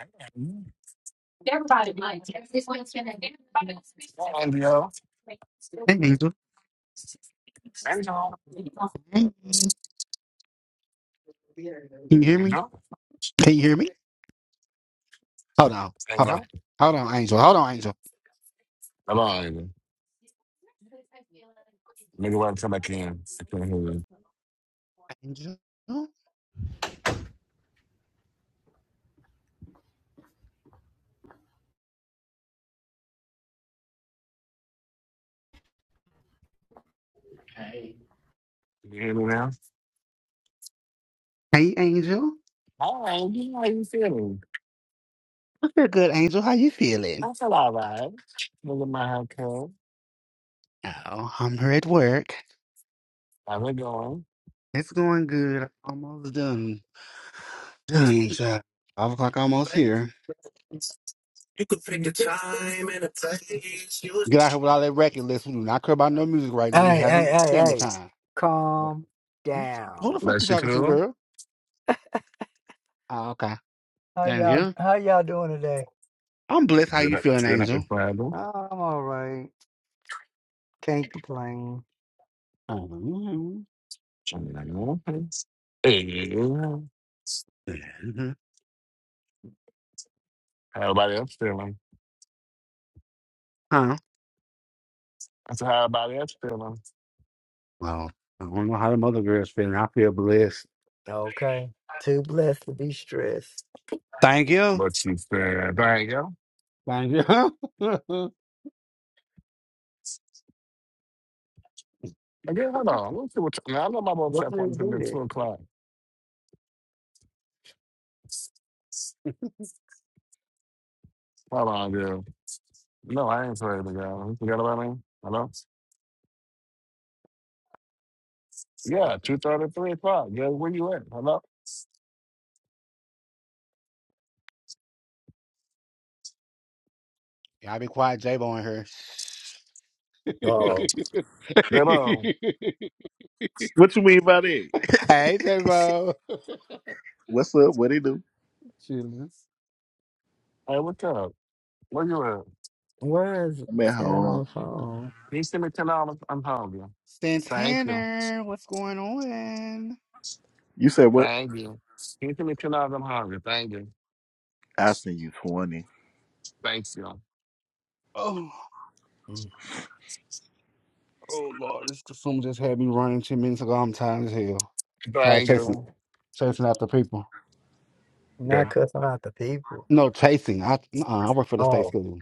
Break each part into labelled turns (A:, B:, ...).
A: Hi, Angel.
B: Hey, Angel.
A: Angel.
B: Hey. Can you hear me?
A: Angel.
B: Can you hear me? Hold on. Hold on.
A: Angel.
B: Hold on, Angel. Hold on, Angel.
A: Hello, Angel. Make it right till I can. I can't hear you.
B: Angel.
A: Can you hear me now?
B: Hey, Angel.
A: Hi, Angel. How you feeling?
B: I feel good, Angel. How you feeling?
A: I feel all right. Look at my haircut.
B: Oh, I'm here at work.
A: How's it going?
B: It's going good. Almost done. Dang, child. Five o'clock almost here.
C: You could pick the time and the place. You...
B: Get out here with all that record list. We do not care about no music right now. We
C: Hey, hey,
B: having
C: hey,
B: family
C: hey!
B: time. Look,
C: Calm
B: you- Who the
C: down.
B: fuck you
A: Bless you,
B: talking to,
A: cool.
B: girl? Oh, okay.
C: How
B: Thank
C: y'all
B: you.
C: how y'all doing today?
B: I'm blessed. How
A: Good
B: you
A: up.
B: feeling,
A: Good up.
B: Angel?
A: It's Friday.
C: Oh, I'm all right. Can't complain.
B: Oh,
A: I mean, I know. Hey, how everybody else feeling?
B: Huh?
A: That's how everybody else feeling.
B: Well, I don't know how the other girls feeling. I feel blessed.
C: Okay. Too blessed to be stressed.
B: Thank you.
A: But she said, thank you.
B: Thank you.
A: Again, hold on. let me see what time. I know my boat
C: Why
A: set
C: did
A: one
C: you
A: to
C: do
A: two o'clock. Hold on, girl. No, I ain't swearing to God. You forgot about me? Hello?
C: that?
A: Yeah, two thirty, three o'clock. Yeah, where you at? Hello?
B: Y'all be quiet, J-Bo in here.
C: Oh.
A: Hello.
D: What you mean by that?
B: Hey, J-Bo.
D: What's up? What they do?
B: Chilling.
A: Hey, what's up? Where you at?
C: Where is it?
D: I'm at
C: Said I'm on
D: home.
C: the phone.
A: Can you send me ten dollars? I'm hungry. Thank you.
B: Santana, what's going on?
D: You said what?
A: Thank you. Can you send me ten dollars? I'm hungry. Thank you.
D: I send you twenty.
A: Thanks you.
B: Oh.
C: mm,
B: Oh Lord, this consumer just had me running ten minutes ago. I'm tired as hell. Tired of
A: Thank
B: chasing,
A: you.
B: chasing after people.
C: Not
A: Okay.
C: cussing out the people.
B: No chasing. I uh, I work for the state
C: Oh.
B: school.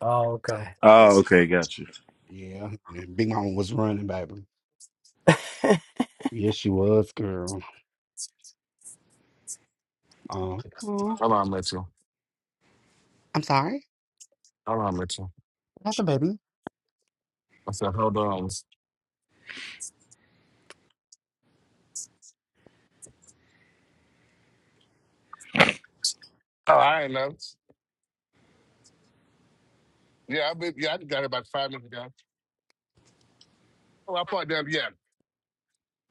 C: Oh, okay.
D: Oh,
B: Yeah,
D: okay, got you.
B: yeah. And Big Mama was running, baby. Yes, she was, girl. Um,
A: Hold on, Mitchell.
B: I'm sorry.
A: Hold on, Mitchell.
B: What happened, baby?
A: I said, hold on. Oh, I ain't know. Yeah, I been, yeah, I got it about five minutes ago. Oh, I parked down. Yeah,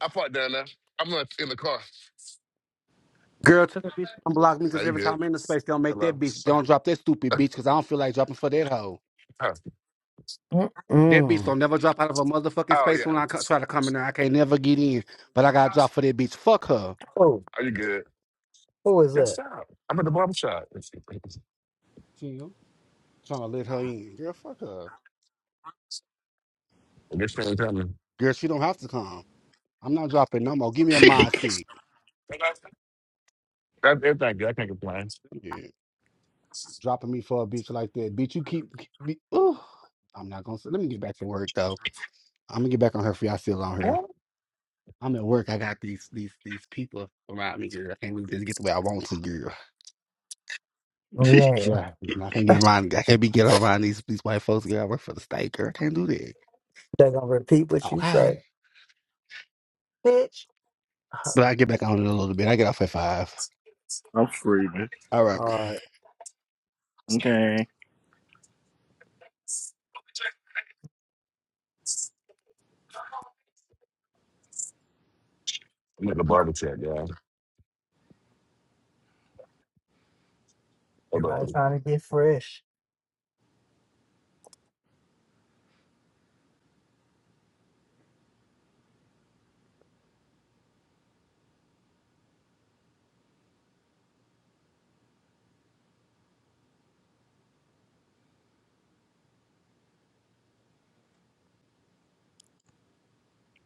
A: I parked down there. I'm not in the car.
B: Girl, tell that bitch to unblock me
A: Now
B: because
A: you
B: every time
A: good?
B: I'm in the space, they don't make that
A: Hello.
B: bitch. Don't drop that stupid bitch because I don't feel like dropping for that hoe. That bitch
C: Mm.
B: don't never drop out of a motherfucking
A: Oh
B: space
A: yeah.
B: when I co- try to come in there. I can't never get in, but I got to drop for that bitch. Fuck her.
C: Who?
A: Are you good?
C: Who is
A: Yes,
C: that?
A: sir. I'm at the barber shop. I
B: Chill. Trying to let her in. Girl, fuck her.
A: guess you ain't coming.
B: Girl, she don't have to come. I'm not dropping no more. Give me a mod stick.
A: That, everything good. I can't complain.
B: Yeah. Dropping me for a bitch like that. Bitch, you keep, me. Ooh. I'm not gonna say. Let me get back to work though. I'm gonna get back on her for y'all still on her.
A: What?
B: I'm at work. I got these these these people around me, girl. I can't really just get the way I want to, girl.
C: Right.
B: Yeah. I can't get around I can't be get around these these white folks, girl. I work for the state, girl. I can't do that.
C: They're gonna repeat what you say,
B: Okay.
C: bitch. All
B: But I get back on it a little bit. I get off at five.
D: I'm screaming.
B: All right.
C: right,
D: Okay,
A: I'm at the barber shop, y'all. Hold
C: everybody
A: on.
C: trying to get fresh.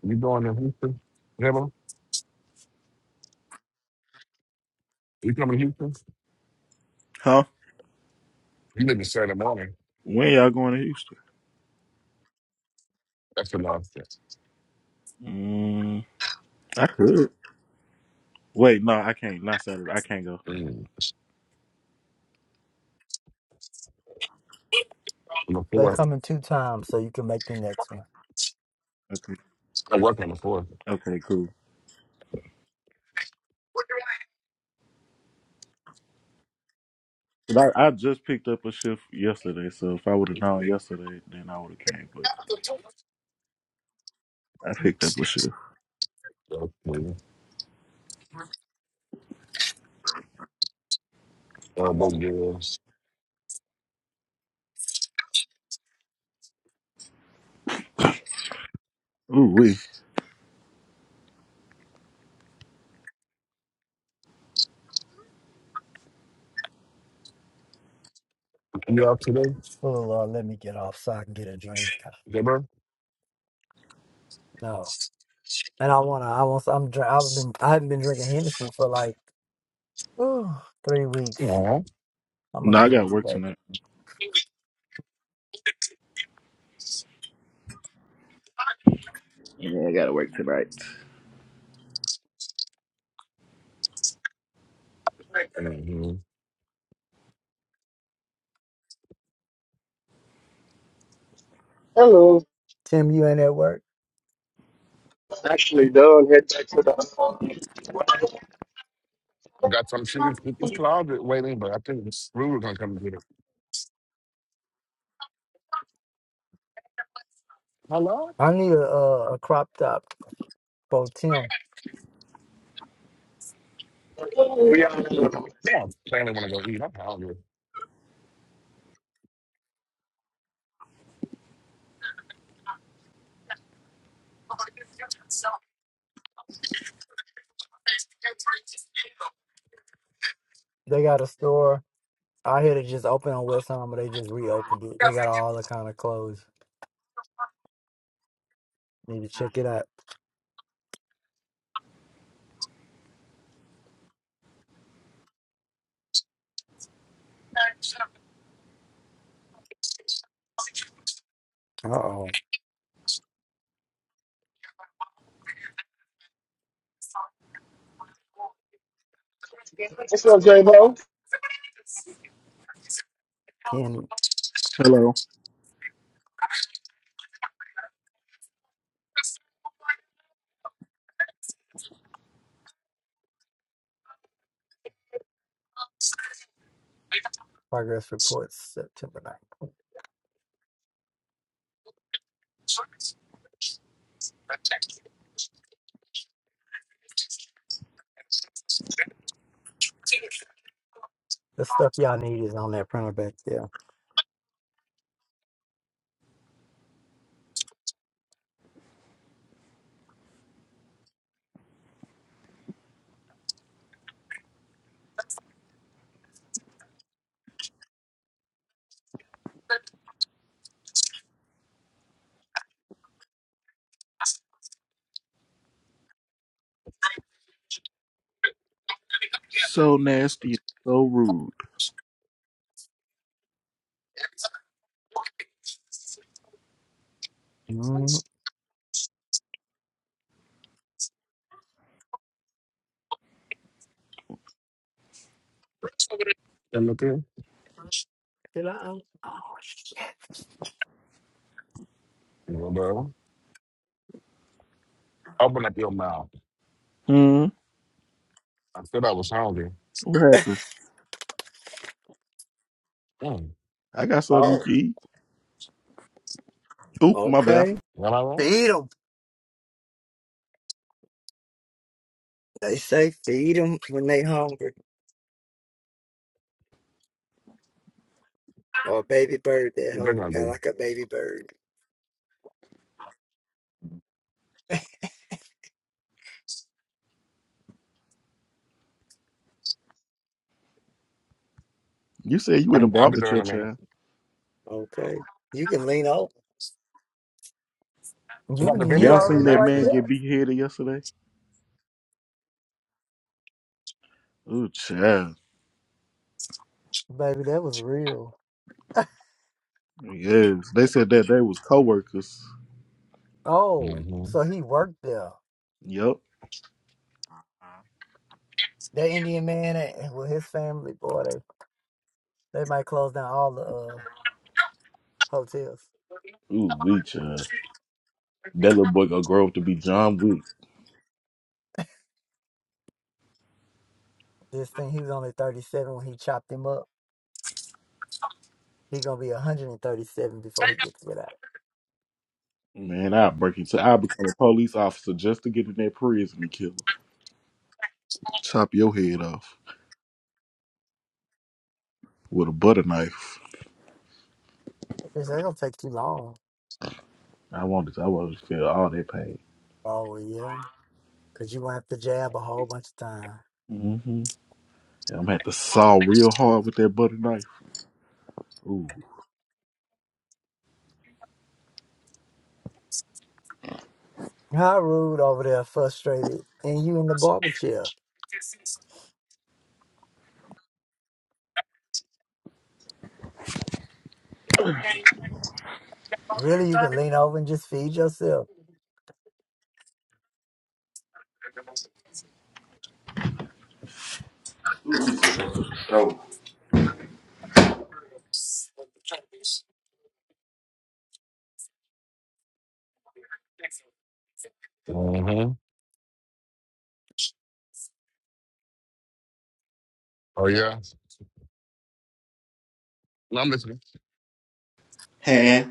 A: You going to Houston? Hello? You coming to Houston?
D: huh?
A: You live in Saturday morning.
D: When y'all going to Houston?
A: That's the last test.
D: Mm, I could. Wait, no, I can't. Not Saturday. I can't go.
A: Mm. On the
C: They
A: fourth.
C: coming two times, so you can make the next one.
D: Okay,
A: I work on the fourth.
D: okay, cool. But I, I just picked up a shift yesterday, so if I would have known
A: Okay.
D: yesterday, then I would have came. But I picked up a shift.
A: Uh, both girls.
D: Ooh wee.
A: You up today,
C: Oh Lord, let me get off so I can get a drink.
A: Deborah?
C: No, and I wanna. I want. I'm. dr- I've been. I haven't been drinking Henderson for like ooh, three weeks.
A: Yeah.
C: I'm gonna
D: No, I
C: get it
D: got work
C: today.
D: tonight. Yeah, I gotta work tonight.
E: Hello.
C: Tim, you ain't at work.
E: Actually, done. head back to the.
A: I got some shit in in this closet waiting, but I think it's Rudy gonna come and get it. Hello?
C: I need a a, a crop top for Tim.
E: We are.
A: Yeah, I'm Planning wanna go eat. I'm hungry.
C: They got a store I hear they just opened on West Ham, but they just reopened it. They got all the kind of clothes. Need to check it out. Uh oh.
E: What's up, J-Bo?
C: Candy
D: Hello.
C: progress reports September ninth. The stuff y'all need is on that printer back there.
D: So nasty, so rude.
C: Mm,
A: And look here.
C: Did I? Oh, shit.
A: Well, bro, open up your mouth.
D: Mm,
A: I said I was hungry.
D: what happened?
A: Mm.
D: I got something you
C: Oh,
D: can eat. Oop, my bad.
C: okay.
A: Well, I won't.
C: Feed them. They say feed them when they hungry. Or a baby bird that
A: What they
C: hungry.
A: gonna
C: Got
A: do?
C: like a baby bird.
D: You said you in a
A: I'm, I'll be
D: barber
A: there in a
D: child.
A: minute.
C: Okay. You can lean over.
A: I
C: You,
A: got the
C: you
D: Y'all
A: video. I'm
D: seen
C: already
D: that
C: right
A: nasty.
D: man
C: there.
D: get beheaded yesterday? Ooh, child.
C: Baby, that was real.
D: Yes. They said that they was coworkers.
C: Oh,
A: Mm-hmm.
C: so he worked there.
D: Yup.
C: That Indian man and with his family, boy, they, they might close down all the uh, hotels.
D: Ooh, we child. That little boy gonna grow up to be John Wick.
C: This thing, he was only 37 when he chopped him up. He gonna be 137 before he gets it out.
D: Man, I'll break into I'll become a police officer just to get in that prison and kill him. Chop your head off with a butter knife.
C: It's not gonna take too long.
D: I wanted to, I wanted to feel all that pain.
C: Oh well, yeah, cause you gonna have to jab a whole bunch of time.
D: Mm-hmm. And I'm gonna have to saw real hard with that butter knife. Ooh.
C: How rude over there, frustrated, and you in the barber chair. Really, you can lean over and just feed yourself.
A: Mm-hmm. Oh, yeah? No, I'm listening.
D: Hey.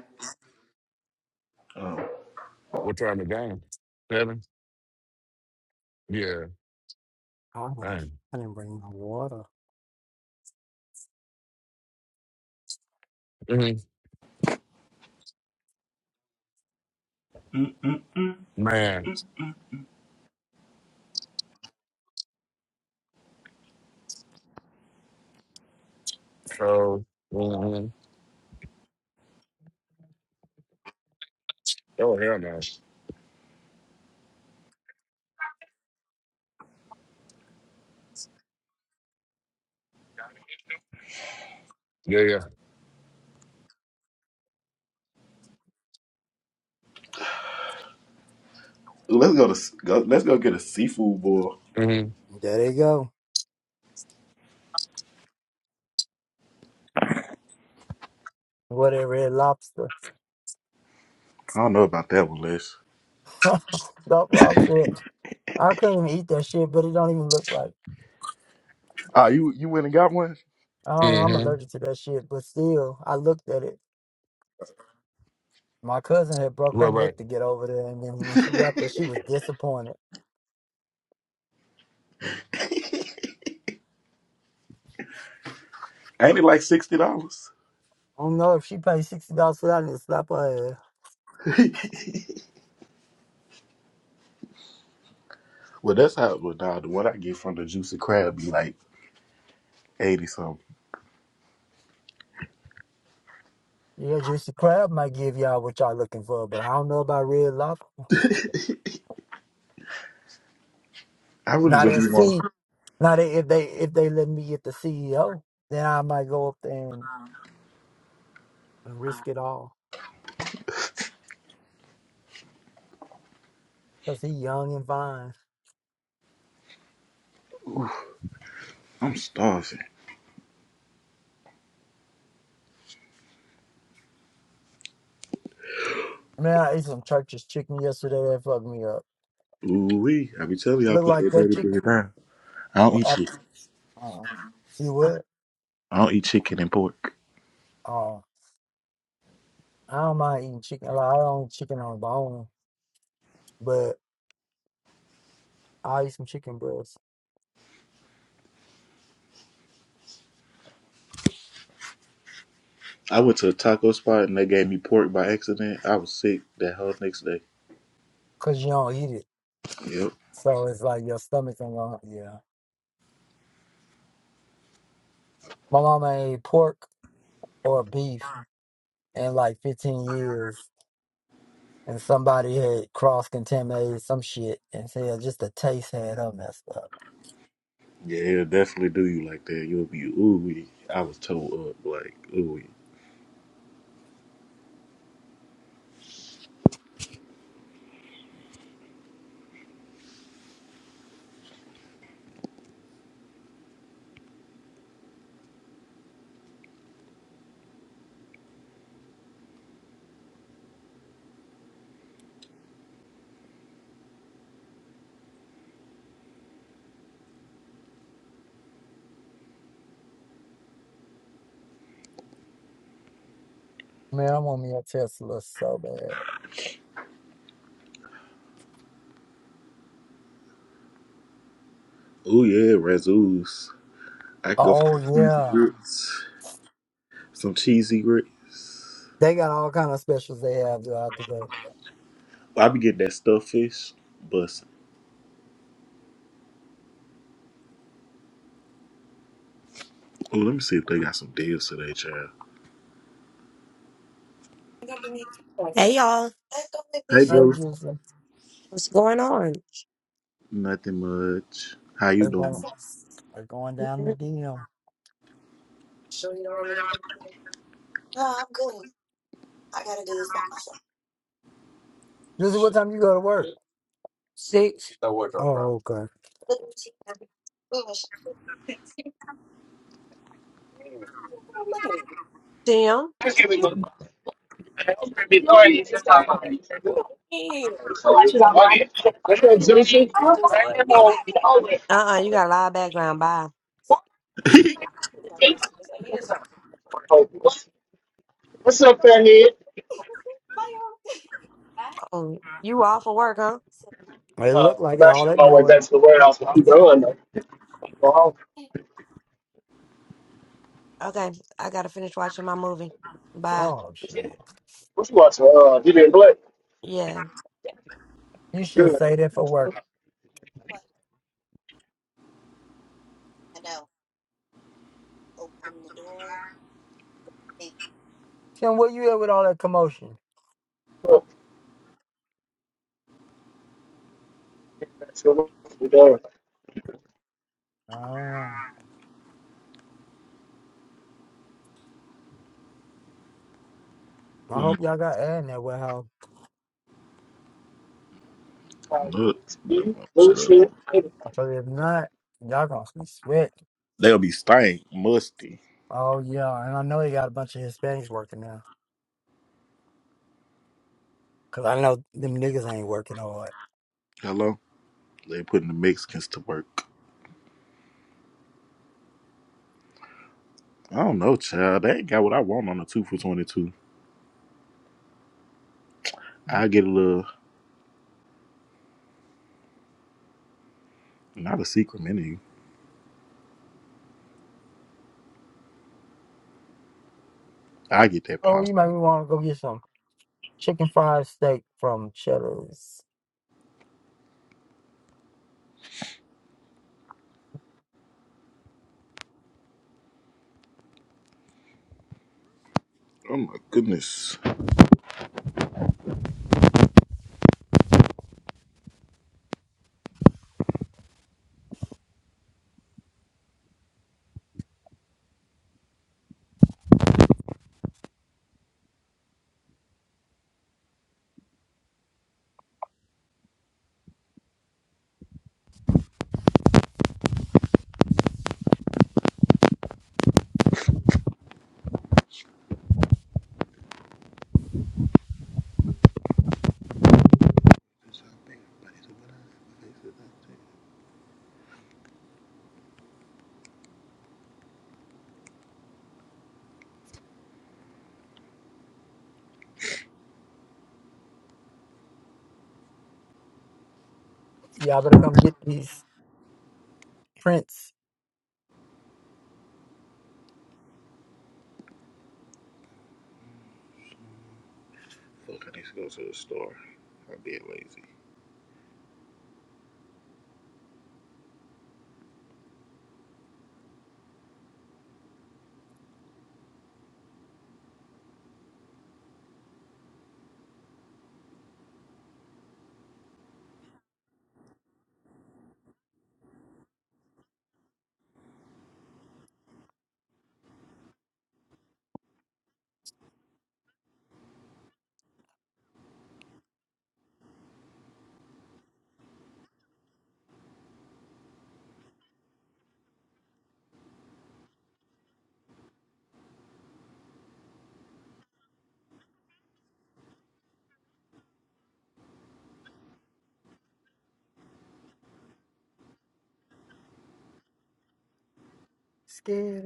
D: Oh.
A: What time the game? Seven? Yeah.
C: Oh,
A: Man.
C: I didn't bring my water.
A: Mm-hmm.
D: Mm-mm-mm.
A: Man. So, mm-hmm. Oh, hell no. Yeah, yeah.
D: let's go to go, let's go get a seafood boil.
A: Mm-hmm.
C: There they go. What a red lobster.
D: I don't know about that one, Les.
C: Stop lobster. I couldn't even eat that shit, but it don't even look right.
D: Ah, you you went and got one?
C: I don't know, I'm
A: Mm-hmm.
C: allergic to that shit, but still, I looked at it. My cousin had broke her
A: Right,
C: neck to get over there, and then when she got there, she was disappointed.
D: Ain't it like sixty dollars?
C: I don't know if she paid sixty dollars for that and slap her ass.
D: Well, that's how. Well, nah, the one I get from the juicy crab be like eighty something.
C: Yeah, Juicy Crab might give y'all what y'all looking for, but I don't know about Red Lobster.
D: I really
C: Now
D: just
C: that
D: be want.
C: C, now that if they if they let me get the CEO, then I might go up there and, and risk it all. Cause he young and fine.
D: Ooh, I'm starving.
C: Man, I ate some church's chicken yesterday. That fucked me up.
D: Ooh wee! I be telling you, all
C: Looked
D: put
C: like
D: that
C: that
D: dirty
C: chicken.
D: bread down. I don't eat
C: well,
D: chicken.
C: Uh, you what?
D: I don't eat chicken and pork.
C: Uh, I don't mind eating chicken. Like, I don't eat chicken on bone, but I eat some chicken breast
D: I went to a taco spot and they gave me pork by accident. I was sick that whole next day.
C: because you don't eat it.
D: Yep.
C: So it's like your stomach ain't gonna, yeah. My mama ain't pork or beef in like 15 years. and somebody had cross contaminated some shit, and hell, just the taste had her messed up.
D: Yeah, he'll definitely do you like that. You'll be ooey. I was told up like ooey.
C: Man, I want me a Tesla so bad.
D: Ooh yeah, Razoo's. I can go for
C: Oh
D: some cheesy
C: yeah,
D: grits. Some cheesy grits.
C: they got all kind of specials they have throughout the day.
D: I be getting that stuffed fish. But oh, let me see if they got some deals today, child.
F: Hey y'all,
D: Hey,
C: Hey,
D: Juice.
C: Juicy,
F: what's going on?
D: Nothing much. How you
C: it's going,
D: doing?
F: Six.
C: it's going down the DM. Juicy, what time you go to work? Oh, okay.
F: Damn.
E: What's up,
F: Uh uh you got a lot of background. Bye.
E: Juicy? What's up, Fairhead?
F: Oh, you off of work, huh?
C: It
E: Uh,
C: looked like
E: I'm
C: it, all
E: actually on
C: that
E: my way
C: noise.
E: back to the warehouse. but I'm done. though. Go home.
F: Okay, I gotta finish watching my movie. Bye.
C: Oh, shit.
E: What you watching? Uh, DB and Black.
F: Yeah.
C: You
E: It's
C: should have
E: good.
C: stayed there for
E: Uh,
C: work. Tim, where you at with all that commotion?
E: Getting back to the work. We done.
C: I don't know. I
D: Mm,
C: hope y'all got air in that warehouse.
D: Look, don't want to shut up.
E: Bluetooth.
C: Because if not, y'all gonna be sweat.
D: They'll be stank, musty.
C: Oh, yeah. And I know they got a bunch of Hispanics working now. Because I know them niggas ain't working hard.
D: Hello. They putting the Mexicans to work. I don't know, child. They ain't got what I want on the two for twenty two. I get a little. Not a secret menu. I get that
C: Oh, you
D: pasta.
C: make me want to go get some chicken fried steak from Cheddar's.
D: Oh my goodness.
C: Y'all better come get these prints.
D: Fuck, I need to go to the store. I'm being lazy.
C: Scared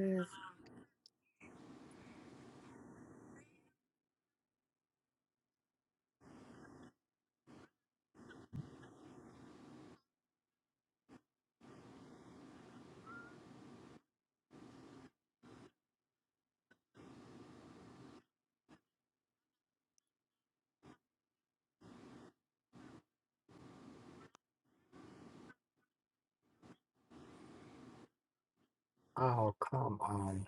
C: Oh, come on.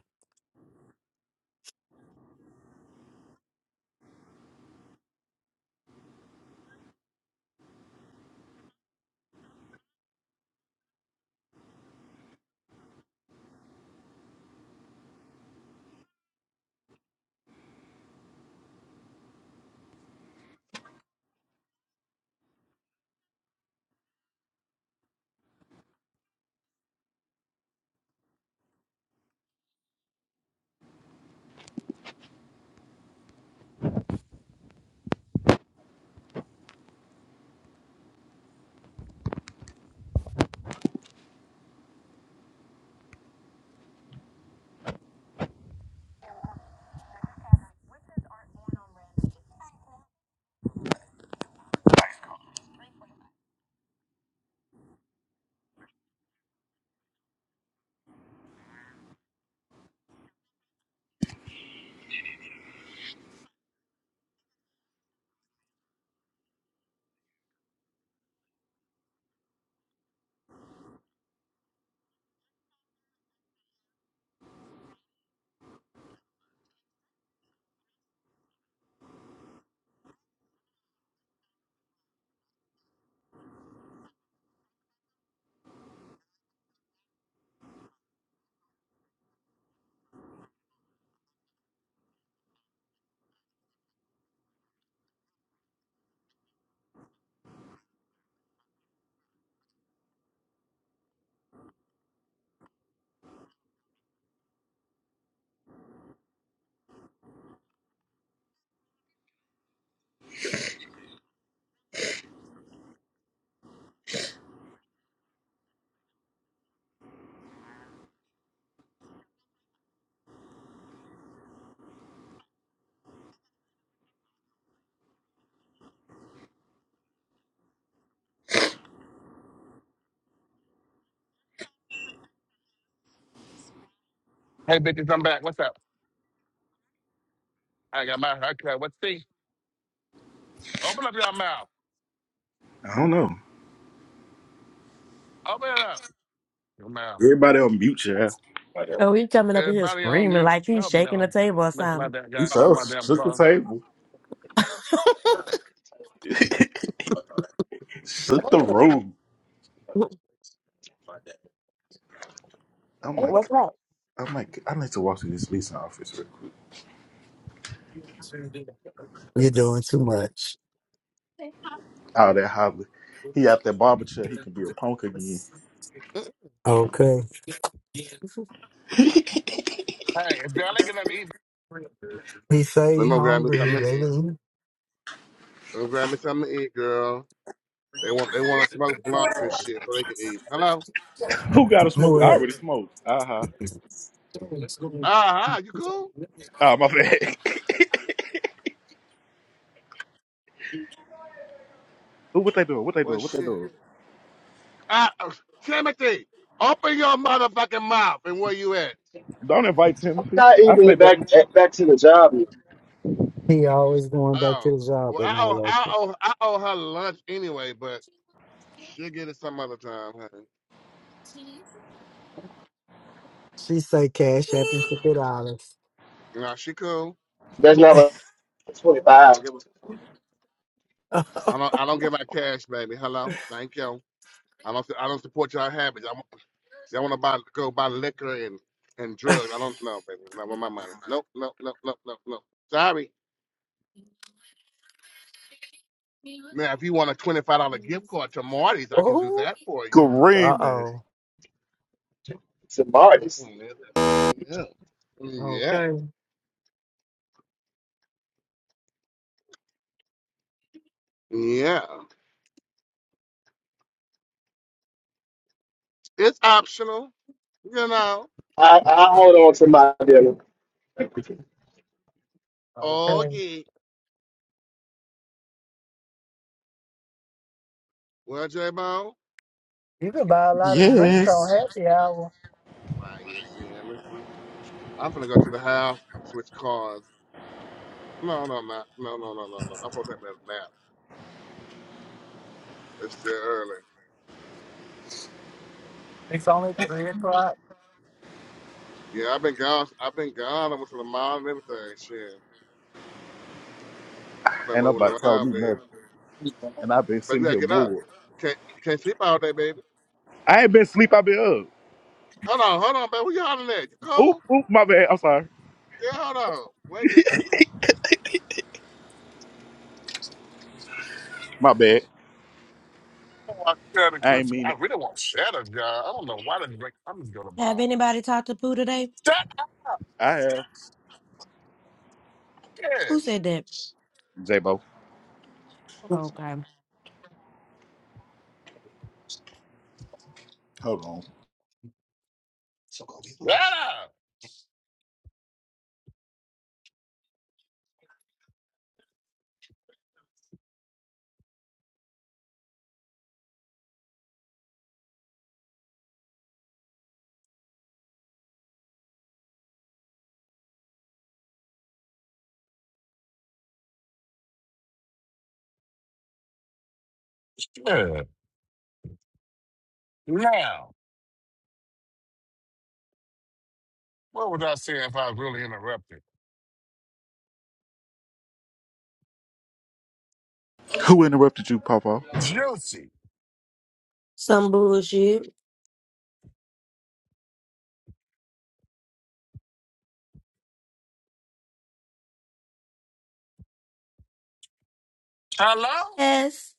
A: Hey, bitches, I'm back. What's up? I got my haircut. What's see? Open up your mouth.
D: I don't know.
A: Open it up. Your mouth.
D: Everybody on mute, yeah.
F: Oh, he coming up in here
A: Everybody on
F: screaming
A: mute.
F: like he's
A: No,
F: shaking the
A: no.
F: table or
A: Make my
F: something.
A: damn
D: You
A: God on
D: so
A: my damn
D: shook the
A: tongue.
D: table. shook the room. I'm
F: What's
D: like,
F: that?
D: I'm like, I need to walk to this leasing office real quick.
C: You're doing too much.
D: Oh, that Holly. He out that barber chair. He can be a punk again.
C: Okay.
A: Hey, if y'all ain't gonna eat,
C: He say
A: Let
C: he
A: me grab me
C: hungry. He
A: something to
C: ready
A: eat.
C: to eat.
A: Let me grab me something to eat, girl. They want they want to smoke blunts and shit so they can eat. Hello?
D: Who got to smoke? I
C: What?
D: already smoked. Uh huh.
A: Ah, uh you cool?
D: Oh, my bad. Who, what they doing? What they
A: Well,
D: doing? What they
A: shit.
D: doing?
A: Ah, uh, Timothy, open your motherfucking mouth and where you at?
D: Don't invite
E: I'm
D: Timothy.
E: not
D: I say
E: even
D: that.
E: back back to the job. yet.
C: He always going back
A: Oh,
C: to the job
A: well, I
C: and not
A: owe, I
C: working.
A: owe, I owe her lunch anyway, but she'll get it some other time, honey.
C: She say cash app and fifty dollars.
A: Nah, she cool.
E: That's not what
A: I
E: 25
A: don't give a,
C: uh
A: I don't I don't give out cash, baby. Hello, thank you. I don't I don't support y'all habits. I, y'all want to buy go buy liquor and and drugs. I don't know, baby. Not with my money. Nope, nope, nope, nope, nope, nope. Sorry. Now, if you want a twenty five dollar gift card to Marty's, I can do that for you.
D: Kareem, man.
C: oh.
E: to artist.
A: Mm, Yeah, yeah, yeah.
C: Okay.
A: yeah. It's optional, you know.
E: I, I hold on to my deal.
A: Oh
C: Okay.
A: yeah. Well, J Bone,
C: You can buy a lot of drinks
D: Yes.
C: on happy hour.
A: why you feeling? I'm gonna go to the house, switch cars. No, no, no, no, no, no, no, no. I'm supposed to take that nap. It's still early.
C: It's only three o'clock.
A: Yeah, I've been gone. I've been gone. I went to the mall and everything. Shit, I've been
D: Ain't
A: moving
D: nobody told
A: around,
D: me
A: baby.
D: nothing. And I've been
A: But you
D: sitting
A: gotta
D: here
A: get up.
D: bored.
A: Can't you can't sleep all day, baby.
D: I ain't been asleep, I've been
A: Hold on, hold on, baby. Where you hollering at? You
D: up. Oop,
A: cold?
D: oop, my bad. I'm sorry.
A: Yeah, hold on. Wait this.
D: My bad.
A: Oh, I got a
D: I ain't
A: question.
D: mean
A: I
D: it.
A: really want shadow, John. I don't know why did break. I'm just going to the
F: Have
A: mall.
F: anybody talked to Pooh today?
A: Shut up.
D: I have.
F: Who
A: Yeah,
F: said that?
D: J-Bo.
F: Okay.
D: Hold on.
F: So go be Felicia.
A: shut up. Yeah. Now, what was I saying if I was really interrupted?
D: Who interrupted you, Papa?
A: Juicy.
F: Some bullshit.
A: Hello.
F: Yes.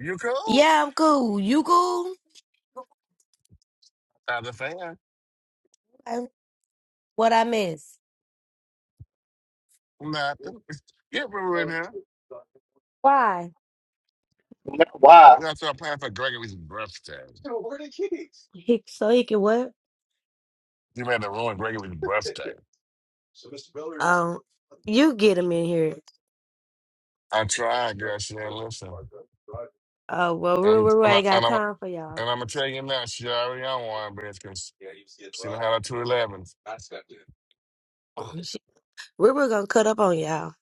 A: You cool?
F: Yeah, I'm cool. You cool?
A: Not a fan.
F: Okay. What I miss?
A: Nothing. Get Ruru in here.
F: Why?
E: Why?
A: We gotta start planning for Gregory's birthday.
F: So where are the keys? He, so he can what?
A: You made to ruin Gregory's birthday.
F: So Mr. Miller Um, you get him in here.
A: I tried, girl. She didn't listen.
F: Oh well, Ruru
A: And,
F: Ruru
A: and, I,
F: ain't got
A: and, I'm, and
F: time for y'all.
A: I'm gonna tell you now, she already on one, bitch, because
F: Yeah, he getting
A: she done had
F: robbed.
A: her two elevens.
F: I stepped in. Oh, shit. Ruru gonna cut up on y'all.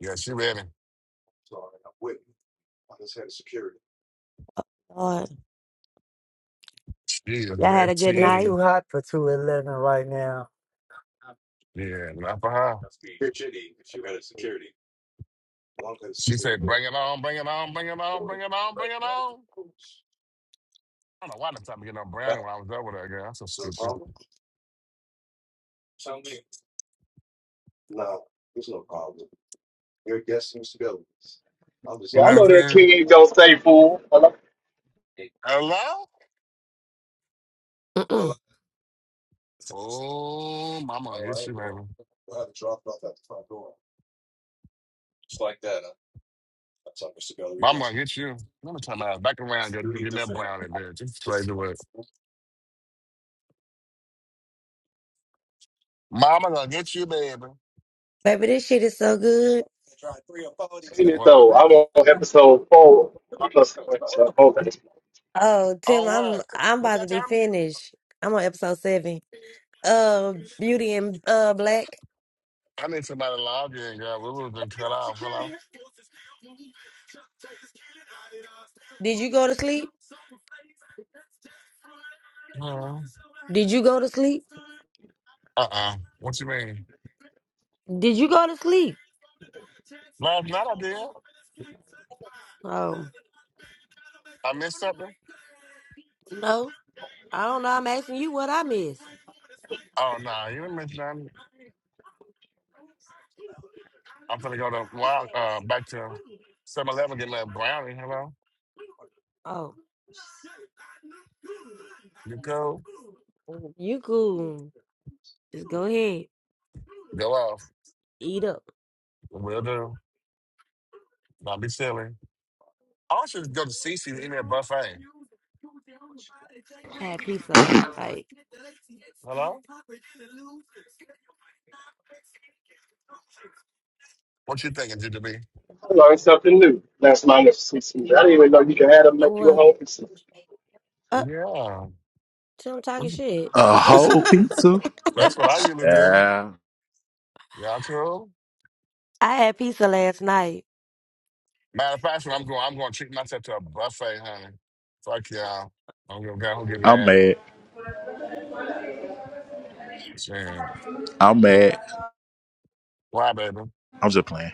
A: Yeah, she ready.
F: So i just had security.
A: She is
F: y'all had a good
C: It's
A: ready.
F: night.
C: too hot for two eleven right now.
A: Yeah, not for her.
F: must be shitty if you had a security. Long as
A: She
F: you're
A: said,
F: good.
A: bring it on, bring it on, bring it on, bring it on,
F: Right.
A: bring it on. I don't know why the time to get no
F: That
A: brownie when I was over there, girl. I'm so
F: is a
A: stupid.
F: problem. Tell me. No, there's no problem. Your guest seems to go. I'm just
A: You
E: Well,
A: know
F: happy.
E: I
A: what I'm
E: know that
A: saying?
E: king ain't gonna stay full. Well, I'm
A: Hello?
F: Mm-mm.
A: Oh, mama, I
F: All
A: get
F: right,
A: you,
F: well,
A: baby.
F: we'll have it dropped off at the front door. Just like that, huh? That's how Mr. Gallery
A: Mama, I
F: does it.
A: get you. Let me turn my back around. Get,
F: Who do you
A: get that
F: defend?
A: brownie, bitch. It's crazy work. Mama, gonna get you, baby.
F: Baby, this shit is so good. I tried three or four of these
E: saying it
F: things,
A: What?
E: though.
F: man.
E: I'm on episode four.
F: Look at
E: I'm on
F: what's going on.
E: episode four. I
F: Oh, Tim,
A: On
F: I'm
A: what?
F: I'm
A: What
F: about
A: y'all
F: to be
A: tell me?
F: finished. I'm on episode seven. Uh, Beauty and uh Black.
A: I need somebody to log in, girl. We would have been cut off. Hello?
F: Did you go to sleep?
A: Hmm.
F: Did you go to sleep?
A: Uh-uh. What you mean?
F: Did you go to sleep?
A: Last night I did.
F: Oh
A: I missed something?
F: no, I don't know. I'm asking you what I missed.
A: Oh, no. Nah, you didn't miss nothing. I'm finna go to, Wild- uh, back to 7-Eleven, get my brownie. Hello?
F: Oh,
A: You cool?
F: well, you cool? Just go ahead,
A: Go off.
F: eat up.
A: we Will do. Don't be silly. I should go to Cece and eat me a buffet.
F: I had pizza last night.
A: Hello? What you thinking, GDB?
E: learned something new. That's my next season. I didn't even know you can have them
F: Oh
E: make you a
F: well,
E: home.
F: uh,
A: Yeah.
F: so I'm talking shit.
D: A
A: That's
D: whole pizza?
A: that's what I usually do.
D: Yeah.
A: Y'all cool?
F: I had pizza last night.
A: Matter of fact, when I'm going, I'm going to treat myself to a buffet, honey. Fuck y'all. I'm going to go get
D: I'm
A: mad.
D: mad.
A: Shit.
D: I'm mad.
A: Why, baby?
D: I'm just playing.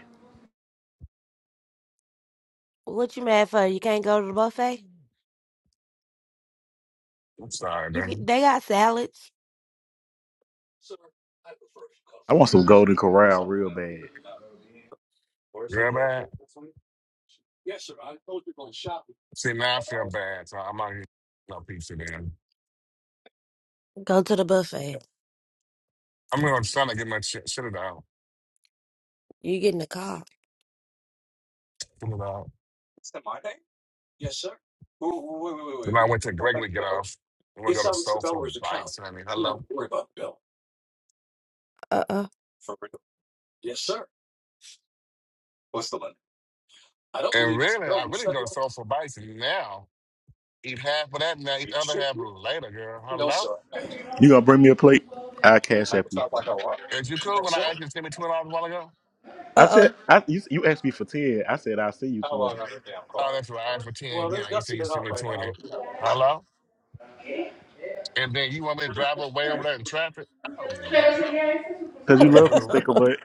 F: What you mad for? You can't go to the buffet?
A: I'm sorry,
F: You
A: baby.
F: can, they got salads.
D: I want some golden corral real bad.
A: Real bad? See, now I feel bad, so I'm out here no pizza, man.
F: Go to the buffet.
A: I'm going to try to get my shit, shit it out.
F: You get in the car.
A: Get it out. Then I went to Gregory get off. I'm going to
F: It's
A: go to
F: on the
A: Soul for
F: developer's account.
A: Bites, honey.
F: You don't
A: Hello?
F: have to worry about the bill. Uh-uh. For real. Yes, sir. What's the limit? I don't
A: And
F: believe it's the
A: really,
F: bill.
A: I
F: What's
A: really
F: that
A: go to
F: bill?
A: Soulful Bites now. Eat half of that now,
F: Are
A: eat
F: you
A: the other
F: shitting
A: half
F: me?
A: later, girl.
F: No,
A: Hello?
F: sir. i
D: You gonna bring me a plate? I'll cash app
F: can
D: you.
F: talk like I want.
A: Is you cool when
F: Yes,
A: I
F: sir.
A: asked you to send me $20 a while ago?
D: I
F: Uh-oh.
D: said I, you, you asked me for ten. I said I'll see you
F: How long
D: twenty.
F: on the damn
A: Oh,
F: card?
A: that's right. I asked for
F: Well,
A: 10
F: they're
A: Yeah, you said
F: dusting
A: you
F: it
A: sent
F: off
A: me
F: right now.
A: 20
F: Look it up.
A: Hello? And then you want me to drive all the way over there in traffic? Oh, no.
D: Cause you
A: You ain't
D: love me,
A: cool.
D: stinker butt.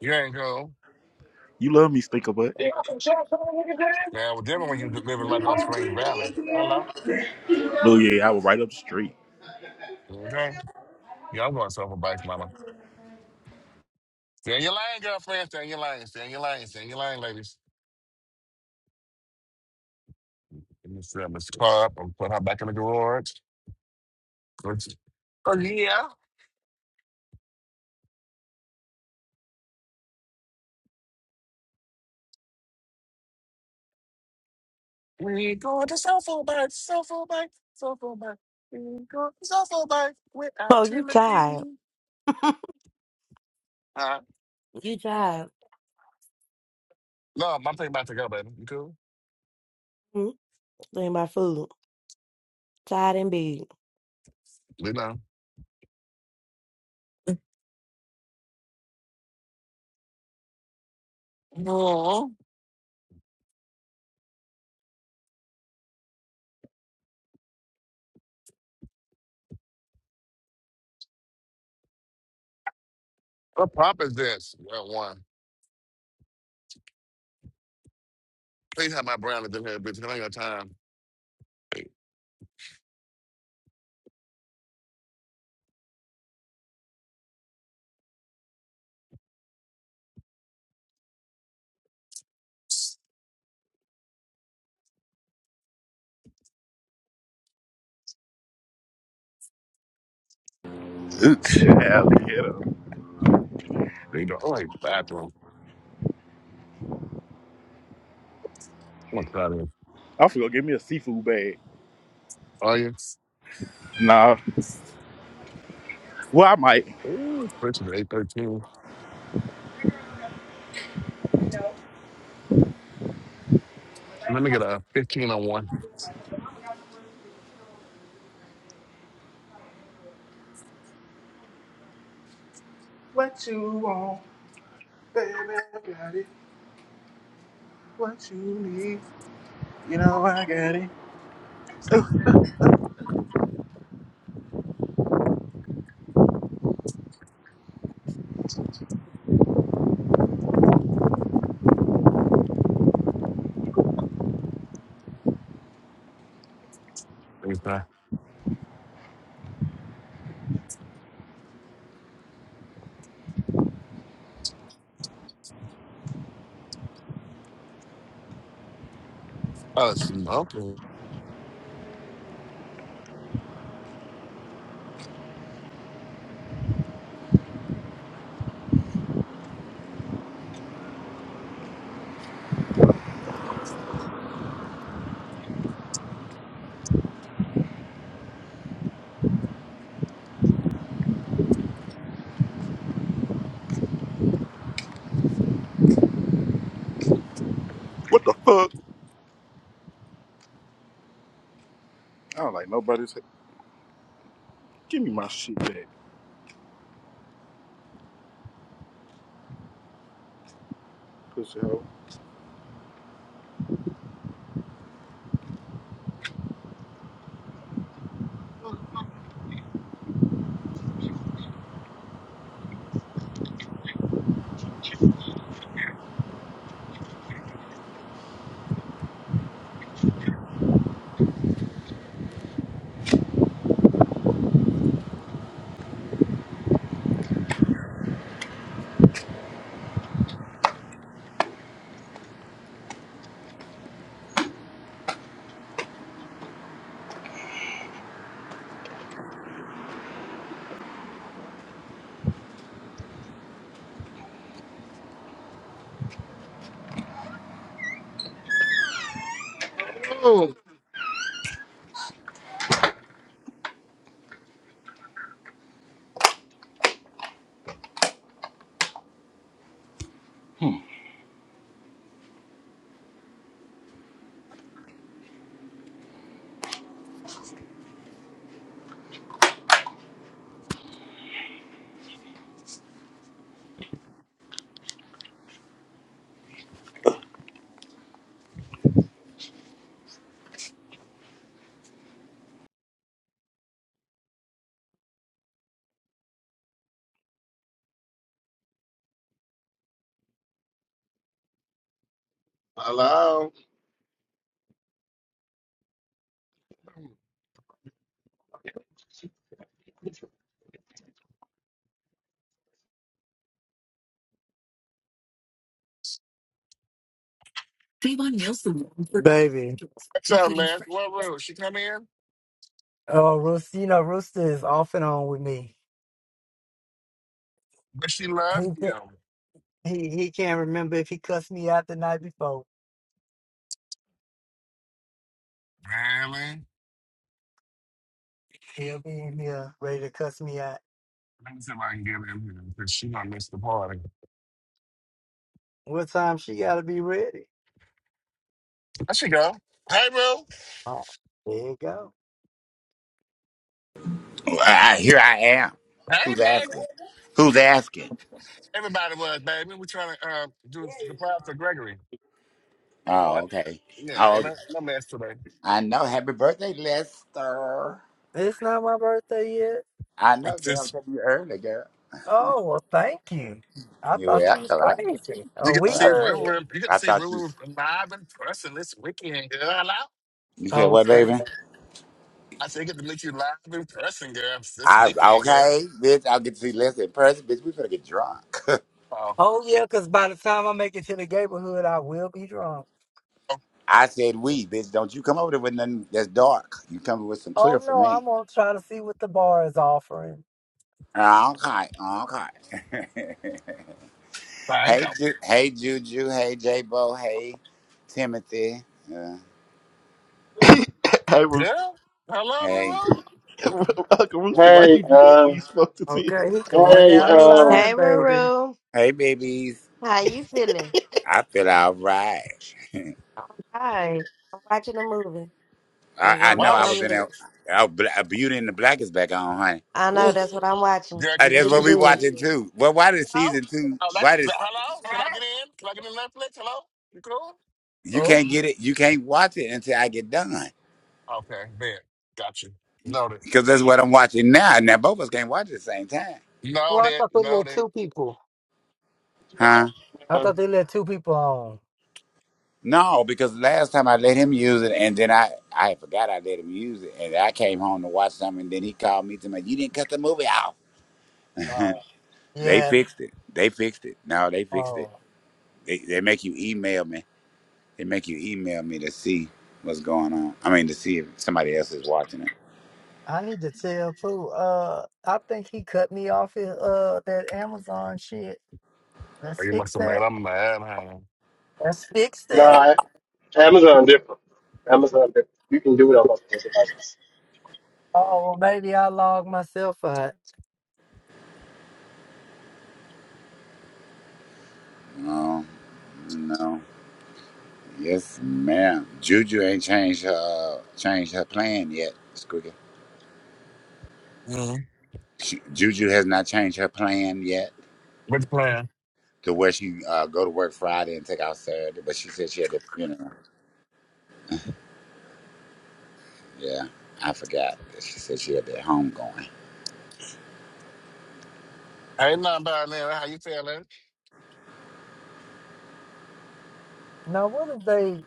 A: You ain't cool.
D: You love me, stinker butt.
F: Yeah. Sure, come on,
A: Now, it was different when you was living right on
F: Huh?
A: Spring Valley. Hello?
D: Oh yeah, I was right up the street.
A: Okay. Yeah, I'm going Soulful bikes, mama. Stay in your lane, girlfriend. Stay in your lane. Stay in your lane. Stay in your lane, ladies. Let me set this car up and put her back in the garage.
F: Oh, you tired. You tired.
A: No, my thing about to go, baby. You cool?
F: Mm, Think about food. Tired and big.
A: You know. What pop is this? Well, one. Please have my brownies in here, bitch. I ain't got time.
D: Look, alligator.
A: There you go. Oh, hey, bathroom. I'm gonna cut in.
D: I forgot. Give me a seafood bag.
A: Oh, yeah.
D: Nah. Well, I might.
A: Ooh, purchase at 813. Let me get a 15 on one. Thanks, man. Oh, smoking.
D: What the fuck? I don't like nobody's. Give me my shit back, pussy hoe.
A: Oh, hello.
C: Baby.
A: What's up, Les? What room? She come in?
C: Oh, Rooster. You know Rooster is off and on with me.
A: But she loves
C: He
A: you.
C: can't, he he can't remember if he cussed me out the night before.
A: Really?
C: He'll be in here ready to cuss me out.
A: Let me see if I can get in here because she gonna miss the party.
C: What time she gotta be ready?
A: There she go. Hey, Rue.
C: Oh, there you go.
G: I, I- here I am.
A: Hey,
G: Who's
A: baby.
G: asking? Who's asking?
A: Everybody was, baby. We're trying to uh, do a surprise for Gregory.
G: Oh,
A: What?
G: okay.
A: Yeah, ain't
G: Oh,
A: no, no mess today.
G: I know. Happy birthday, Lester.
C: It's not my birthday yet.
G: I know,
A: It's
G: girl.
A: just
G: I you early, girl.
C: Oh, well, thank you. I
G: You were
C: thought you
G: out
C: was
G: till I,
C: crazy.
A: you
C: A
A: get to
C: week
G: I,
A: see real,
C: early.
A: real you get to
G: I
A: see real,
G: thought you.
A: real live in person this weekend, girl.
G: You said
C: Oh,
G: what,
C: sure.
G: baby?
A: I said, get to meet you live in person, girl, this
G: I
A: weekend, girl.
G: okay, bitch. I'll get to see Lester in person, bitch. We better get drunk.
A: Oh,
C: Oh, yeah, because by the time I make it to the neighborhood, I will be drunk.
A: oh,
G: I said we, bitch. Don't you come over there with nothing that's dark. You come with some clear
C: Oh,
G: for
C: no,
G: me.
C: I'm going to try to see what the bar is offering.
G: Okay, okay.
A: thank you,
G: Hey, Ju- hey, Juju. Hey, J Bo. Hey, Timothy. Uh,
D: Hey Rooster,
A: girl. Hello,
G: hey,
A: Ruru.
D: Uncle Rooster, why
E: Hey,
D: you do that when
E: uh,
D: you spoke to Tia?
C: Okay, he going
E: hey,
A: Why
C: down
A: was
C: the
F: Thank
A: she?
F: you.
E: um.
F: Hey,
C: line, baby.
F: Ruru.
G: hey, babies.
F: How you feeling?
G: I feel all right.
F: All right. I'm watching a movie.
G: I,
F: I'm
G: I
F: going
A: Why
G: know
F: back
G: I
A: was
F: on
G: was
A: she?
G: in a,
F: mute.
G: oh, Bla- a Beauty and the Black is back on, honey.
F: I know
G: Ooh,
F: that's what I'm watching.
A: Girl,
G: Uh,
A: can
F: It's
A: you?
G: that's
F: getting
A: Can
G: what we
A: you?
F: good.
G: watching too. Well, why did
A: Hello?
G: season two?
A: Oh, that's
G: Why does
A: hello. Can I get in? Can I get in Netflix? Hello, you cool?
G: you
C: Oh,
G: can't get it? You can't watch it until I get done
A: Okay, bet. Got you. Noted.
G: because that's what I'm watching now. Now both of us can't watch it at the same time,
C: oh, I
A: Noted.
C: thought they let
A: Noted.
C: two people.
G: huh?
C: I
E: uh,
C: thought they let two people on.
G: No, because last time I let him use it, and then I I forgot I let him use it, and I came home to watch something, and then he called me to me, you didn't cut the movie off.
C: Oh,
G: They
C: yeah.
G: fixed it. They fixed it. No, they fixed it.
C: Oh.
G: They they make you email me. They make you email me to see what's going on. I mean, to see if somebody else is watching it.
C: I need to tell Pooh. Uh, I think he cut me off his, uh that Amazon shit.
A: Oh,
C: Let's
A: you must
C: fix
A: have made
C: that.
A: up mad, honey.
C: Let's fix that.
E: Nah, Amazon different. Amazon different. You can do it on multiple devices.
C: Oh, well, maybe I logged myself out.
G: No, no. Yes, ma'am. Juju ain't changed her uh, changed her plan yet, Squeaky.
A: Mm.
G: She- Juju has not changed her plan yet.
A: What's the plan?
G: to where she uh, go to work Friday and take out Saturday. But she said she had the funeral. Yeah, I forgot. that She said she had that home going.
A: Ain't nothing down there. How you feeling?
C: Now, what if they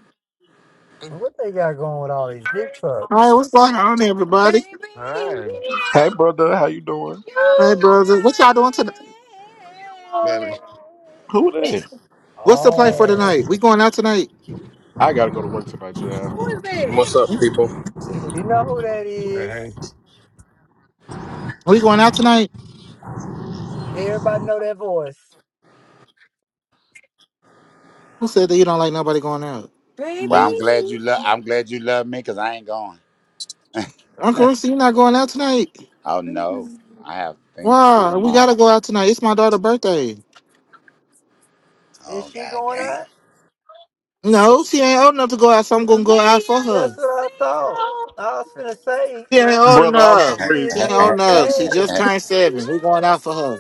A: Mm,
C: what they got going with all these big
H: Hi,
C: trucks?
H: what's going on, everybody?
A: Hi,
D: Hey, brother, how you doing?
H: Hey, brother, what y'all doing tonight?
A: Billy.
D: Who that?
H: What's the play for
C: Oh,
H: tonight? We going out tonight?
D: I gotta go to work tonight, y'all.
I: What's up,
H: We
I: people?
C: you know who that
A: Hey,
C: is?
H: going out tonight?
C: Everybody know that voice.
H: Who said that you don't like nobody going out?
G: Well,
D: Me,
G: I'm
D: too.
G: glad you love. I'm glad you love me because I ain't going.
H: Uncle Rooster, you not going out tonight?
G: Oh no, I have things to do
H: Why? We
G: tomorrow.
H: gotta go out tonight. It's my daughter's birthday.
C: Is
G: Oh
C: she
G: god
C: going
G: damn.
C: out?
H: No, she ain't old enough to go out, so I'm gonna go out for
C: That's
H: her.
C: what I thought. I was gonna say
H: She ain't
C: them
H: old
D: brother, I'm
H: enough.
C: kids
H: She
D: screaming.
H: ain't
C: grew
H: old
C: up
H: enough. She just
C: fast.
H: turned seven. We going out for her.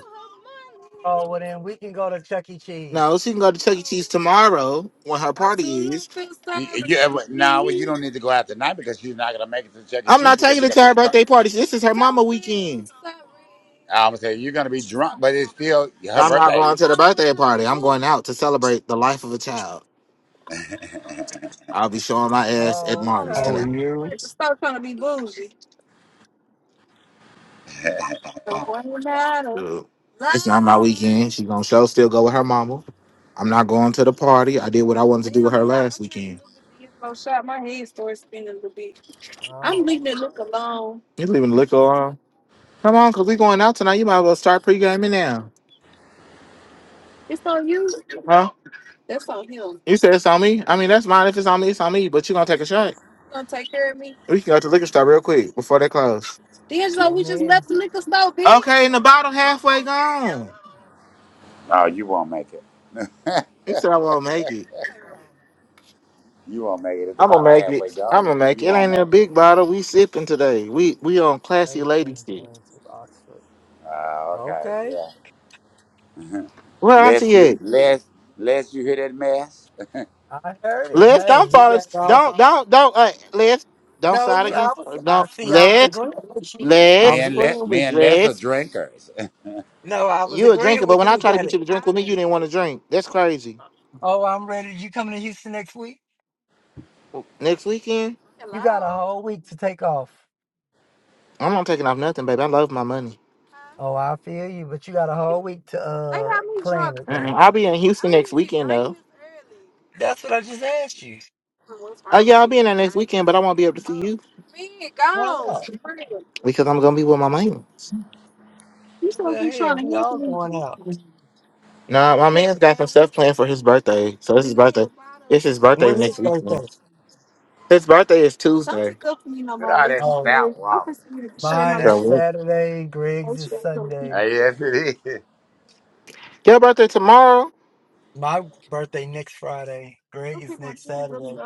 C: Oh, well then we can go to Chuck E. Cheese.
H: No, she can go to Chuck E. Cheese tomorrow when her party is.
G: you, you ever, no, well, you don't need to go out tonight because she's not gonna make it to Chuck E.
H: I'm
G: Cheese
H: not
G: because
H: taking
G: you're
H: her
G: gonna
H: to
G: be
H: her
G: drunk.
H: birthday party. This is her mama weekend.
G: I'm gonna say you're gonna be drunk, but it's still her
H: I'm not
G: birthday.
H: going to the birthday party. I'm going out to celebrate the life of a child. I'll be showing my ass at
C: Oh,
H: Marvin's
A: how are
H: tonight.
C: okay.
A: you?
H: Stop trying to be bougie. Dude, It's not my weekend. She's gonna show still go with her mama. I'm not going to the party. I did what I wanted to do with her last weekend. Shot My head started spinning a little bit.
C: Oh,
H: You leaving the liquor on? Come on, cause we going out tonight. You might as well start pre-gaming now. Huh? You said it's on me. I mean, that's mine. If it's on me, it's on me. But you gonna take a shot. We can go to the liquor store real quick before they close.
C: amen.
H: Okay, and the bottle halfway gone.
G: No, you won't make it.
H: You said I won't make it.
G: You won't make it. It's
H: I'm
G: about
H: gonna
G: a
H: make
G: halfway
H: it. I'm
G: gone.
H: gonna make
G: You
H: it. It
G: won't
H: ain't a
G: make it.
H: big bottle. We sipping today. We we on classy lady shit.
C: 1822 Oxford.
G: Ah, okay,
C: Okay.
G: yeah.
H: Where
G: Less
H: auntie
G: you
H: at?
G: less less you hear that mess.
C: I heard it.
H: Liz,
C: Hey,
H: don't
C: he
H: fall.
C: got
H: as-
C: all.
H: Don't don't don't. Uh, Liz, don't
C: No,
H: side
C: you. I
H: against.
C: was.
H: uh,
C: I
H: Don't
C: see. I was
H: Liz.
C: agreeing with you. I
G: Me
H: Liz.
C: was
G: and less
C: agreeing
G: me
C: with
G: and
C: you.
G: less are
H: Liz.
G: drinkers.
C: No, I was
H: You a drinker,
C: agreeing
H: but
C: with
H: when
C: you.
H: I
C: You
H: try to
C: got
H: get
C: it.
H: you to drink with me, you didn't want to drink. That's crazy.
C: Oh, I'm ready. You coming to Houston next week?
H: Next weekend,
C: You got a whole week to take off.
H: I'm not taking off nothing, baby. I love my money.
C: Oh, I feel you, but you got a whole week to uh plan it
H: Mm-mm.
C: then.
H: I'll be in Houston next weekend, though.
C: That's what I just asked you.
H: Oh yeah, I'll be in there next weekend, but I won't be able to see you
C: Why not?
H: because I'm gonna be with my man's.
C: Well, hell, we all going out.
H: Nah, my man's got some stuff planned for his birthday, so this is his birthday. It's his birthday
C: When
H: next
C: his birthday?
H: weekend. His birthday is Tuesday. So
G: Look at all that
C: Oh,
G: stout walk.
C: Mine is
H: what?
C: Saturday. Greg's is
G: Ah,
C: Sunday.
G: yes it is.
H: Your birthday tomorrow?
C: My birthday next Friday. Greg is next Saturday.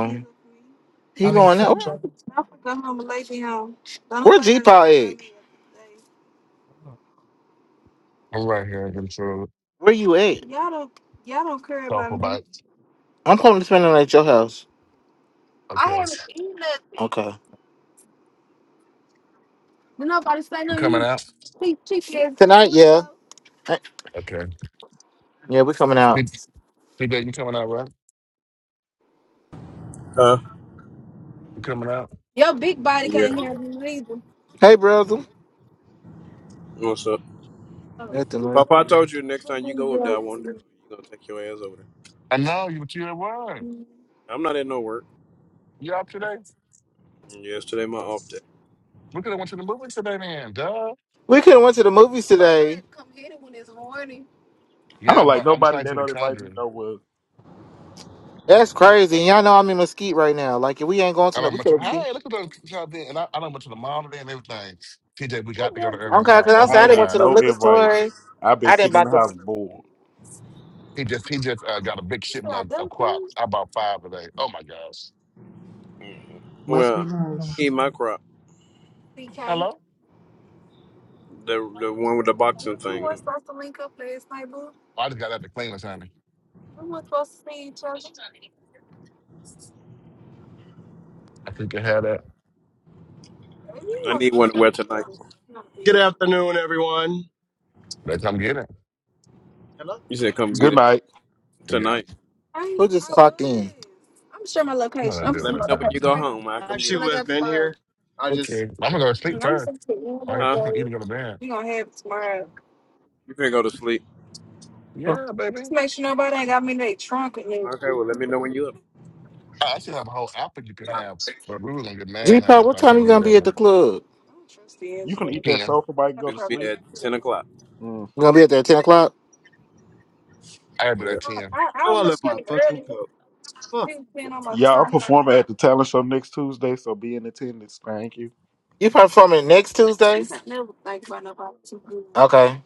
H: Oh, he
C: I mean
H: going out. Where,
C: Sunday.
H: where G Paw at?
A: I'm right here in control.
H: Where you at?
A: Thoughtful bite.
H: I'm planning to spend the night at your house.
A: Okay.
H: Okay.
A: You coming out?
H: Tonight, yeah. Eh,
A: Okay.
H: Yeah, we coming out.
A: Big, big day, you coming out, right?
I: Huh?
A: You coming out?
I: Yeah.
H: Hey, brother.
I: What's up?
H: Nothing like-
I: Papa, I told you next time you go up there, I wanted to go. You're going to take your ass over there.
A: I know, you, but you at work.
I: I'm not in no work.
A: You out today?
I: Yes, today my off day.
A: We could have went to the movies today, man. Duh.
H: We could have went to the movies well, today.
D: I don't
A: Yeah,
D: like
A: but I'm
D: nobody
A: trying to
D: that
A: see the
D: don't invite me
A: Conjuring.
D: nowhere.
H: That's crazy. And y'all know I'm in Mesquite right now. Like, if we ain't going
A: I
H: to no.
A: don't
H: we
A: much.
H: could have been.
A: Hey, look at those. people out there. And I, I done went to the mall today and everything. TJ, we got to go to Urban
H: Okay,
A: Mall.
H: because
A: Oh
H: I
A: my
D: I
H: said I
D: ain't
H: didn't went
D: get
A: God.
H: to the
D: no
H: liquor
D: invite.
H: store.
D: I've been
H: I didn't
D: sitting in
H: buy
D: the
H: the.
D: house bored.
A: He just he just uh, got a big shipment of crops. I bought five today. Oh my gosh.
D: Must be
I: Well, I
D: nice.
I: need my crop.
A: Hello?
I: The the one with the boxing thing.
A: I just got out the cleaners, honey. I think you had that.
I: I need one to wear tonight.
E: Good afternoon, everyone.
A: They come get it.
E: Hello.
I: You said come get
D: Good
I: it
D: night.
A: Yeah.
I: tonight.
H: Who ain't just clocked in?
A: I'm gonna
I: Well,
A: do it
I: Let me
A: right
I: know when
A: time.
I: you go home. I'll come get
E: Actually,
I: it.
E: who has been here? I
A: Okay.
E: just
A: I'm gonna go to sleep first. I- I'm
I: Huh?
A: gonna even go to bed.
I: You finna go to sleep.
A: Yeah, baby.
I: Okay, well, let me know when you up.
A: I I should have a whole outfit you could have, but we were gonna get
H: G
A: mad, honey,
H: Pop,
A: so
H: what
A: I
H: time
A: can't
H: you
A: give you
H: gonna
A: that
H: be at
A: one.
H: the club?
D: You can eat that
A: Ten.
D: sofa bite and go
I: We're
D: to
I: going to be there
D: sleep.
I: at 10 o'clock.
D: Mm.
H: You gonna be at there at ten o'clock?
A: I have it
I: Yeah.
A: at ten.
E: oh, I left my fucking cup. Fuck.
D: Yeah, I'm performing at the talent show next Tuesday, so be in attendance. Thank you.
H: You probably performing next Tuesday? Okay.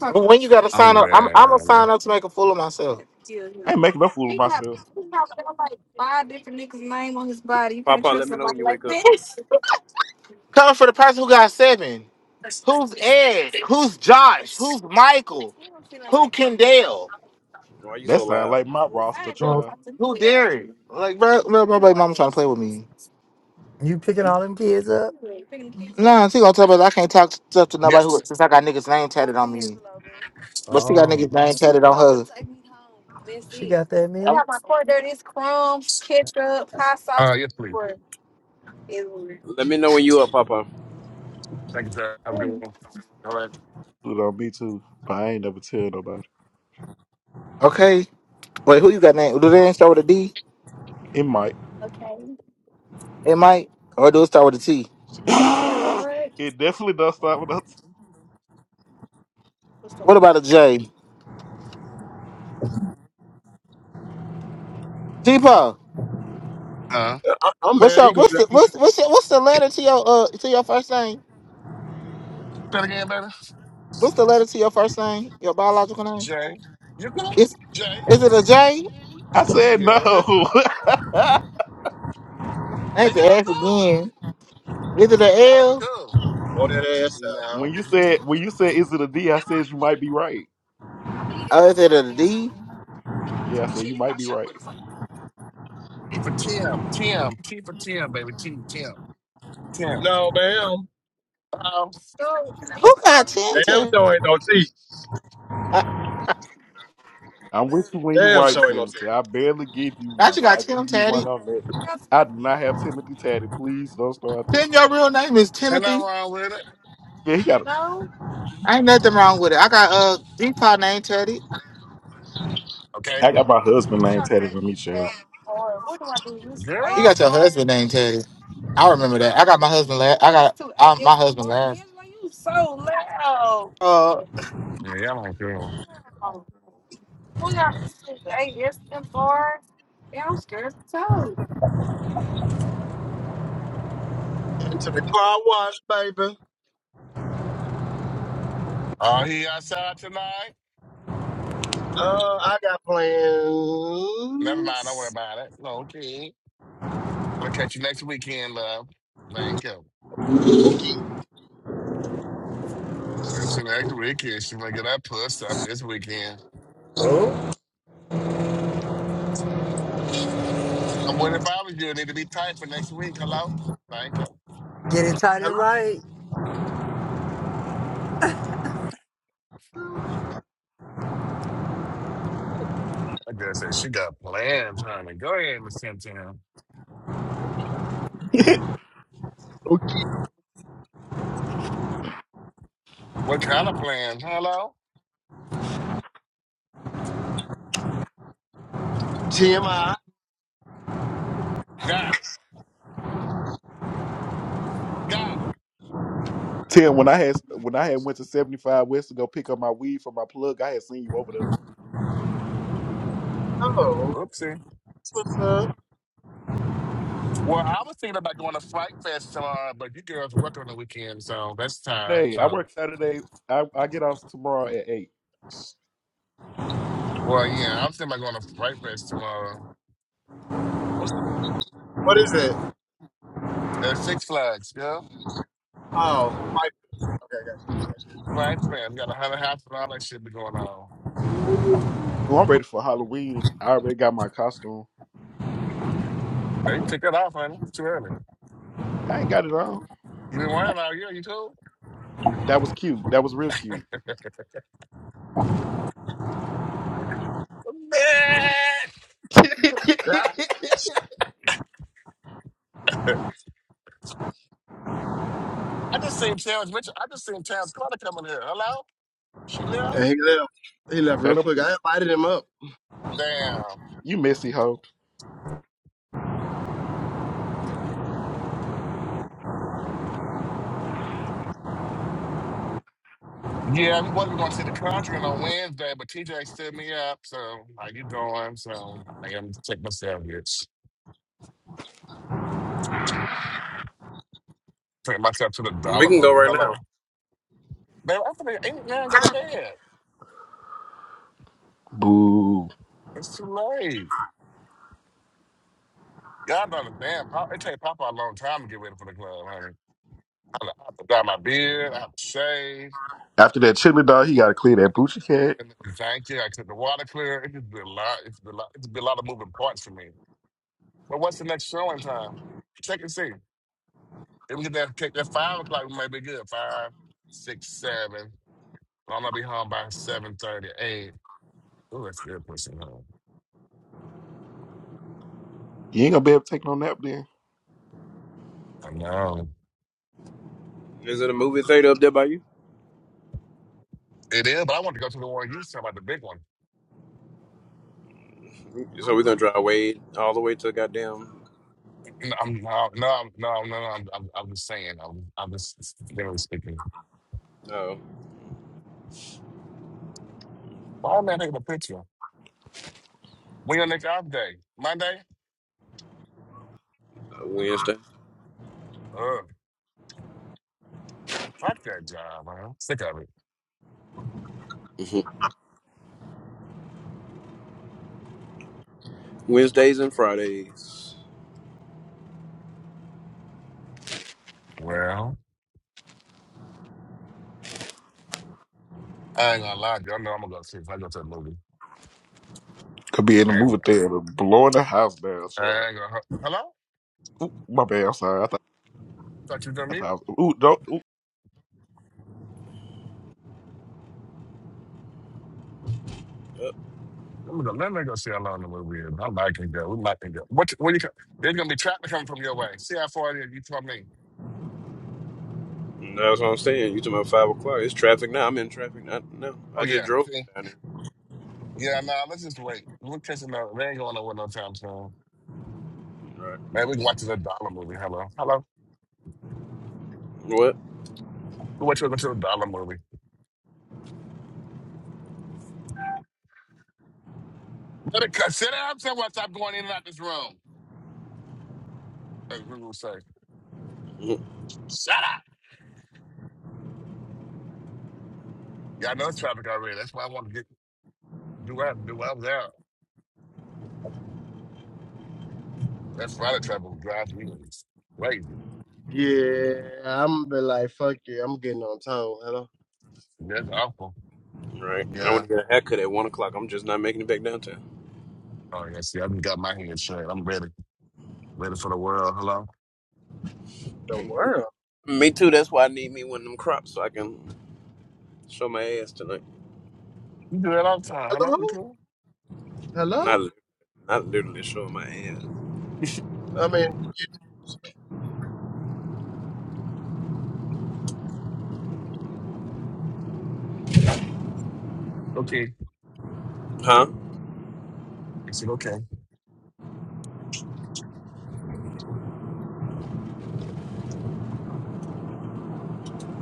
H: But when you gotta sign
A: I'm
H: up, I'm I'm gonna
A: ready.
H: sign up to make a fool of myself.
D: I ain't
H: Coming
D: making no fool of myself.
I: Papa, let me know when you wake up.
H: for the person who got seven. Who's Ed? Who's Josh? Who's Michael? Who Kendall?
I: Why you
D: That
I: so
D: sound
I: loud?
D: like my roster,
C: Oh,
D: child.
H: Who Derek? Like, bro, my, my baby mama trying to play with me.
C: you picking all them kids up?
H: Nah, she gonna tell me I can't talk stuff to nobody who
A: Yes.
H: since I got niggas name tatted on me. But she got
C: Oh,
H: niggas name tatted on her. I
C: she got that many?
H: got my cord there. It's crumbs, ketchup, hot sauce.
A: Uh yes, please.
I: Let me know when you up, Papa.
A: Thank you, sir. Have a good one. All right.
D: It on me too, but I ain't never tell nobody.
H: Okay. Wait, who you got name? Do they ain't start with a D?
D: It might.
H: It might, or do it start with a T?
D: It definitely does start with us.
H: What about a J? T Paul.
A: Uh
E: I, I'm
H: What's
E: mad.
H: your
E: He going
H: what's
E: to
H: the what's what's your, what's the letter to your uh to your first name?
A: that again, baby.
H: What's the letter to your first name? Your biological name?
A: Jay. You good?
H: Is
A: Jay?
H: is it a J?
D: I said
A: Yeah.
D: no.
H: I hate
A: Is y'all
H: to ask
A: cool?
H: again. Is it a
A: Y'all
H: L?
A: ain't cool.
E: blow that ass out.
D: when
A: No.
D: you said when you said is it a D, I said you might be right.
H: Other than the D,
D: Yeah, I said you might be right.
A: T for Tim. Tim. T for Tim, baby. T. Tim. Tim.
E: No, ma'am.
A: Uh-oh.
H: who got Tim
E: Damn,
H: tatted?
E: so ain't no tea.
H: I,
D: I'm with you when you
E: Damn,
D: write,
E: so ain't no tea.
D: Timothy. I barely give you
H: I
D: one,
H: just
D: but
H: got
D: I give
H: Tim
D: you one
H: tatted.
D: on that. I do not have Timothy tatted. Please don't start there.
H: Tim, your real name is
A: Ain't nothing
H: Timothy.
A: wrong with it.
D: Yeah, he got.
H: Ain't nothing wrong with it. I got uh Deepa name tatted.
A: Okay.
D: I got my husband name tatted on me, Chad.
H: You got
A: Girl?
H: your husband name tatted. I remember that. I got my husband last. I got um, my husband last. Uh,
A: Yeah, y'all ain't cool.
E: Into the car wash, baby.
A: Are he outside tonight?
E: Uh, I got
A: Never mind. Don't worry
E: plans.
A: about it. Okay. We'll catch you next weekend, love. Thank you.
E: Okay.
A: Catch you next weekend. She might get that puss up this weekend.
C: Oh,
A: I wonder if I was you. it Need to be tight for next week. Hello? Thank you.
C: get it tight
E: Hello.
C: and right.
A: I just said she got plans, honey. Go ahead, Miss Tim Tim.
E: Okay.
A: What kind of plans? Hello?
E: TMI.
A: Got it. Got it.
D: Tim, when I had when I had went to 75 West to go pick up my weed for my plug, I had seen you over there.
E: Oh,
A: Oopsie.
E: what's up?
A: Well, I was thinking about going to Fright Fest tomorrow, but you girls work on the weekend, so that's tired.
D: Hey, I
A: So,
D: work Saturday. I, I get off tomorrow at eight.
A: well, yeah, I'm thinking about going to Fright Fest tomorrow
E: What's the, what is it?
A: at Six Flags. Yeah,
E: Oh, Piper. Okay, I got you. Yes,
A: Fright Fest. We got a hundred half and all that shit be going on.
D: Well, I'm ready for Halloween. I already got my costume.
A: Now you can take that off, honey. It's too early.
D: I ain't got it on.
A: You been worrying all year. You cool?
D: That was cute. That was real cute.
A: Man,
E: yes. Yeah.
A: I just seen Terrence Mitchell. I just seen Terrence Carter coming here. Hello? She left.
E: And he left. He left
D: That
E: real
D: up,
E: quick. I invited him up.
A: Damn.
D: you messy hoe.
A: Yeah, we was not going to see The Conjuring on Wednesday, but TJ stood me up. So how you doing? So I am taking myself it's taking myself to the
I: We
A: dollar
I: can go
A: movie.
I: right now.
A: Hello, man. I think ain't man go to bed.
D: Boo.
A: It's too late. God don't understand. Pop, it take Papa a long time to get ready for the club, honey. I have to dye my beard. I have to shave.
D: After that chili dog, he got to clear that
A: And,
D: boochie cat.
A: and thank you. I took the water clear. It just be a lot. It's been a lot. It's been a lot of moving parts for me. But what's the next showing time? Check and see. If we get that kick at five o'clock, we might be good. Five, six, seven. I'm gonna be home by seven thirty, eight. Ooh, that's good pushing home.
D: You ain't gonna be able to take no nap then.
A: I know.
I: Is it a movie theater up there by you?
A: It is, but I want to go to the one you said about the big one.
I: So we're gonna drive way all the way to goddamn
A: N- I'm no, no, no, no. no, I'm, I'm, I'm just saying. I'm, I'm just literally speaking.
I: uh,
A: Why am I taking a picture? When your next off day? Monday?
I: Wednesday,
A: Ugh, fuck that job, man. Sick of it.
I: Mhm. Wednesdays and Fridays.
A: Well, I ain't gonna lie to you. I know I'm gonna go see if I go to the movie.
D: Could be in the
A: I
D: movie
A: ain't,
D: theater, blowing the house down, child.
A: I ain't gonna. Hello?
D: Ooh, my bad. I'm sorry. I thought
A: Thought you were
D: I
A: me.
D: thought. I was, ooh, don't. Ooh.
A: Let me go, let me go see how long the movie is. I might can go. We might can go. What, what you, co- there's going to be traffic coming from your way. See how far it is. You told me.
I: That's what I'm saying. You talking about five o'clock? It's traffic now. I'm in traffic now. No, I
A: Oh,
I: just
A: yeah.
I: drove
A: See?
I: down there.
A: Yeah, nah, let's just wait. We're catching up. They ain't going nowhere no time soon.
I: Right.
A: Man, we can watch the dollar movie. Hello. Hello.
I: What?
A: We watch you to go to the dollar movie. Let it cut. Sit down somewhere. Stop going in and out this room. As we will say.
I: Mhm.
A: Shut up. Y'all know it's traffic already. That's why I want to get do what I do what I was out. That's why the traffic drives me crazy.
E: Yeah, I'm be like, fuck you. I'm getting on tone. Hello,
A: That's awful.
I: Right. I
A: Yeah.
I: want to get a haircut at one o'clock. I'm just not making it back downtown.
A: Oh, yeah. See, I just got my hands straight. I'm ready. Later for the world. Hello.
E: the
I: Mhm.
E: world.
I: Me too. That's why I need me one of them crops so I can show my ass tonight.
A: You do that all the time. Hello. You
E: Hello,
A: cool?
E: hello.
I: Not not literally showing my ass.
E: I mean, you
A: Okay.
I: Huh?
A: I said okay.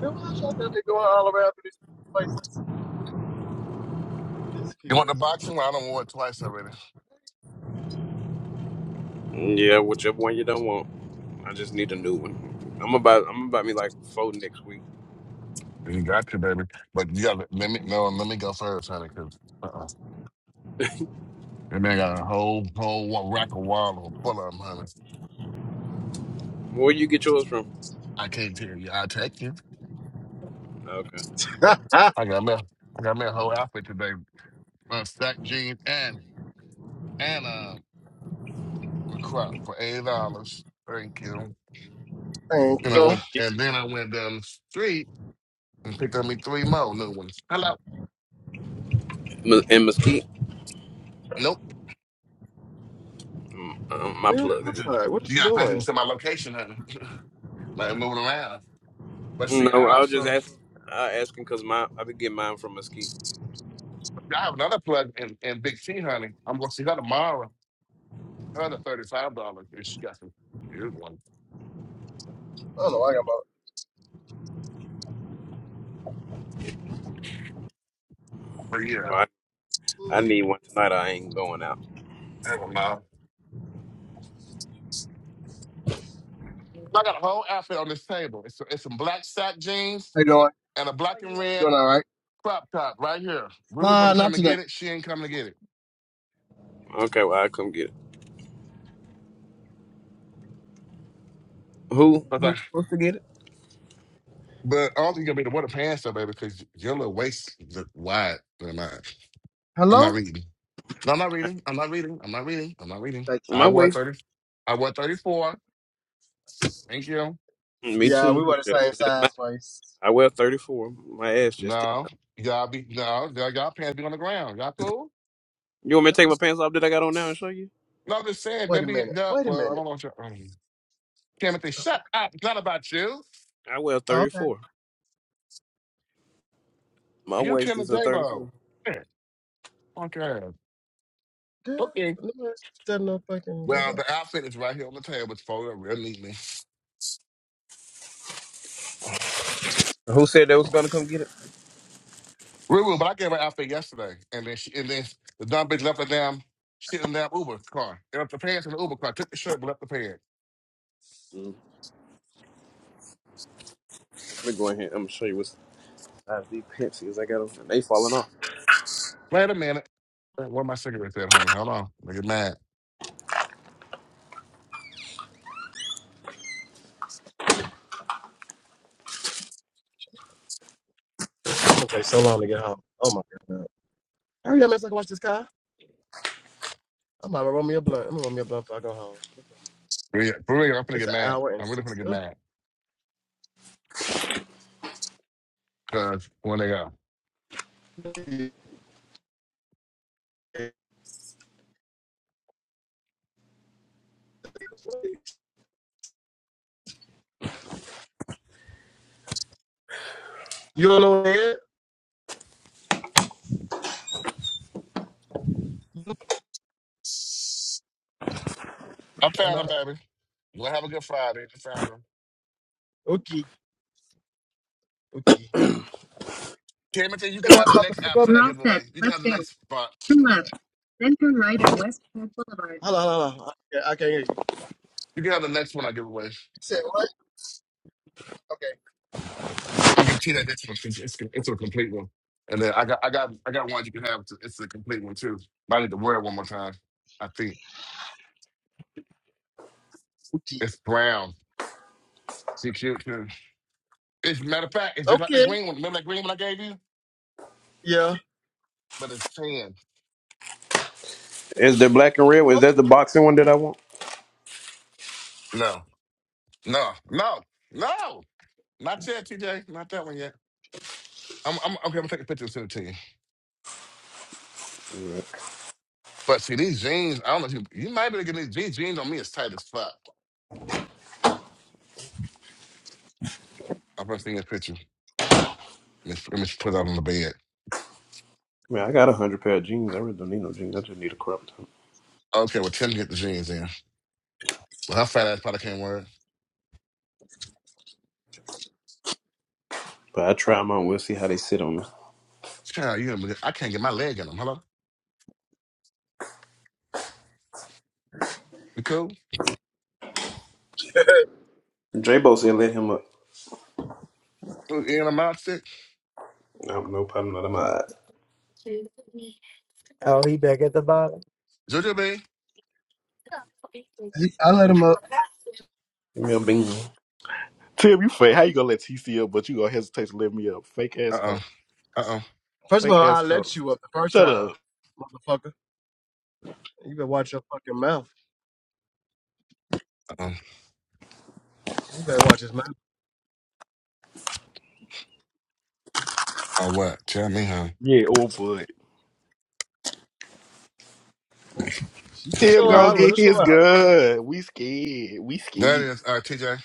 E: do watch I got me going all around to these places. These
A: You
E: people
A: want the
E: is
A: boxing? Well, I don't want it twice already.
I: Yeah, whichever one you don't want. I just need a new one. I'm about I'm about me like four next week.
A: You got to, baby. But you got to let me no. Let me go first, honey. Cause uh-uh. that man got a whole whole wa- rack of wallow full of them, honey.
I: Where you get yours from?
A: I can't tell you. I take you.
I: Okay.
E: good.
A: I got me. I got me a whole outfit today. Uh, stack jeans and and uh, a crop for eight dollars. Thank you.
E: Thank
A: And
I: You
A: I
I: go
E: you.
A: went
I: you,
A: and then I went down the street and picked up me three more new ones. Hello.
I: Mes- in Mesquite?
A: Nope.
I: Mm, uh, my
A: You
E: Yeah,
A: gotta
I: plug.
A: pay attention.
E: alright. What are
A: You
E: you
A: gotta pay
E: doing?
A: attention to my location, honey. like moving around. But see,
I: No,
A: I
I: I was just
A: also
I: asking. I asking because my I be getting mine from Mesquite.
A: I have another plug in, in Big T, honey. I'm gonna see her tomorrow. Her the thirty five dollars, and she got some good ones.
E: I don't know. I got about.
A: But yeah,
I: Well, I, I need one tonight. I ain't going out.
A: I don't know. I got a whole outfit on this table. It's it's some black sack jeans
E: How you
A: and a black and
E: doing?
A: red
E: Doing all right.
A: crop top right here. We were supposed
E: Uh,
A: to
E: not
A: come and
E: today.
A: get it. She ain't coming to get it.
I: Okay, well I come get it. Who
A: But
I: who
A: I,
I: supposed to get it?
A: but I don't think it's gonna be the water pants though, baby, because your little waist is wide than mine. I'm not
E: Hello.
A: reading. No, I'm not reading. I'm not reading. I'm not reading. I'm not reading.
E: Thank
A: I
I: My
A: wore
I: waist.
A: 30. I wore 34. Thank you.
E: you.
I: Me
E: Yeah, we
I: too.
E: were the
I: Just,
E: same
I: just my,
E: size place.
I: I wear 34. My ass just.
A: No. Y'all be no, y'all, y'all pants be on the ground. Y'all cool?
I: You want me to take my pants off that I got on now and show you?
A: No, I'm just saying, they
E: Wait a
A: be
E: minute.
A: y'all,
E: Wait a
A: well, I
E: minute.
A: don't know what y'all um, Timothy,
E: Oh,
A: shut up. It's not about you.
I: I wear
E: Okay,
I: 34. My
A: You
I: waist
A: Tim and
I: is a
A: Jabo.
I: 34.
A: Shit. Okay.
E: girl,
A: Okay.
E: let nobody's setting up fucking j This
A: Well, the outfit is right here on the table. It's folded up real neatly.
I: Who said they was gonna come get it?
A: Real, real, but I gave her outfit yesterday. And then she and then the dumb bitch left her damn shit in the damn Uber car. It left the pants in the Uber car. Took the shirt but left the pants.
I: Mm. Let me go ahead. I'm gonna show you what size these pants is. I got them. They falling off.
A: Wait a minute. Where my cigarettes at, honey? Hold on. I'm gonna get mad.
E: is gonna take so long to get home. Oh my god. Hurry up, man, so I can watch this car. I'm gonna roll me a blunt. I'm gonna roll me a blunt before I go home.
A: Yeah, For real, I'm gonna
E: It's
A: get
E: an
A: mad.
E: hour and
A: I'm really gonna
E: six.
A: get
E: Oh.
A: mad. Cause when they go,
E: You don't know where?
A: I
E: Or
A: found them,
E: not?
A: baby. You gonna have a good Friday. You found them.
E: Okay, okay.
A: Timothy,
E: You
A: you can
E: can go out
A: have the
E: about the
A: next
E: back up?
A: outfit
E: We're
A: I
E: all
A: give away.
E: set.
A: You can
E: Let's
A: have the
E: go.
A: next spot.
E: Turn left, then turn right on West Park Boulevard. Hold on, hold on. Okay, I can't I can't hear you. You
A: You can have the next one I give away.
E: said what? Okay.
A: I'm gonna compete at this one. It's, it's, it's a complete one. And then I got I got I got one you can have. It's it's a complete one too. But I need to wear it one more time. I think
E: Okay.
A: it's brown. See cute too. It's matter of fact, it's just like the
E: Okay.
A: green one. Remember that green one I gave you?
E: Yeah.
A: But it's tan.
I: Is the black and red? one- Is that the boxing one that I want?
A: No. No, no, no, not yet, TJ. Not that one yet. I'm, I'm okay. I'm gonna take a picture and send it to you.
I: Yeah.
A: But see, these jeans, I don't know if you, you might be able to get these jeans. Jeans on me is tight as fuck. I'm gonna send you a picture. Let me, let me put it out on the bed.
I: Man, I got a hundred pair of jeans. I really don't need no jeans. I just need a crop top.
A: Okay, well, Tim get the jeans in. Well, her fat ass probably can't wear it.
I: But I try them on. We'll see how they sit on me.
A: Child, you, gonna be- I can't get my leg in them. Hello? You cool?
I: J Bo said, "Let him up."
A: You In a mouth stick?
I: No, no problem. Not in my. eye.
C: Oh, he back at the bottom.
A: Jojo B?
E: I let him up.
I: Give me a bean.
D: Tim, you fake. How you gonna let TC up, but you gonna hesitate to let me up? Fake
A: Uh
D: ass hoe.
A: oh. Uh oh.
E: First of
D: Fake
E: all,
D: ass
E: I
D: hoe.
E: let you up the first
D: Shut
E: time,
D: up.
E: motherfucker. You better watch your fucking mouth.
A: Uh oh.
E: You better watch his mouth.
A: Oh, what? Tell me, huh?
D: Yeah, old boy.
E: You can
D: Tim
E: show
I: Oh,
D: gonna
E: out. Let
D: get
E: her
D: his
E: show out.
D: gun. We scared. We
A: There it
D: scared.
A: is. All right, TJ.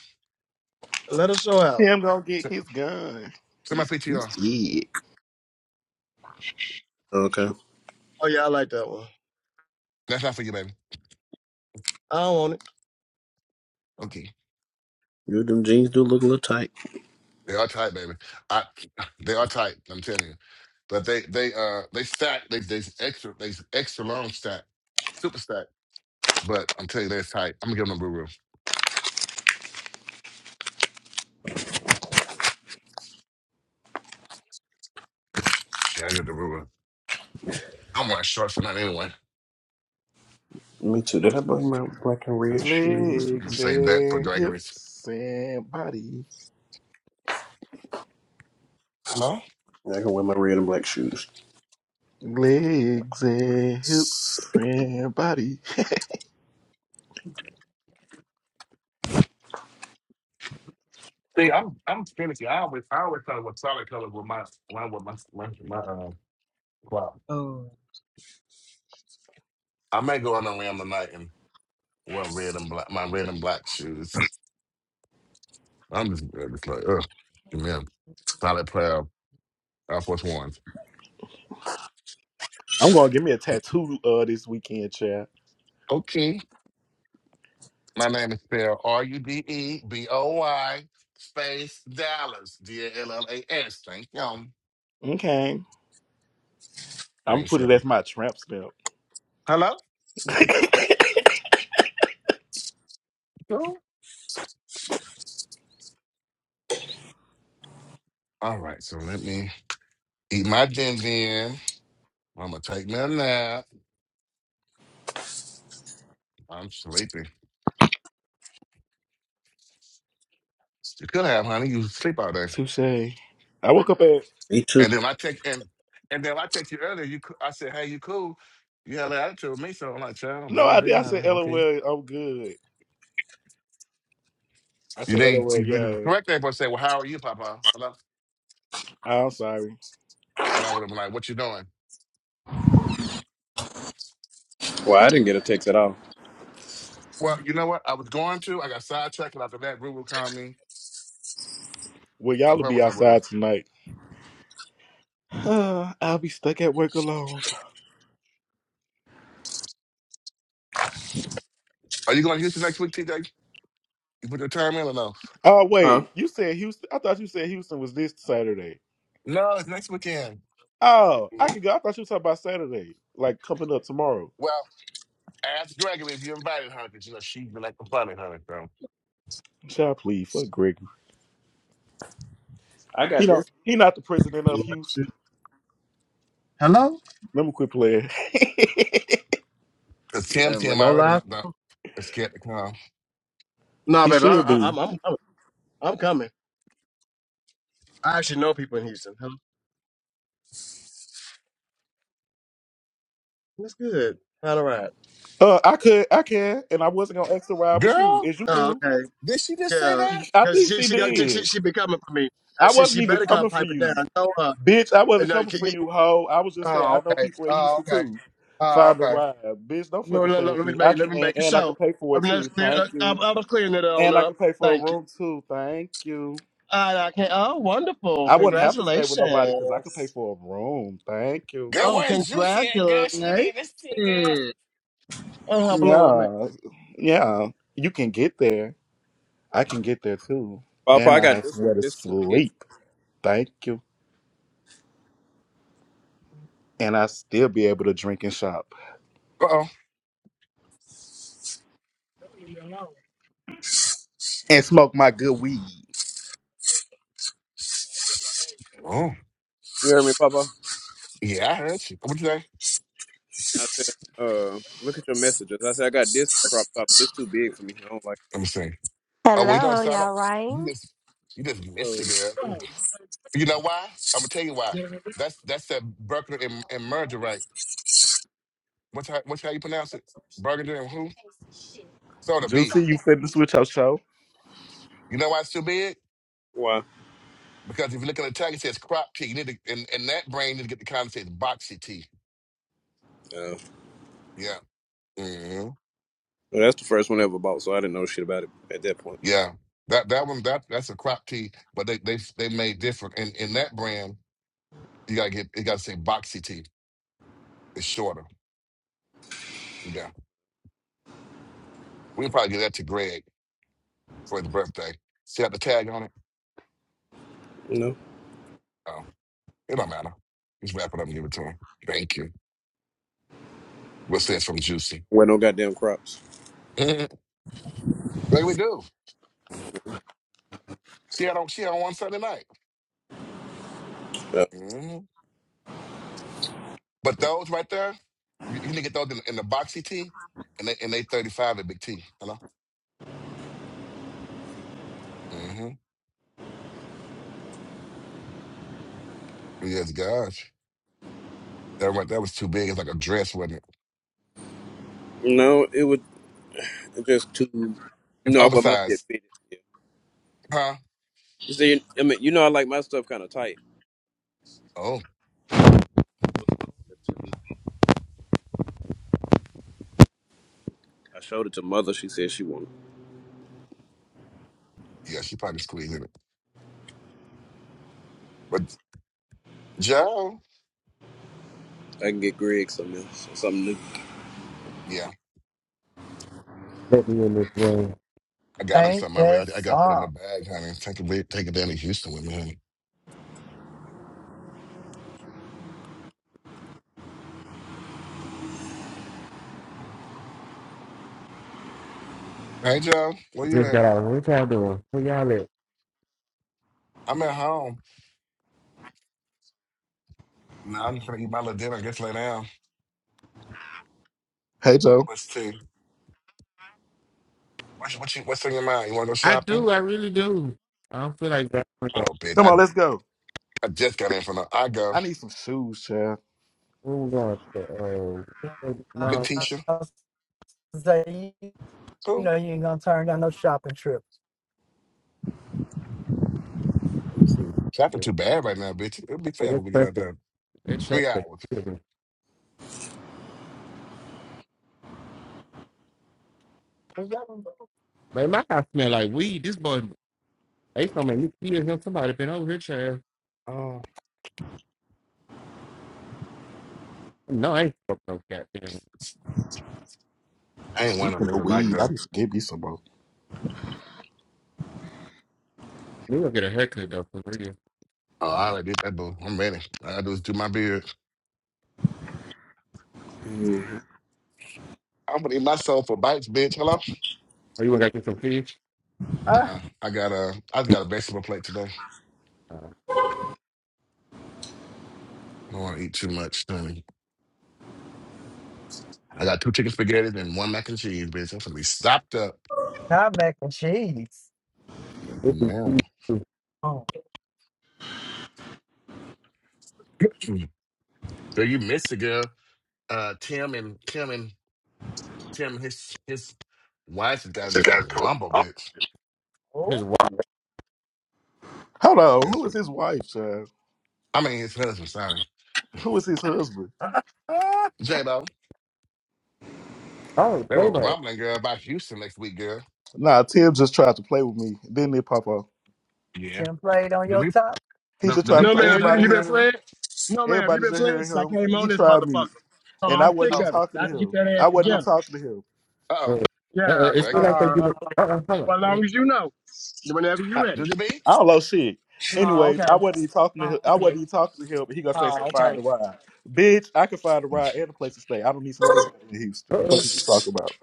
E: Let her show out.
D: Tim gonna get his gun.
A: send my
D: He's we
A: PTR.
D: scared.
I: Okay.
E: Oh yeah, I like that one.
A: That's not for you, baby.
E: I don't want it.
A: Okay.
I: You them jeans do look a little tight.
A: They are tight, baby. I they are tight. I'm telling you. But they they uh they stack. They they extra they extra long stack, super stack. But I'm telling you, they're tight. I'm gonna give them the Ruru. Yeah, I give the Ruru. I'm wearing shorts for night anyway.
I: Me too. Did I bring my black and red
A: I'm
I: shoes?
A: gonna
D: Legs
A: save that for
D: and
A: drag race.
D: hips and body.
A: Hello?
I: Yeah, I can wear my red and black shoes.
D: Legs and hips and body.
A: See, I'm I'm finicky. I always I always color with solid color with my my with my my, my uh, clock. I may go on a limb tonight and wear red and black my red and black shoes. I'm just, I'm just like, ugh, give me a solid pair of Air Force Ones.
D: I'm gonna give me a tattoo uh this weekend, chat.
A: Okay. My name is spelled R U D E B O Y space Dallas D A L L A S. Thank you.
D: Okay. I'm
A: Thank
D: put it
A: you.
D: as my tramp stamp.
A: Hello. Hello? All right. So let me eat my din din. I'm gonna take me a nap. I'm sleepy. You could have, honey. You sleep all day.
D: Touche. I woke up at
I: Me too.
A: And then I take and and then I text you earlier. You coo- I said, hey, you cool? You had an attitude with me, so I'm like, child,
D: no,
A: let me
D: I did.
A: be,
D: I said
A: honey. Okay.
D: LOL. I'm good. I
A: You
D: said
A: didn't.
D: LOL.
A: You, the
D: Yeah,
A: correct thing was say, well, how are you, Papa? Hello.
D: I'm sorry.
A: And I would have been like, what you doing?
I: Well, I didn't get a text at all.
A: Well, you know what? I was going to. I got sidetracked, and after that, Ruru called me.
D: Well,
A: I
D: y'all will be
A: promise I was.
D: outside tonight. Uh, I'll be stuck at work alone.
A: Are you going to Houston next week, TJ? You put your time in or no?
D: Oh
I: Huh?
D: wait, you said Houston. I thought you said Houston was this Saturday.
A: No, it's next weekend.
D: Oh, I
E: Yeah.
D: could go. I thought you were talking about Saturday, like coming up tomorrow.
A: Well, ask Gregory if you invited her, because you know she'd be like the fun her. So,
D: Child, please, fuck Greg
I: I
D: He
I: got this,
D: don't. He not the president of
E: Yeah, shit.
D: Houston.
E: Hello?
D: Let me quit playing.
A: because Tim,
E: Yeah, but
A: Tim, I
E: no
A: already
E: lie.
A: not no, is scared to come.
E: Nah,
D: he
E: baby, I,
D: should
E: I,
D: be.
E: I'm, I'm coming. I'm coming. I actually know people in Houston. Hello. That's good. All right.
D: Uh, I could. I can. And I wasn't gonna ask to ride with you.
A: Girl,
D: Is you
E: Oh,
D: cool?
E: okay.
A: did she just say
E: Yeah.
A: that?
D: I
E: Cause
D: think
E: she
D: she
E: she got she she,
D: did.
E: she be coming for me. I
D: I
E: she she
D: wasn't even
E: better come
D: coming for
E: pipe it
D: you,
E: down. No, uh,
D: bitch. I wasn't
E: no.
D: coming
E: can
D: for
E: you-
D: you, hoe. I was just saying
E: Oh,
D: I know
E: okay.
D: people in
E: Oh,
D: Houston
E: okay.
D: too.
E: Oh,
D: Find a
E: okay.
D: ride, bitch. Don't
E: No,
D: fucking
E: let,
D: play
E: let,
D: with
E: let me
D: me. I
E: make let
D: can,
E: me make a
D: and I can
E: show.
D: pay for
E: I
D: it
E: mean, that's
D: too.
E: clear.
D: Thank
E: I, I
D: you.
E: I was clearing it on
D: And I
E: up.
D: can pay for a
E: Thank you.
D: room too. Thank you.
E: I, I can Oh, wonderful!
D: I wouldn't have to stay with nobody because I could pay
E: Congratulations.
D: for a room. Thank you.
A: Girl,
E: Oh,
A: where's Juicy at? Girl, she didn't hear
E: congratulations.
A: this thing, girl.
E: Oh, how blue I am.
D: Yeah, yeah. You can get there. I can get there too.
I: Papa.
D: And
I: I
D: I
I: got
D: have
I: this one,
D: somewhere to
I: but it's too big.
D: sleep. Thank you. And I still be able to drink and shop
A: Uh oh.
D: and smoke my good weed.
A: Oh,
I: You heard me, Papa?
A: yeah, I heard you. What you say?
I: I said, uh, look at your messages. I said, I got this crop top, but it's too big for me. I don't like
A: Let me see. Oh, well, you know what it
F: Hello,
A: sounded
F: y'all
A: like? You
F: rang?
A: just, you just
I: it.
A: missed it,
I: Oh.
A: girl. You know why? I'm gonna tell you why. That's that's that Burger and, and merger right. What's how, what's how you pronounce it? Burger and who? Soda B.
D: Juicy, you finished with your show?
A: You know why it's too big?
I: Why?
A: Because if you look at the tag, it says crop tea. You need to, and, and that brand need to get the kind that says boxy tea.
I: Uh,
A: Yeah. hmm
I: well, that's the first one I ever bought, so I didn't know shit about it at that point.
A: Yeah. That that one that that's a crop tea, but they they they made different. And in that brand, you gotta get it gotta say boxy tea. It's shorter. Yeah. We can probably give that to Greg for his birthday. See how the tag on it?
I: No.
A: Oh. It don't matter. Just wrap it up and give it to him. Thank you. What's this from Juicy?
I: Wear no goddamn crops.
A: like we do. See, I don't. She had on one Sunday night.
I: Uh,
A: hmm But those right there, you you need to get those in, in the boxy tee, and they and they thirty five at Big T. Hello. Mm-hmm. Yes, gosh. That right. That was too big. It's like a dress, wasn't it?
I: no, it would just too.
A: It's
I: No, I wear my shit
A: oversized,
I: fitted. Yeah.
A: huh?
I: You see, I mean, you know, I like my stuff kind of tight.
A: Oh,
I: That's too big. I showed it to mother. She said she wanted.
A: yeah. She probably squeezed in it. But Joe,
I: it. I can get Greg something else, something
A: yeah,
J: let me in this thing.
A: I got him
C: Ain't
A: something
C: that
A: already. I, I got put in
C: something?
A: the bag, honey. Take it, with- take it down to Houston with me, honey. Hey, Joe, where you
J: Just
A: at?
J: got out. What y'all doing? What y'all at?
A: I'm at home. Nah, I'm just gonna eat my little dinner. Just lay down.
D: Hey, Joe.
A: What's tea? What's what you? What's on your mind? You wanna go
J: I
A: shopping?
J: do. I really do. I don't feel like that.
A: Oh,
J: Where
A: bitch,
D: Come
A: I
D: on, let's go.
A: I just got in from the I go
D: I need some shoes, child.
J: we going? To, uh,
A: big
J: no, that's
A: Tisha.
C: Zay, you you
A: Cool.
C: know you ain't gonna turn down no shopping trip.
A: Let me see. Shopping too bad right now, bitch. It'll be forever.
J: perfect.
A: We get out there
J: That's
A: three
J: perfect.
A: hours.
J: Excuse me. Man, my house smell like weed. This boy, they gonna make me feel him. Somebody been over here, child.
C: Oh,
J: No, I ain't fucked no goddamn.
A: I ain't want to
D: Speaking of
A: noodle like
D: weed, I
A: though.
D: need to give me some more.
J: We gonna get a haircut though for real.
A: Oh, I already did that, boo. I'm ready. I do is do my beard.
I: new. hmm
A: I'm gonna eat myself for bites, bitch. Hello?
J: Are you gonna get some fish?
C: ah,
A: Uh-uh. I got a, I just got a vegetable plate today.
J: Uh,
A: I don't want to eat too much, honey. I got two chicken spaghetti and one mac and cheese, bitch. I'm gonna be stopped up.
C: not mac and cheese.
J: this is
A: Yeah.
J: too.
C: Oh,
A: So you missed a girl. Uh, Tim and Tim and Tim and his his wife had gotten
C: So
A: into a
C: that's cool.
A: rumble,
C: Oh,
A: bitch.
C: oh.
J: His wife.
D: Hold on.
A: Yes,
D: Who is his wife, child?
A: I mean his husband. Sorry,
D: Who is his husband?
C: Ah, ah.
A: J Lo.
J: Oh,
A: They were
J: playback.
A: rumbling, girl, about Houston next week, girl.
D: Nah, Tim just tried to play with me. Didn't it, Papa?
A: Yeah.
C: template on
A: The
C: your
A: re
C: top,
D: He
A: the,
D: just
A: the
D: tried to
E: No,
D: play.
E: ma'am.
A: replays
E: You
A: are
D: Everybody
E: you
A: on,
E: been
D: heard
A: honey.
D: him.
E: flaying? No, ma'am. You
D: Everybody
E: been
D: just
E: flaying
D: heard
E: since I
D: him.
E: came on
D: He
E: this
D: tried
E: motherfucker.
D: me.
E: Oh,
D: and I
E: I'm
D: wasn't
E: sick
A: Oh,
D: even
E: of it.
D: talking
E: I
D: to
E: have to get
D: him.
E: that ass
D: I wasn't even
A: oh,
E: together.
D: talking to him.
J: Uh,
A: oh.
J: uh,
E: Yeah.
J: it's
A: There you
J: still
A: go.
J: like they give
E: Uh,
J: it. Uh, uh, hold
E: well, as
J: on.
E: long as you know, whenever you're
D: I,
E: ready.
A: Juju B.
D: I don't know shit.
E: Oh,
D: Anyways, I
E: okay.
D: wasn't even talking to him.
E: Oh,
D: I wasn't
E: okay.
D: even talking to him. But he gonna say,
E: Oh,
D: "So find
E: okay.
D: the ride, bitch. I can find a ride and a place to stay. I don't need some other nobody in
J: Uh,
D: Houston.
J: uh,
D: Fuck is you talking about?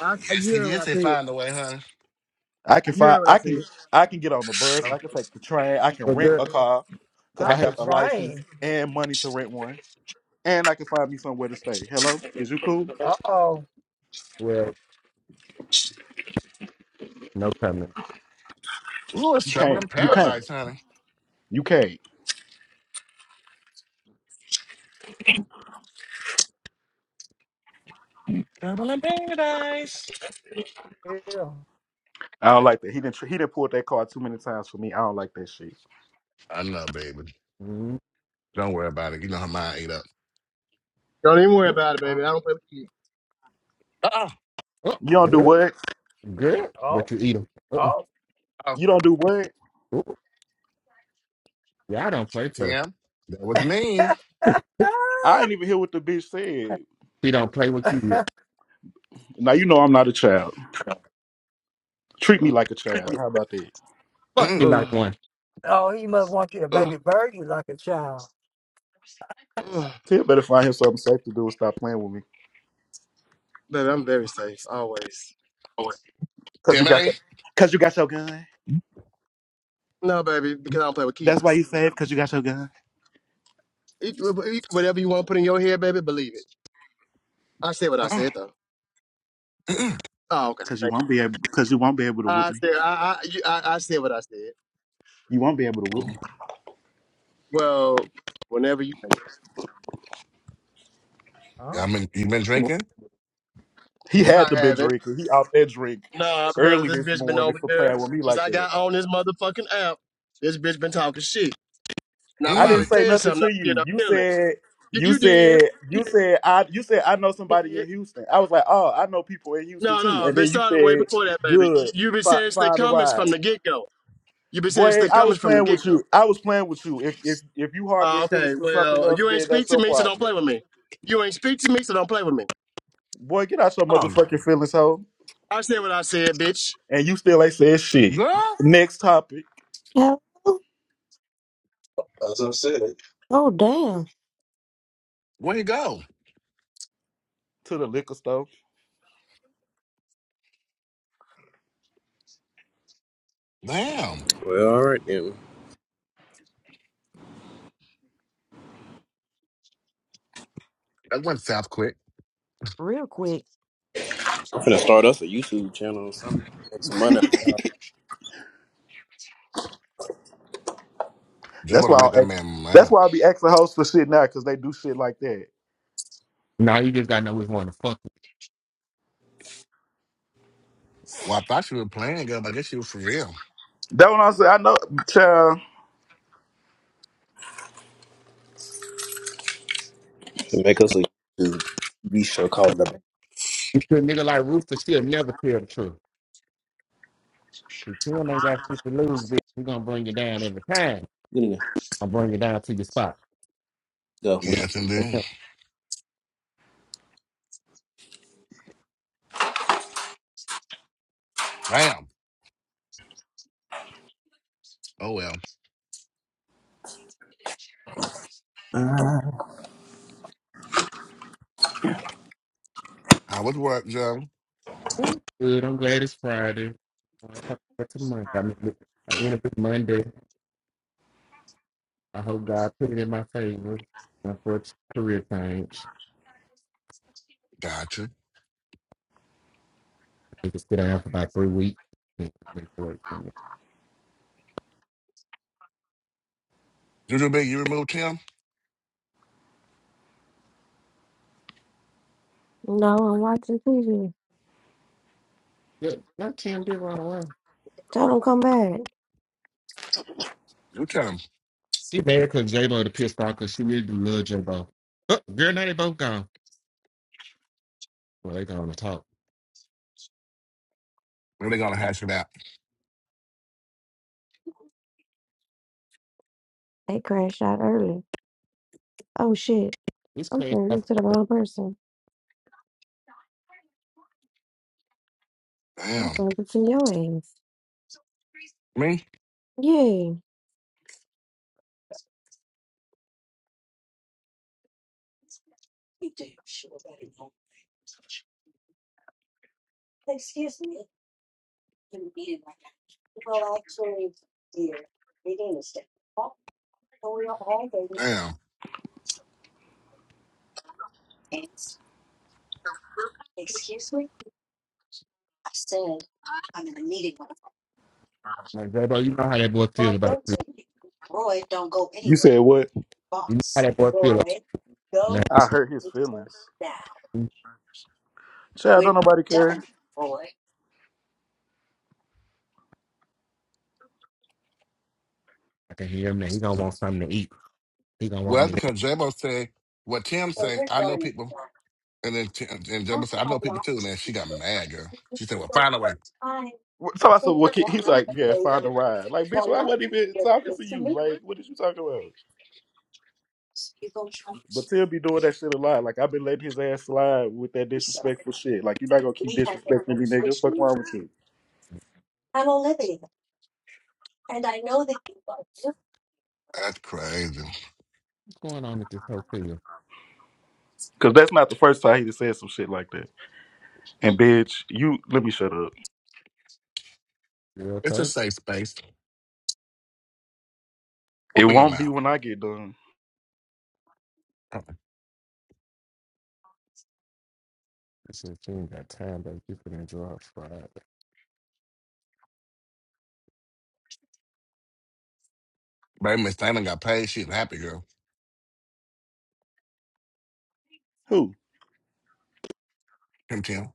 E: I,
A: Yes,
E: you
A: he
E: heard what
A: did
E: I
A: say
E: said.
A: find a way, honey.
D: I can
E: You heard
D: find.
E: what I
D: I
E: said.
D: can. I can get on the bus.
A: Oh.
D: I can take the train. I can
J: well,
D: rent
J: girl,
D: a car because
J: I
D: I
C: not
J: have.
C: the
D: have a license
C: train.
D: and money to rent one. And I can find me somewhere to stay. Hello, is you cool?
C: Uh oh,
J: Well, No comment.
A: Ooh, it's
D: You
A: trouble
D: can't.
A: in
D: You can't.
A: paradise, honey.
D: You can't.
C: yeah.
D: I don't like that. He didn't. He didn't pull that card too many times for me. I don't like that shit.
A: I know, baby.
J: Mm,
A: Don't worry about it. You know her mind ate up.
E: Don't even worry
J: mm,
E: about it, baby. I don't play with you.
A: Oh,
J: Oh,
D: You don't do
J: good,
D: what?
J: good.
C: Oh,
J: But you eat them. Uh,
C: oh.
A: oh.
D: You don't do what?
J: ooh, yeah, I don't play fair.
A: Tim, that was mean.
D: I ain't even hear what the bitch said.
J: She don't play with you.
D: Now you know I'm not a child. Treat me like a child. How about that?
J: Fuck me
A: Mm-mm.
E: Ugh,
J: like one.
C: oh, he must want you to
E: ugh,
C: baby bird you like a child.
E: ugh.
D: Tia better find him something safe to do and stop playing with me.
E: Baby, I'm very safe always.
D: Cause you got your,
A: Timothy.
D: cause you got your gun.
E: No, baby, because I don't play with
D: That's why you
E: kids.
D: safe. Cause you got your gun.
E: It- it- Whatever you want to put in your head, baby, believe it. I said what I said,
A: Uh-uh.
E: though. Oh, okay.
D: Cause you
E: Thank
D: won't
E: you.
D: be able. Cause you won't be able to whoop
E: I
D: me.
E: said I I, you, I I said what I said.
D: You won't be able to whoop
A: Oh,
D: me.
E: Well, whenever you,
A: I
C: Oh,
A: mean, you been drinking?
D: He had
E: I
D: to been
E: haven't.
D: drinking. He out there drink
E: Nah, because
D: early
E: this
D: this
E: bitch been
D: morning
E: over
D: for
E: here
D: playing with me
E: since
D: like
E: I
D: that.
E: got on this motherfucking app. This bitch been talking shit, and I
D: I didn't
E: finally
A: Mm.
D: say
E: said
D: nothing
E: something. I
D: to
E: did.
D: you.
E: i
D: You
E: feeling.
D: said
E: You,
D: you
E: you
D: said you said I you said I know
E: did.
D: somebody in Houston. I was like, oh, I know people in Houston
E: No,
D: too.
E: no,
D: And
E: they
D: then you
E: started way
D: said,
E: before that, baby. You-
D: good,
E: You've been
D: fi-
E: saying it's the
D: find a
E: comments
D: ride.
E: from the get go. You've been saying it's
D: Boy,
E: the
D: I was
E: comments from the
D: playing
E: get
D: with
E: go.
D: you. I was playing with you. If if if you harboring
E: Uh,
D: feelings
E: okay,
D: for something
E: well,
D: else,
E: you ain't
D: then
E: speak
D: that's
E: to
D: your
E: me, so don't
D: problem.
E: play with me. You ain't speak to me, so don't play with me.
D: Boy, get out your
A: Oh,
D: motherfucking feelings, hoe.
E: I said what I said, bitch.
D: And you still ain't said shit.
A: girl,
D: Next topic
F: Hello? As I said. Oh, damn.
A: where you go?
D: to the liquor store.
A: Damn,
I: Well, all right then.
A: that went south quick.
F: Real quick.
I: I'm gonna start us a YouTube channel or something. Make some money. off y'all.
A: Jay
D: That's
A: wanna
D: why
A: make
D: I'll
A: that
D: ask,
A: man
D: that's
A: mad.
D: why I'll be asking hosts for shit now because they do shit like that.
J: Now you just gotta know which one to fuck with.
A: Well, I thought you were playing, girl, but I guess you were for real.
D: That one I said I know, child.
I: And Make us a YouTube. TV show called The. Get
J: You put a nigga like Rooster, she'll never tell the truth. If Kim ain't got shit to lose, bitch, we gonna bring you down every time.
I: in there.
J: I'll bring you down to your spot.
I: Go.
A: Yes, indeed. Bam. Oh well.
I: I
A: Uh, was work, Joe?
J: Good, I'm glad it's Friday. I'm talking about tomorrow. I mean, look, I end up Monday. I hope God put it in my favor uh, for a career change.
A: Gotcha.
J: We could sit down for about three weeks. and wait for it.
A: Juju Big, you removed Tim?
F: No, I'm watching TV.
J: Yeah, that Cam did run away.
F: Tell them come back.
A: You tell him.
J: She married because J Lo to pissed off because she really do love J Bo. Oh, girl, now they both gone. Well, they gone to talk.
A: We're gonna hash it out.
F: They crashed out early. Oh, shit.
J: It's
F: I'm
J: crazy.
F: turning into the wrong person. I'm
A: Damn.
F: talking to your ass.
A: Me?
F: Yeah. So we are all waiting.
A: Damn.
F: And, Excuse me? I said, I'm in a meeting with
J: Like J Bo, you know how that boy
F: Roy,
J: feel about
F: go
J: you.
F: to the meeting. Roy, don't go
D: You
F: anywhere.
D: said what?
J: You know how
F: Boss,
J: that boy feel about
F: Roy,
J: now.
F: go
D: I
F: to
D: hurt
F: the
D: his
F: meeting
D: feelings.
F: now.
D: Child, don't
F: We're not
D: nobody
F: done,
D: care.
F: Roy.
J: I can hear him now. He gonna want something to eat. He gonna want
A: Well,
J: me. What's
A: because Jabo said what Tim
F: Well,
A: say,
F: we're
A: I know
F: done.
A: people. And then Tim, and
F: I
A: Jabo
F: don't
A: said, I
F: have
A: know
F: a
A: people
F: lot
A: too. And
F: to
A: then she got
F: get.
A: mad, girl.
F: We could
A: She said, Well,
F: go
A: find a way.
F: for time.
D: What- So I said,
F: But
D: well, kid, he's
F: water,
D: like, yeah,
F: baby.
D: find a ride. Like, bitch,
F: Now,
D: well, I
F: you
D: wasn't even
F: with
D: talking to
F: the
D: you.
F: minutes.
D: Like, what is you talking about?
F: You go try.
D: But
F: to-
D: Tim be doing that shit a lot. Like, I've been letting his ass slide with that
F: I'm sorry.
D: disrespectful shit. Like, you're not gonna keep
F: We have been
D: disrespecting me, nigga. Fuck
F: officially.
D: wrong with you?
F: I'm Olivia, and I know that you are.
A: That's crazy.
J: going on at this hotel?
D: Cause that's not the first time he just said some shit like that. And bitch, you let me shut up.
J: Girl,
A: It's a
J: tug.
A: safe space.
D: It
A: Open your
D: won't be
A: mouth.
D: when I get done.
A: Uh-uh.
J: She said she ain't got time, but you can enjoy it Friday.
A: Baby Miss Thana got paid. She's a happy girl.
D: Who?
A: Kim Kim.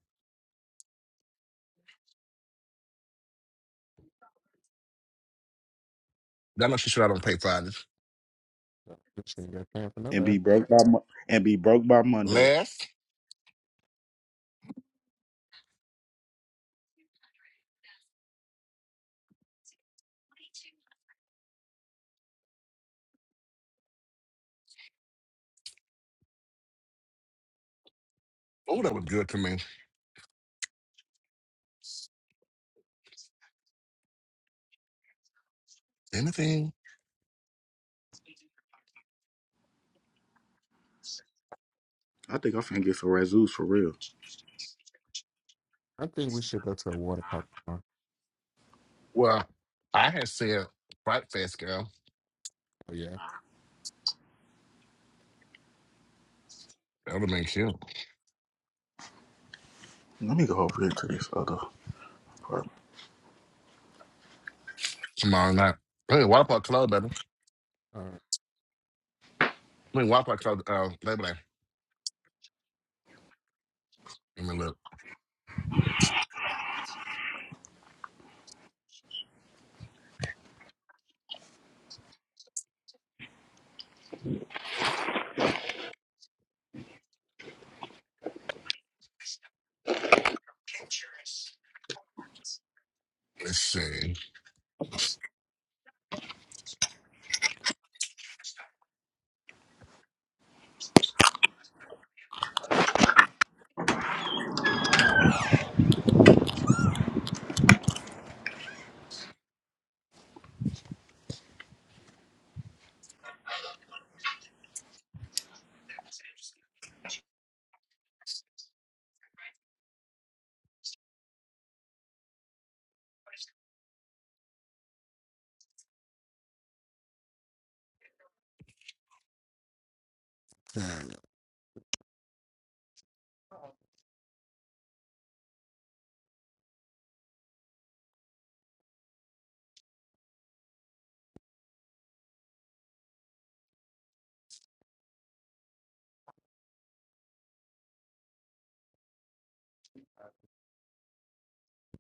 A: I know she should have done paid Fridays.
J: She ain't got time for
D: And be
J: nobody.
D: broke by Mo- and be broke by Monday.
A: Last. Oh, that was good to me. Anything?
D: I think I'm finna get some razzoos for real.
J: I think we should go to a water park tomorrow.
A: Well, I had said Fright Fest, girl.
J: Oh yeah.
A: That would have been cute.
D: Let me go over here to this other. part.
A: Tomorrow night. Hey, Wild Park Club, baby. I mean, Wild Park Club, uh, Labor Day. Let me look. Let's see.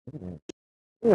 J: All right.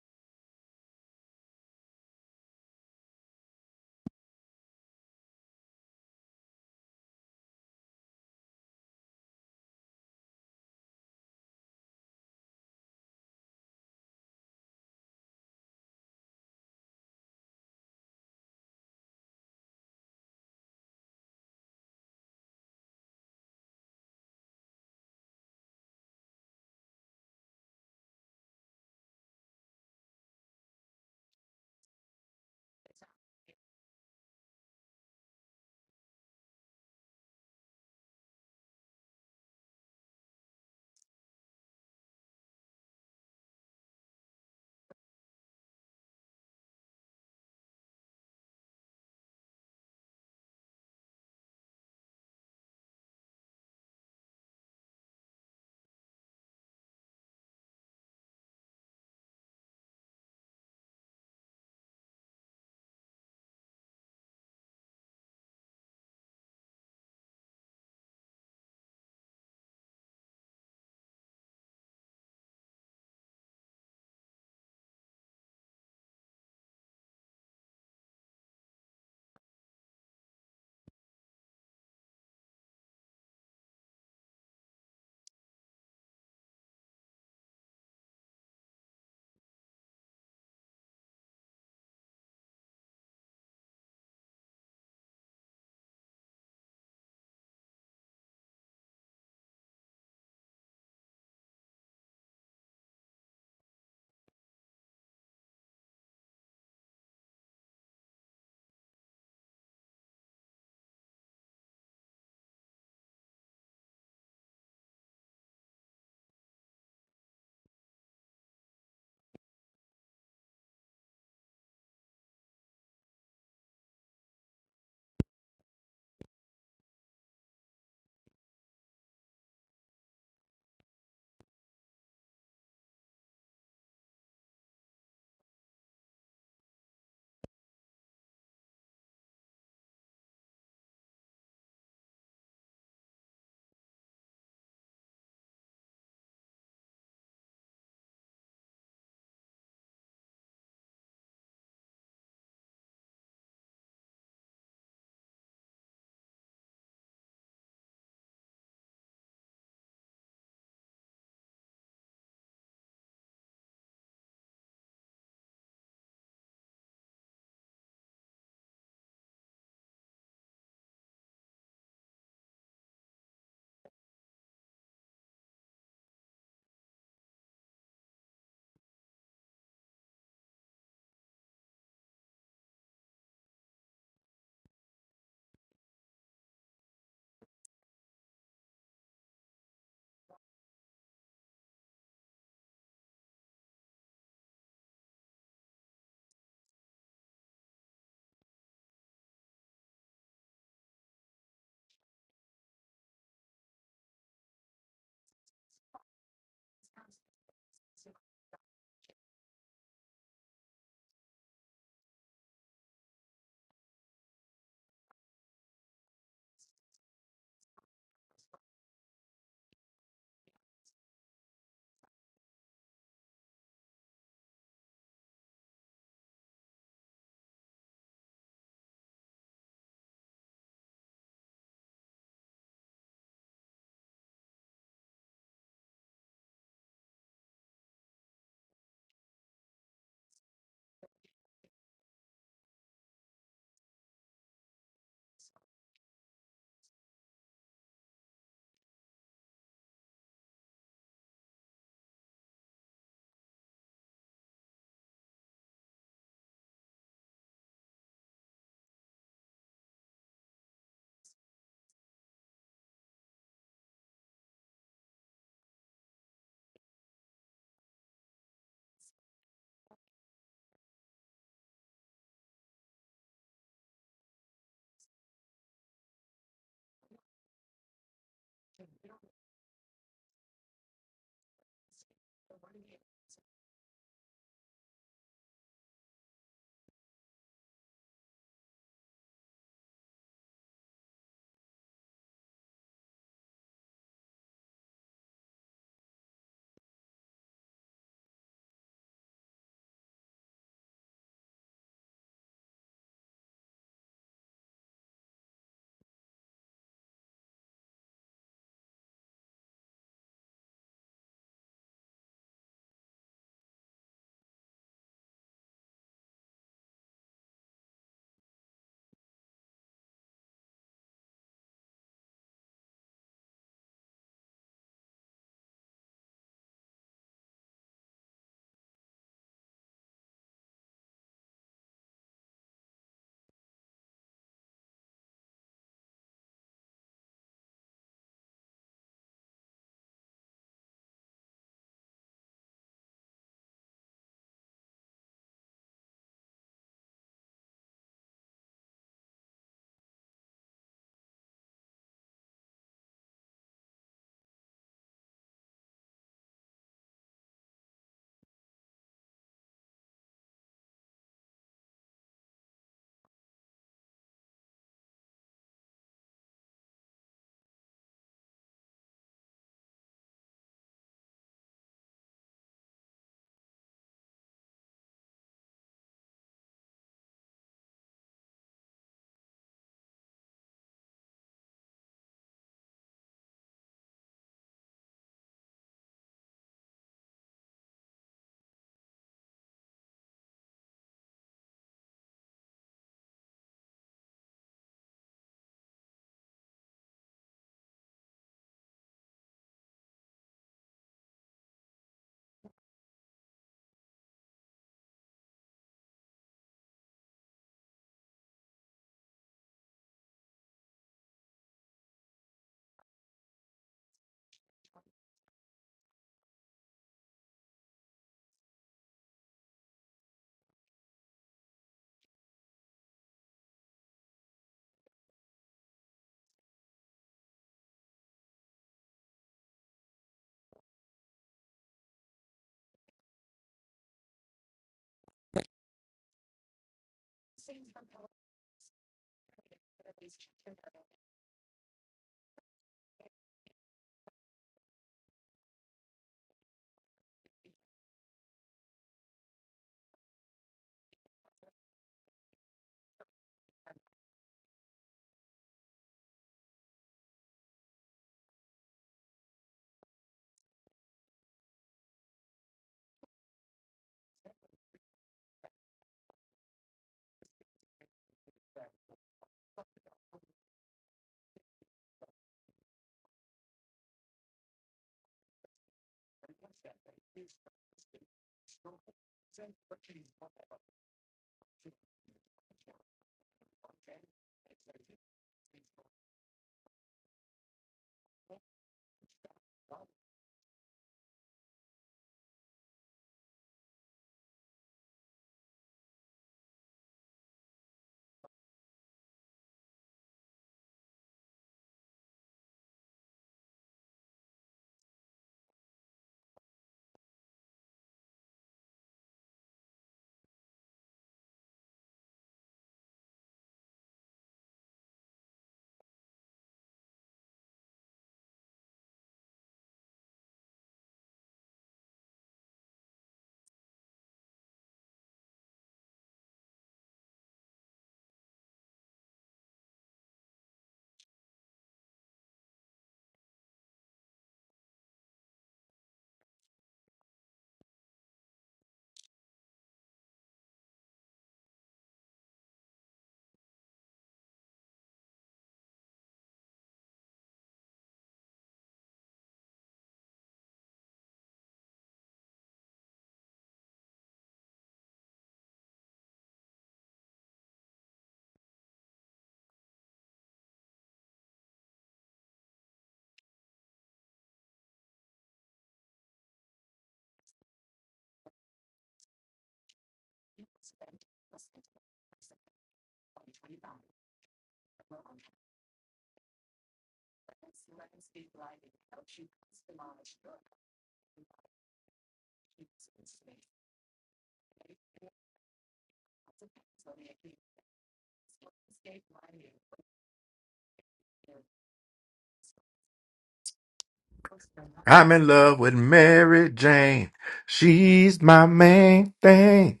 K: I'm in love with Mary Jane. She's my main thing.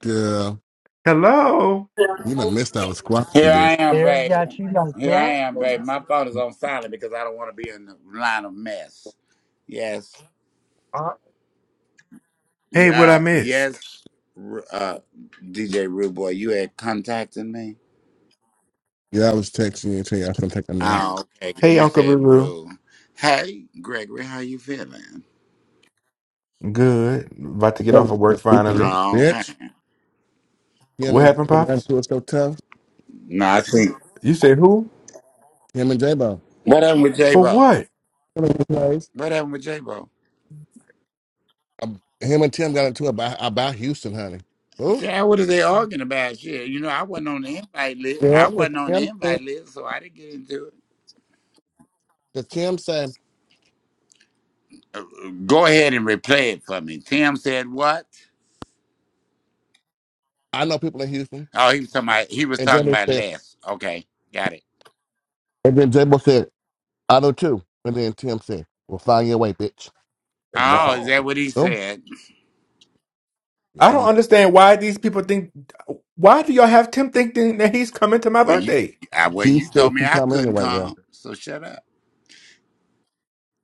A: Girl,
K: Hello.
A: you done missed out a squat a
G: Here
A: bit.
G: I am,
C: Eric
G: baby.
C: got you like
G: Here I
C: that?
G: am, baby. My phone is on silent because I don't want to be in the line of mess. Yes.
C: Uh,
K: Hey, what I
G: Yeah.
K: missed?
G: Yes. Ru- Uh, DJ Rude Boy, you had contacted me.
A: Yeah, I was texting you and tell you I was gonna take a nap.
G: Oh, okay. Cause
K: Hey,
G: you
K: Uncle
G: said
K: Ruru.
G: Rude. Hey, Gregory, how you feeling?
K: Good. About to get off of work finally.
G: Oh, okay.
A: Bitch, you know what I
K: What
A: mean?
K: happened,
A: That
K: Pops?
A: to us so tough.
G: No, I see.
K: You said who?
A: Him and J Bo.
G: What happened with J
K: For
G: Bo?
K: what?
A: One of these days.
G: What happened with J Bo?
A: Um, Him and Tim got into it about, about Houston, honey. Who?
G: Dad, what are they arguing about? Shit, you know, I wasn't on the invite list. I
A: Yeah, because
G: wasn't on the
A: Tim
G: invite
A: said,
G: list, so I didn't get into it.
A: because Tim said,
G: Uh, uh, Go ahead and replay it for me. Tim said what?
A: I know people in Houston.
G: Oh, he was talking about he was
A: And J
G: talking
A: Bo
G: about
A: said,
G: less. Okay, got it.
A: and then J Bo said, I know too. And then Tim said, Well, find your way, bitch. And it went from,
G: Oh, is
C: oh.
G: that what he
A: oh,
G: said?
A: yeah.
K: I don't
A: and
K: understand why these people think. Why do y'all have Tim thinking that he's coming to my
G: Well, you,
K: birthday?
G: I, well,
A: She
G: you
A: said
G: told me
A: she
G: I
A: come
G: couldn't
A: anyway, yeah.
G: come, so shut up.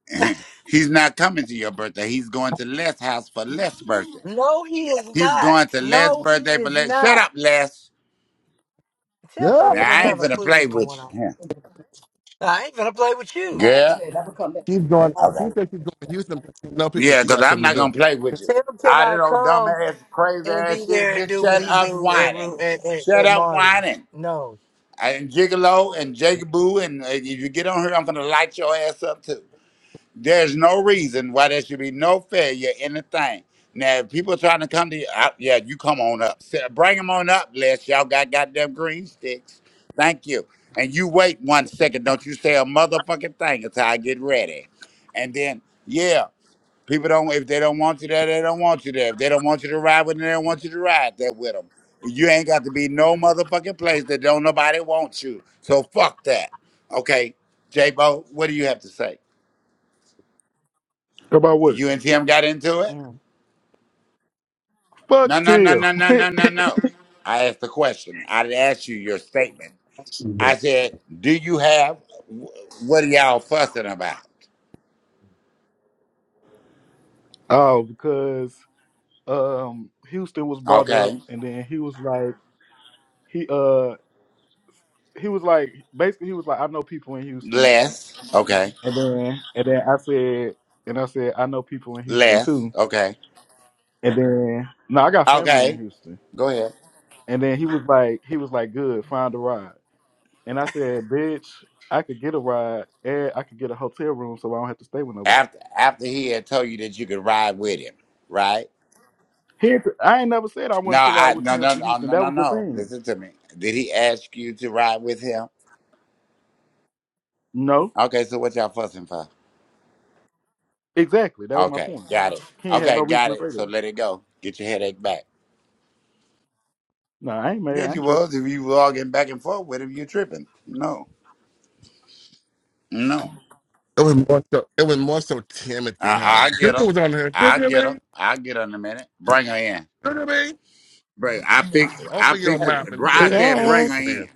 G: He's not coming to your birthday. He's going to Les' house for Les' birthday.
C: No, he is
G: He's
C: not.
G: going to Les'
C: No, he
G: birthday for
C: is
G: Les. Shut
C: not.
G: up, Les.
C: Tim
A: Yeah,
C: don't
G: Now
C: even
G: I ain't
C: have a
G: finna
C: clue
G: play
C: what's
G: with
C: going
G: you.
C: on.
G: Yeah.
C: I ain't gonna play with you.
G: Girl.
A: she's going, she
G: Okay.
A: said she's going to Houston, but she know people,
G: Yeah,
A: she
G: because
A: got
G: I'm
A: something
G: not
A: to
G: gonna
A: do.
G: play with you.
C: Tim
G: All that
C: cannot
G: old dumb
C: come.
G: ass, crazy
C: and
G: ass
C: be there
G: shit,
C: and
G: bitch.
C: do what
G: Shut
C: he
G: up
C: do at
G: whining.
C: Ru- at, at,
G: Shut
C: at
G: up
C: Marty's.
G: whining.
C: No,
G: And Gigolo and Jigaboo, and uh, if you get on here, I'm gonna light your ass up too. There's no reason why there should be no failure in the thing. Now, if people trying to come to you, I, yeah, you come on up. Sit- Bring them on up, Les. Y'all got goddamn green sticks. Thank you. And you wait one second. Don't you say a motherfucking thing until I get ready. And then, yeah, people don't, if they don't want you there, they don't want you there. If they don't want you to ride with them, they don't want you to ride there with them. You ain't got to be no motherfucking place that don't nobody want you. So fuck that. Okay, J-Bo, what do you have to say?
D: About what?
G: You and Tim got into it? No,
D: Fuck
G: no, no,
D: Till.
G: no, no, no, no, no. I asked the question. I didn't ask you your statement. I said, do you have, wh- what are y'all fussing about?
D: oh, because um Houston was brought up
G: Okay.
D: and then he was like he uh he was like basically he was like, I know people in Houston.
G: Less. Okay.
D: And then and then I said and I said, I know people in Houston
G: Less.
D: too.
G: Okay.
D: And then no, I got family in
G: Okay.
D: Houston.
G: Go ahead.
D: And then he was like he was like, Good, find a ride. And I said, Bitch, I could get a ride and I could get a hotel room so I don't have to stay with nobody.
G: After after he had told you that you could ride with him, right?
D: He, I ain't never said I
G: No,
D: wanted to ride
G: I
D: with
G: no
D: Tim
G: no
D: to
G: no
D: Houston.
G: no
D: That
G: no
D: was the
G: no.
D: thing.
G: Listen to me. Did he ask you to ride with him?
D: No.
G: Okay, so what y'all fussing for?
D: Exactly. That was my
G: Okay,
D: point.
G: got it.
D: He ain't had
G: Okay,
D: no reason
G: got
D: to
G: it.
D: say
G: So
D: that.
G: let it go. Get your headache back.
D: No, I ain't mad. I
G: Yes, you
D: ain't tripping.
G: was. If you were all getting back and forth with him, you tripping. No, no.
A: It was more so, it was more so Timothy,
G: I,
A: honey.
G: I get her.
A: Juju was on her.
G: I
A: Juju
G: get her.
A: me,
G: I get her in a minute. Bring her in.
A: Juju me.
G: Bring. I picked. I
A: Open your
G: picked.
A: mouth and
G: br-
A: tell
G: I
A: and
G: said,
A: tell the
G: bring her
A: people
F: Yes.
A: here.
G: in.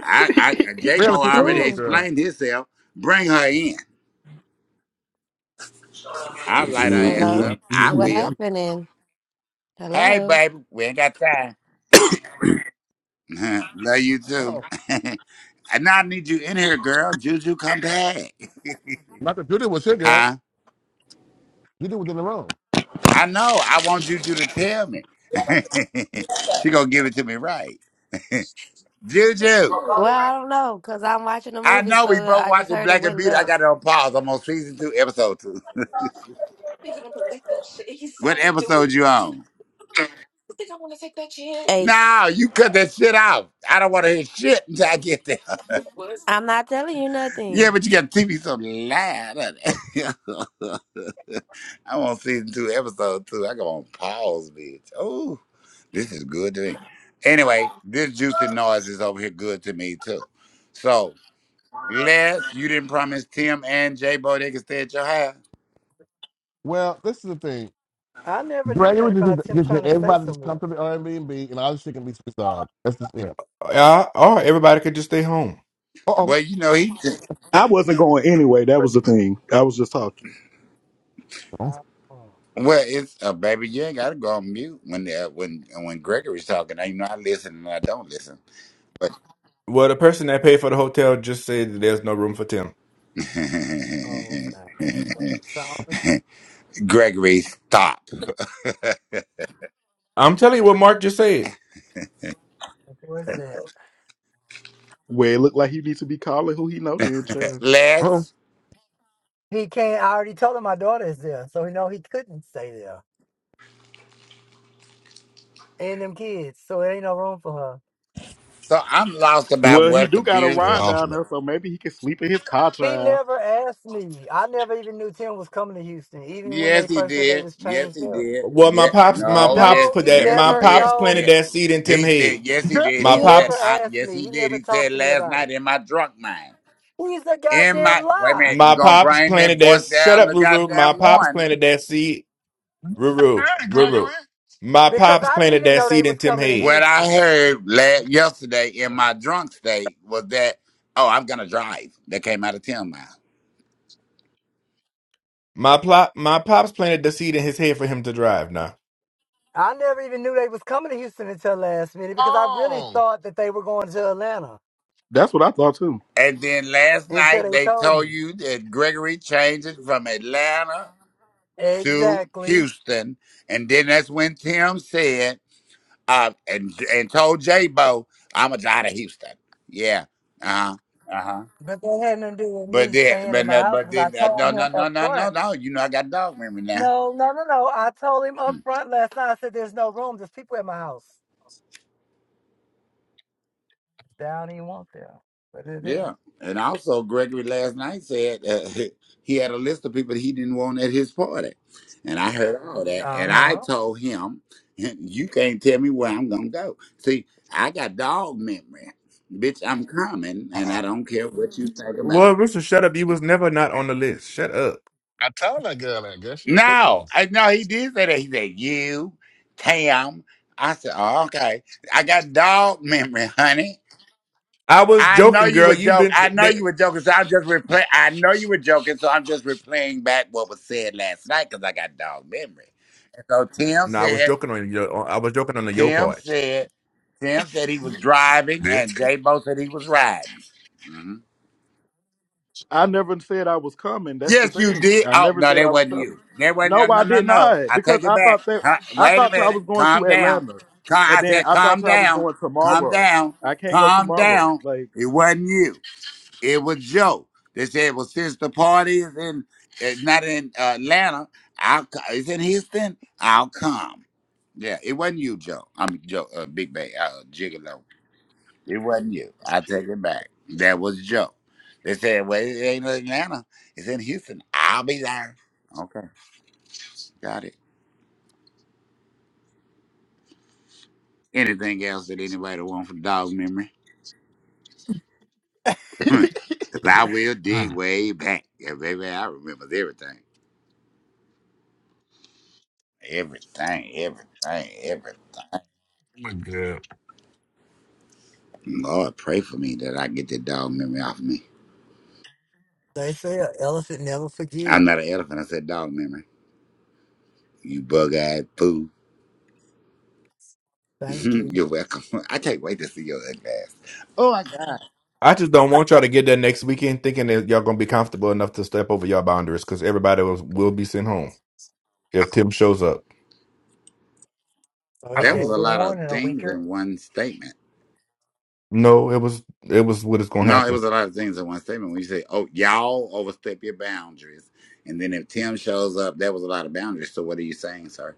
G: I, I J
A: Railing
G: Mo
A: people
G: already
A: in,
F: Ooh,
A: girl.
G: explained himself. Bring her in. I light her ass
F: hello.
G: up. I
F: What
G: will.
F: happening?
G: Hey,
F: Hello.
G: baby, we ain't got time. Love you too.
A: Oh,
G: and now I need you in here, girl. Juju, come back.
A: Michael Judy was here, girl.
G: Huh?
A: Judy was in the room.
G: I know. I want Juju to tell me. she gonna give it to me right. Juju.
F: Well, I don't know because I'm watching a
G: I
F: movie,
G: know we
F: so
G: both
F: I just
G: watching
F: heard it
G: Black and
F: went
G: Beauty. I
F: left.
G: got it on pause. I'm on season two, episode two.
F: Hey,
G: What episode you on? No, you cut that shit out. I don't want to hear shit until I get there.
F: I'm not telling you
G: Yeah,
F: nothing.
G: but you got to teach me something live. I'm on season two, episode two. I go on pause, bitch. Oh, this is good to me. Anyway, this juicy noise is over here good to me too. So, Les, you didn't promise Tim and J Bo they could stay at your house.
A: Well, this is the thing.
C: I never knew
A: Gregory. it
C: nothing
A: was just,
C: about
A: needs
C: him
A: just
C: trying to
A: need
C: stay
A: everybody just come
C: somewhere.
A: to the Airbnb and all this shit can be resolved. That's just it.
K: Uh, or everybody could just stay home.
A: Uh-oh.
G: Well, you know he.
D: I wasn't going anyway. That was the thing. I was just talking.
A: Uh-oh.
C: Oh, oh,
G: Well, it's uh, baby. You ain't gotta go on mute when uh, when when Gregory's talking. I you know I listen and I don't listen. But
K: Well, the person that paid for the hotel just said that there's no room for Tim.
C: oh, okay. That's So it's-
G: Gregory, stop.
K: I'm telling you what Mark just said.
C: where's that?
D: Well, it looked like he needs to be calling who he know then, child.
A: Uh-oh.
G: less.
C: He can't. I already told him my daughter is there, so he know he couldn't stay there and them kids. So there ain't no room for her.
G: So I'm lost about
D: Well, he
G: what
D: do got a
G: confused.
A: Good
D: ride down
A: alternate.
D: there, so maybe he can sleep in his car,
C: He
D: child.
C: never asked me. I never even knew Tim was coming to Houston, even when
G: Yes,
C: they
G: he
C: first said they
G: did.
C: was
G: Yes,
C: changed
G: he
C: up.
G: did.
K: Well, my
G: Yeah.
K: pops, my
G: No.
K: pops
G: Yes.
C: No,
K: put
C: he
K: that.
G: Yes, he
K: My
C: never,
G: did.
K: pops
C: no,
G: Yeah.
K: planted that seed in Tim
G: He
K: head.
G: said yes, he
A: Girl,
G: did.
K: My
G: He
C: he
A: oh,
G: said
C: never
K: pops,
G: I.
C: asked
G: Yes,
C: me.
G: he
C: He
G: did.
C: never
G: He said
C: talked to me
G: last
C: about
G: night
C: it.
G: in my drunk mind.
C: He's a
G: In my
C: goddamn
G: wait a
C: lie.
G: minute. You
K: my
G: gonna
K: pops
G: bring that
K: planted that.
G: voice
K: Shut
G: down
K: up,
G: to
K: Ruru. My
G: goddamn
K: pops
G: one?
K: planted that seed.
A: my
K: Ruru,
A: God,
K: Ruru.
A: Gregory.
K: My
C: Because
K: pops
C: I didn't
K: planted
C: even
K: that
C: know they
K: seed in
C: was
K: Tim
C: coming to
K: head.
G: What I
C: Houston.
G: heard last yesterday in my drunk state was that oh, I'm gonna drive. That came out of ten mile.
K: My plop, my pops planted the seed in his head for him to drive. Now,
C: I never even knew they was coming to Houston until last minute because I really
A: Oh.
C: thought that they were going to Atlanta
D: That's what I thought too.
G: And then last
C: until
G: night
C: they
G: they
C: told
G: told
C: me.
G: you that Gregory changed it from Atlanta. to
C: Exactly.
G: Houston, and then that's when Tim said, uh, and and told J Bo, I'm gonna die to Houston. Yeah. Uh huh. Uh huh.
C: But that had nothing to do with
G: But
C: me
G: then,
C: staying in
G: but
C: my
G: then-
C: house
G: but
C: because I
G: then, uh, no,
C: told him
G: no, no,
C: up
G: no,
C: front.
G: no, no. You know, I got dog memory now.
C: No, no, no, no. I told him
G: Hmm.
C: up front last night. I said, "There's no room. There's people at my house. They don't even want there, but they're there."
G: Yeah, and also Gregory last night said uh, he had a list of people he didn't want at his party, and I heard all that,
C: Uh
G: and I
C: huh.
G: told him, "You can't tell me where I'm gonna go." See, I got dog memory, bitch. I'm coming, and
A: Uh-oh.
G: I don't care what you think about. it.
K: well, Rooster, shut up. You was never not on the list. Shut up.
A: I told that girl that, girl. She done cooked them.
G: No, I no, he did say that. He said you, Tam. I said, oh, okay. I got dog memory, honey.
K: I was
G: I know
K: joking,
G: you were
K: girl. You've
G: joking.
K: been.
G: I know
K: They,
G: you were joking. So I'm just replaying. I know you were joking. So I'm just replaying back what was said last night because I got dog memory. And so Tim
K: no, I was
G: said,
K: joking on your. I was joking on the yo
G: Tim
K: part.
G: said, Tim said he was driving,
A: Bitch.
G: and J Bo said he was riding. hmm
D: I never said I was coming. That's the
G: Yes, you
D: thing.
G: did.
D: I
G: Oh
D: never
G: no,
D: said
G: that
D: I was
G: wasn't
D: coming.
G: you. That wasn't. No,
D: No,
G: no,
D: I
G: no.
D: did
G: no.
D: not
G: I take
D: because
G: it
D: I
G: back.
D: thought that
G: Huh?
D: I
G: Wait a
D: thought I
G: minute.
D: was going to
G: Calm down.
D: Atlanta,
G: Calm,
D: and
G: I
D: then
G: said,
D: I
G: calm
D: thought I was
G: down.
D: going
G: Calm
D: tomorrow.
G: down.
D: I can't go
G: Calm
D: tomorrow.
G: down.
D: Like
G: It wasn't you. It was Joe. They said, well, since the party is in, uh, not in Atlanta, I'll, co- it's in Houston, I'll come. Yeah, it wasn't you, Joe. I'm Joe, uh, Big Bay, uh, Gigolo. It wasn't you. I take it back. That was Joe. They said, well, it ain't in Atlanta, it's in Houston. I'll be there. Okay, got it. Anything else that anybody want from Dog's memory? Because I will
A: Hmm.
G: dig
A: Oh
G: way back. Yeah, baby, I remember everything. Everything, everything, everything.
A: my God.
G: Lord, pray for me that I get that dog memory off of me.
C: They say an elephant never forget.
G: I'm not an elephant. I said dog memory. You bug-eyed fool.
C: Thank you.
G: You're welcome. I can't wait to see your ugly ass. Oh my God,
K: I just don't want y'all to get there next weekend thinking that y'all gonna be comfortable enough to step over y'all boundaries because everybody was, will be sent home if Tim shows up.
C: So he
G: that
A: Uh-oh.
C: gave
G: was a
C: a
G: lot of
C: warning a week
G: things
C: earlier.
G: in one statement.
K: No, it was it was what is gonna
G: No, it
K: happen.
G: was a lot of things in one statement. When you say, "Oh, y'all overstep your boundaries," and then if Tim shows up, that was a lot of boundaries. So what are you saying, sir?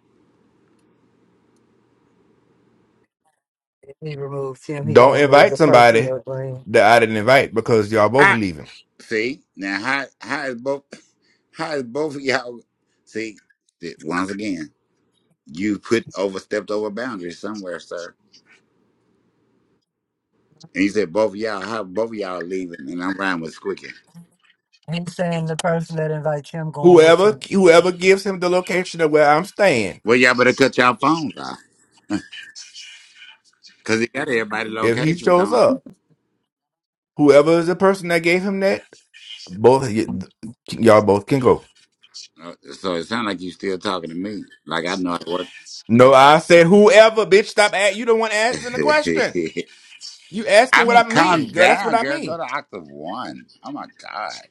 C: If he removes him, he
K: Don't
C: gonna remove
K: invite
C: the person
K: somebody
C: that blamed.
K: that I didn't invite because y'all both
G: I
K: leaving.
G: see now. How how is both how is both of y'all see? th- Once again. You put overstepped over boundaries somewhere, sir. And he said, both of y'all, how both of y'all leaving, and I'm riding with Squicky.
C: He's saying the person that invites him going with
K: Whoever
C: him.
K: whoever gives him the location of where I'm staying,
G: Well, y'all better cut y'all phones off, cause it got everybody
K: if he
G: locations,
K: shows
G: don't it?
K: up, whoever is the person that gave him that, both of y- y'all both can go.
G: Uh, So it sounds like you still talking to me, like I know how it works.
K: No, I said whoever, bitch. Stop at you. Don't want asking the question. You
G: I
K: asking what
G: mean,
K: I mean,
G: calm
K: girl. That's what
G: down,
K: I
G: girl. Go
K: mean.
G: to octave one. Oh my god,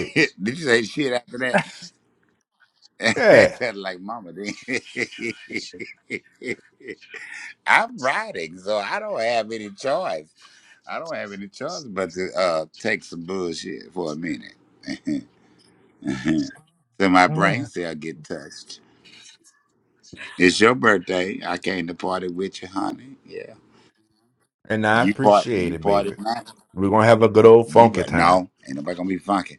G: did you say shit after that? It
K: Yeah,
G: sounded like mama then. I'm riding, so I don't have any choice. I don't have any choice but to uh, take some bullshit for a minute. so my brain cell get touched. It's your birthday. I came to party with you, honey. Yeah.
K: and I
G: You part
K: appreciate
G: you
K: it,
G: party
K: baby.
G: not.
K: We're gonna have a good old
G: You
K: funky
G: but
K: time.
G: no, ain't nobody gonna be funky.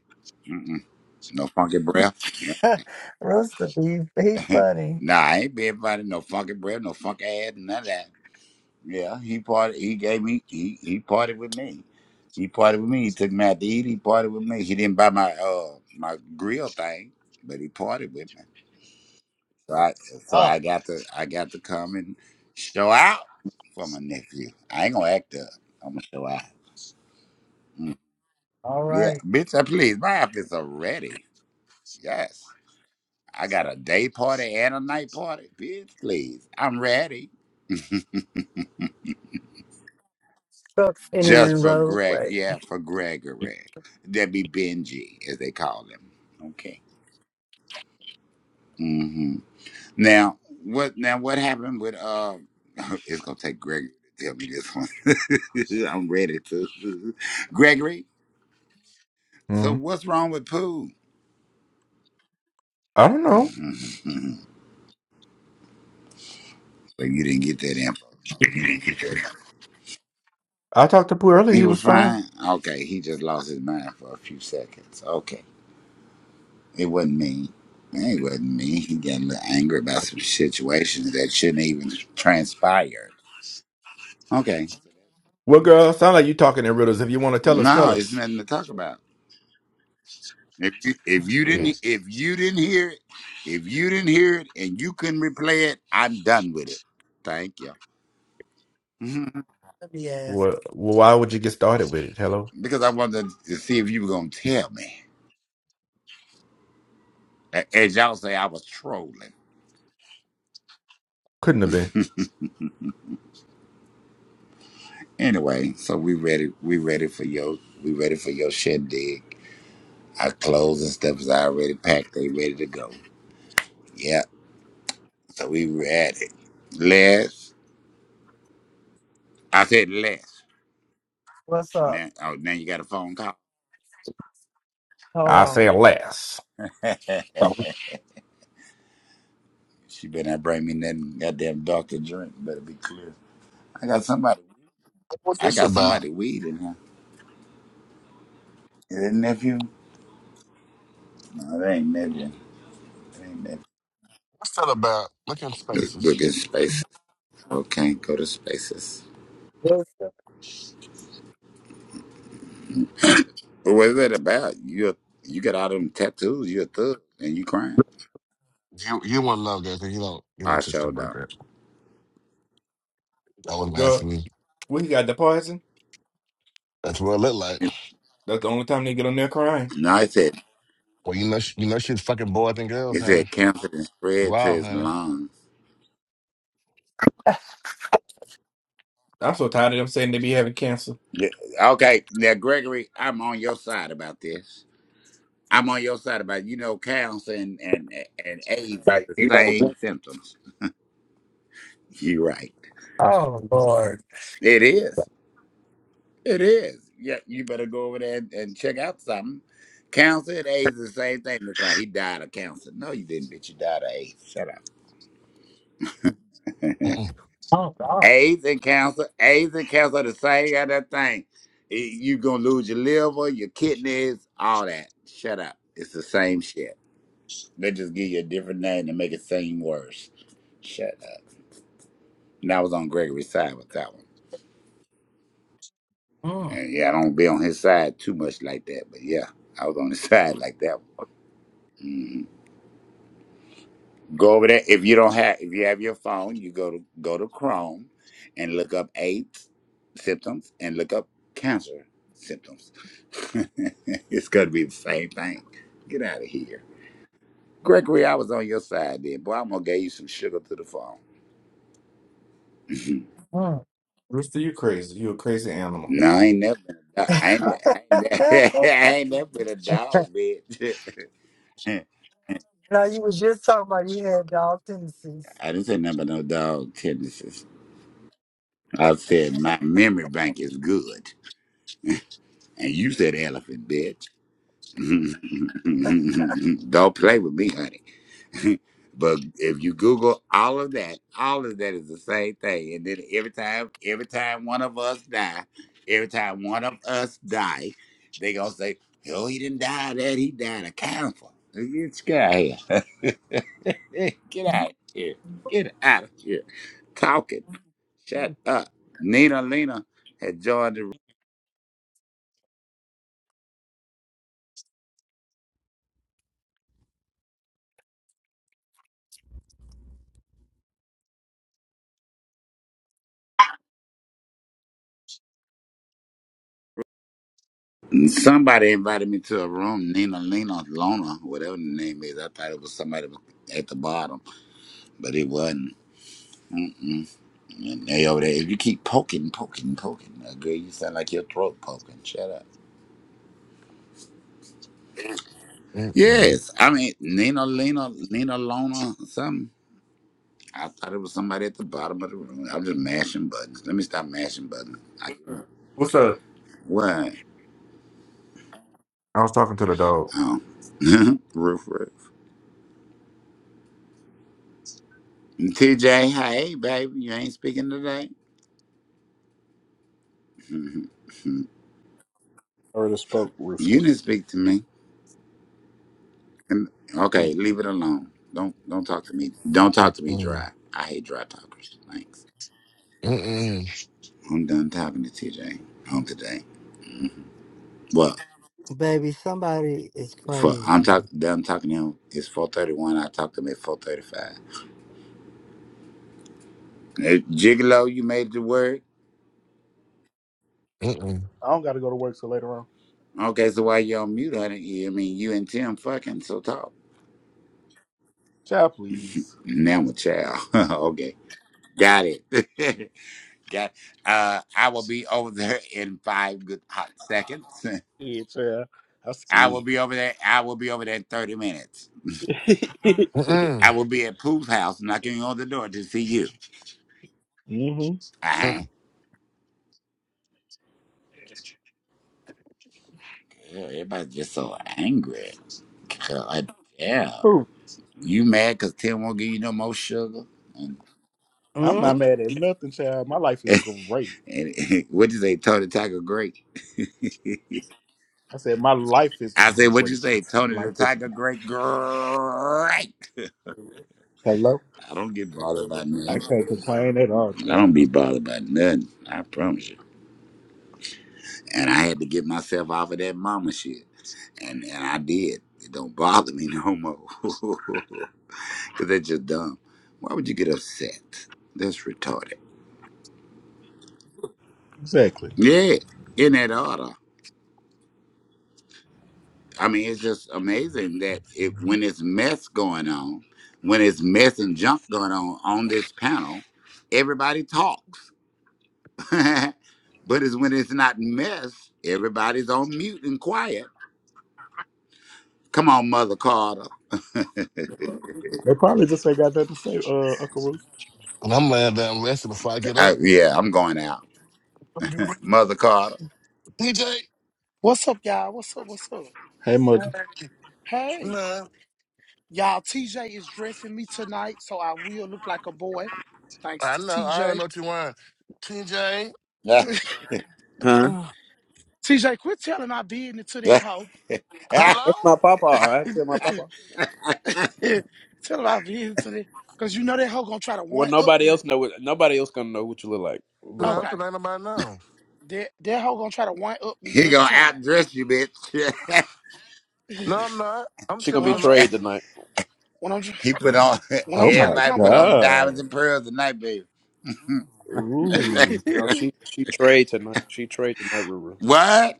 G: Mm-mm. No funky breath.
C: Rooster beef, he funny.
G: nah, I ain't be everybody no funky breath, no funky ass, none of that. Yeah, he parted. He gave me. He he parted with me. He parted with me. He took me out to eat. He parted with me. He didn't buy my uh my grill thing, but he parted with me. So I so
C: Oh,
G: I got to I got to come and show out for my nephew. I ain't gonna act up. I'm gonna show out. Mm.
C: all
G: Yeah,
C: right.
G: bitch. I please. My outfits are ready. Yes, I got a day party and a night party. Bitch, please. I'm ready.
C: Trucks
G: Just
C: entering
G: for Greg,
C: roadway.
G: yeah, for Gregory. That'd be Benji, as they call him. Okay. hmm Now what? Now what happened with? Uh, it's gonna take Gregory to tell me this one. I'm ready to. Gregory. So
K: hmm
G: what's wrong with Pooh?
K: I don't know.
G: so you didn't get that info. Okay. great.
K: I talked to Pooh earlier;
G: He
K: he
G: was
K: was fine.
G: fine. Okay, he just lost his mind for a few seconds. Okay. It wasn't me. It wasn't me. He got a little angry about some situations that shouldn't even transpire. Okay.
K: Well, girl, sound like you talking in riddles. If you want to tell us,
G: No,
K: tell
G: it's
K: us.
G: nothing to talk about. If you, if you didn't
K: Shit.
G: if you didn't hear it, if you didn't hear it and you couldn't replay it, I'm done with it. Thank you. Mhm.
C: Let me ask.
K: Well, well, why would you get started with it? Hello,
G: Because I wanted to see if you were gonna tell me. A- As y'all say, I was trolling.
K: couldn't have been.
G: Anyway, so we ready. We ready for your. We ready for your shindig. Our clothes and stuff is already packed. They ready to go. Yep. So we were at it. Les, I said Les.
C: What's up?
G: Now, oh, now you got a phone call.
C: Hold
K: I
C: on.
K: say less.
G: she better not bring me nothing goddamn doctor drink. Better be clear. I got somebody.
A: What's
G: I
A: this
G: got
A: about?
G: somebody weed in here. Is it nephew? No, that ain't nephew. That ain't nephew.
A: What's that about? Look in
G: Look, look
A: spaces.
G: at spaces. Okay, go to spaces.
C: What's up?
G: But what is that about? You you got all them tattoos. You a thug and you crying.
A: You you want to love guys, and you don't you don't
G: I
A: touch stuff
G: showed
A: like
G: up.
A: that. That was
K: Girl,
A: asking me.
K: we got the poison.
A: That's what it looked like.
K: That's the only time they get on there crying.
G: No, it said
A: Well, you know, sh- you know, she's fucking boys and girls,
G: it
A: honey.
G: said cancer and spread to
A: Wow,
G: his
A: honey.
G: lungs.
K: I'm so tired of them saying they be having cancer.
G: Yeah, Okay, now Gregory, I'm on your side about this. I'm on your side about you know cancer and and and AIDS is
C: Like,
G: the
C: you know,
G: same symptoms. You're right.
C: Oh Lord.
G: It is. It is. Yeah, you better go over there and, and check out something. Cancer and AIDS is the same thing. Look like he died of cancer. No, you didn't, bitch. You died of AIDS. Shut up.
A: Mm-mm,
C: Oh God.
G: AIDS and cancer. AIDS and cancer are the same goddamn thing. You're gonna lose your liver, your kidneys, all that. Shut up. It's the same shit. They just give you a different name to make it seem worse. Shut up. And I was on Gregory's side with that one.
C: Mm.
G: And yeah, I don't be on his side too much like that, but yeah, I was on his side like that one. Mhm. Go over there. If you don't have, if you have your phone, you go to go to Chrome, and look up AIDS symptoms and look up cancer symptoms. it's gonna be the same thing. Get out of here, Gregory. I was on your side then, boy. I'm gonna give you some sugar to the phone.
C: Mm.
K: Rooster, you crazy? You a crazy animal.
G: No, I ain't never been a dog. I ain't, I ain't, I ain't never been a dog, bitch. I
C: no, you was just talking about you had dog tendencies.
G: didn't say nothing about no dog tendencies. I said my memory bank is good. And you said elephant, bitch. Don't play with me, honey. but if you Google all of that, all of that is the same thing. And then every time, every time one of us die, every time one of us die, they gonna say, "Oh, he didn't die. of That he died of cancer." Let's get out of here. Hey, Get out of here. Get out of here. Talking. Shut
C: Mm.
G: up. Nina Lena had joined the room. Somebody invited me to a room, Nina Lena Lona, whatever the name is. I thought it was somebody at the bottom, but it wasn't. And they over there, if you keep poking, poking, poking, uh, girl, you sound like your throat poking. Shut up.
A: mm-mm,
G: Yes, I mean Nina, Lena, Nina, Lona, something. I thought it was somebody at the bottom of the room. I'm just mashing buttons. Let me stop mashing buttons. I,
K: What's up?
G: what?
K: I was talking to the dog.
G: Oh, roof, roof. TJ, hey, baby, you ain't speaking today. Mhm.
I: already spoke, Rooster.
G: you didn't speak to me. And- Okay, leave it alone. Don't don't talk to me. Don't talk to me
A: mm-mm,
G: dry. I hate dry talkers. Thanks.
A: mm-mm,
G: I'm done talking to TJ on today. Well,
C: Baby, somebody is
G: for I'm talk
C: crazy.
G: done talking to him. It's four thirty one. I talked to him at four thirty five. Gigolo, you made the word.
A: mm-mm, mm-mm,
D: I don't got to go to work till later on.
G: Okay, so why you on mute, honey? Yeah, I mean, you and Tim fucking so talk.
D: Child, please.
G: Now I'm a child. okay, got it. got. Uh, I will be over there in five good hot seconds.
D: Yeah, child. I'm
G: I will
D: scared.
G: be over there. I will be over there in thirty minutes.
A: mm-mm.
G: I will be at Pooh's house knocking on the door to see you.
D: mm-hmm.
G: Uh huh. Everybody's just so angry. God damn.
D: Who?
G: You mad because Tim won't give you no more sugar? And,
D: I'm not
C: Mm,
D: mad at nothing, child. My life is great.
G: and what you say, Tony Tiger great?
D: I said my life is
G: I said, what you
D: great.
G: say, Tony the
D: Life is
G: Tiger
D: great.
G: great? Great.
D: Hello?
G: I don't get bothered by
D: I
G: nothing.
D: can't complain at all,
G: I don't
D: child.
G: be bothered by nothing. I promise you. And I had to get myself off of that mama shit. And and I did. It don't bother me no more. Cause that's just dumb. Why would you get upset? That's retarded.
D: Exactly.
G: Yeah. In that order. I mean, it's just amazing that it when it's mess going on, when it's mess and junk going on on this panel, everybody talks. but it's when it's not mess, everybody's on mute and quiet. Come on, Mother Carter.
D: They probably just ain't got nothing to say, uh, Uncle Roost.
A: And I'm laying down resting before I get
G: Uh,
A: up.
G: yeah, I'm going out, Mother Carter.
A: TJ,
L: What's up, y'all? What's up? What's up?
D: Hey, mother.
A: hey,
L: Hey,
A: no,
L: y'all, TJ is dressing me tonight, so I will look like a boy. Thanks
A: I
L: to
A: know, I already
L: TJ.
A: know what you want. TJ,
G: he
I: Huh?
A: uh,
L: TJ, quit telling my business to that
G: gonna
L: hoe.
A: hello?
I: That's my papa. I tell my papa.
L: Tell my business to that. Because you know that hoe gonna try to
I: Well,
L: one up
I: nobody
L: me.
I: else know. What, nobody else gonna know what you look like. But
A: No,
I: papa.
L: Okay.
A: because ain't nobody know.
L: That that hoe gonna try to one up me every time.
G: outdress you, bitch.
A: No, I'm not. I'm
I: she gonna
L: when
A: chilling
I: be
L: I'm tr-
A: tonight.
I: trade tonight.
L: when I'm tr-
G: he put on
L: when I'm
D: Oh
L: trying to
D: my
G: everybody
L: come
G: put
L: with my
G: on
D: God.
G: diamonds and pearls tonight, baby.
D: Ooh.
I: No, she she trade tonight. She trade tonight, Ruru.
G: what?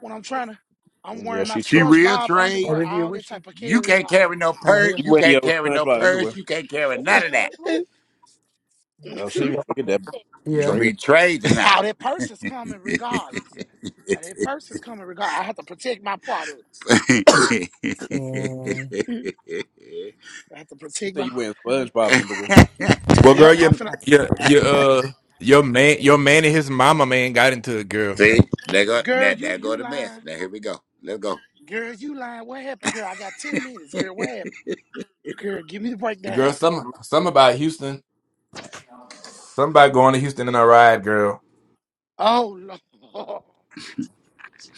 L: when I'm trying to I'm
I: Yeah,
L: wearing my
I: she
G: She
I: trade.
G: real
L: SpongeBob
G: trade?
L: underwear,
C: Olivia
L: all that
C: Wishing.
L: type of
G: You
L: carrying
G: can't carry
L: on.
G: no
C: She got
G: purse.
I: You
C: here.
G: You
I: wearing your
G: can't carry no
I: SpongeBob
G: purse.
I: underwear?
G: You can't carry none of that.
I: Oh, she
C: Ain't
I: gonna
C: gonna
I: look at
C: find
I: that
G: You're
C: Yeah.
G: gonna
I: trade.
G: be trade tonight.
L: Oh, that person's coming regardless. Now that person's coming regardless. I have to protect my products.
C: ten.
L: Mhm. I have to
I: You
L: protect
I: said
L: my.
I: you wearing SpongeBob underwear?
K: Well, girl,
L: Yep, I'm
K: your
L: finna.
K: your your uh your man your man and his mama man got into it, girl.
G: See, there go
L: Girl,
G: that
L: you
G: there go
L: you
G: the mess.
L: lying.
G: Now here we go. Let's go.
L: Girl, you lying. What happened, girl? I got ten minutes. Girl, what happened? Girl, give me the
K: Girl,
L: breakdown.
K: some some about Houston, some about going to Houston in a ride, girl.
L: Oh lord,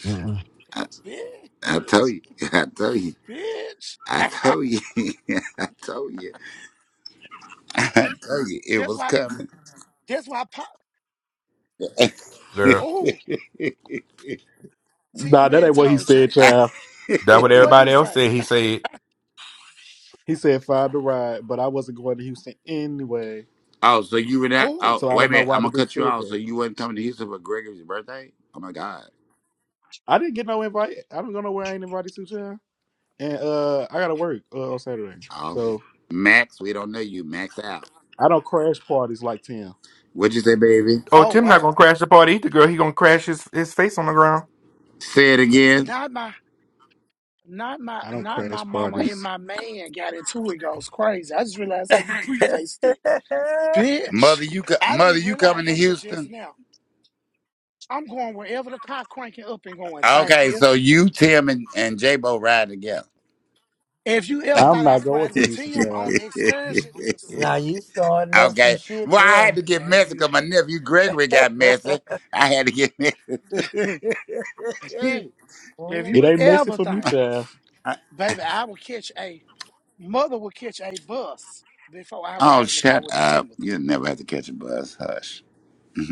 A: Mm-mm.
G: I, I
L: bitch.
G: told you. I told you.
L: bitch.
G: I told you. I told you. I told you it
L: that's
G: was
L: why.
G: coming.
L: That's why. Pop.
K: Girl,
L: Oh,
D: Nah,
L: Tim
D: that
L: had
D: ain't what he
L: told Jay
D: said, child.
K: that's what
L: what
K: everybody
L: he
K: else
L: say.
K: said. He said,
D: He said find the ride, but I wasn't going to Houston anyway.
G: Oh, so you were that?
L: Oh,
G: Oh,
D: So I
G: wait a
D: don't know
G: minute. I'm
D: why the
G: gonna
D: bitch
G: cut you
D: said
G: off. So
D: that.
G: you wasn't coming to Houston for Gregory's birthday? Oh my God.
D: I didn't get no invite. I don't go nowhere. I ain't invited to child, And uh, I gotta work uh, on Saturday,
G: Oh,
D: so
G: Max, we don't know you. Max out.
D: I don't crash parties like Tim.
G: What'd you say, baby?
K: "Oh,
L: oh
K: Tim not
L: wow.
K: gonna crash the party either, girl. He gonna crash his his face on the ground."
G: Say it again.
L: Not my. Not my
D: I don't
L: not my
D: crash
L: mama and
D: parties.
L: my man got into it goes crazy. I just realized how you prefaced it.
G: Mother,
L: Bitch.
G: you co-
L: I didn't
G: mother,
L: even
G: you coming
L: realize
G: to
L: until just
G: Houston?
L: now. I'm going wherever the car cranking up and going, thank
G: Okay,
L: you.
G: so you, Tim, and, and J Bo ride together.
L: If you ever
D: I'm
L: thought I
D: not
L: was
D: going
L: riding
D: to
L: with
D: Houston,
L: Tim
D: child.
L: on an excursion, you're
C: now
L: stupid.
C: you starting up some
G: okay.
C: shit
G: Well, I had to
C: there.
L: And
G: get
L: now if
G: messy
L: you
G: because my nephew Gregory got messy. I had to get messy.
L: if
D: It
L: you
C: Ooh,
D: ain't messy
L: ever
D: for me,
L: think,
D: child.
G: I-
L: baby, I will catch a mother will catch a bus before I
G: oh,
L: ride in the car
G: shut
L: with a
G: up.
L: Timothy.
G: You'll never have to catch a bus. Hush.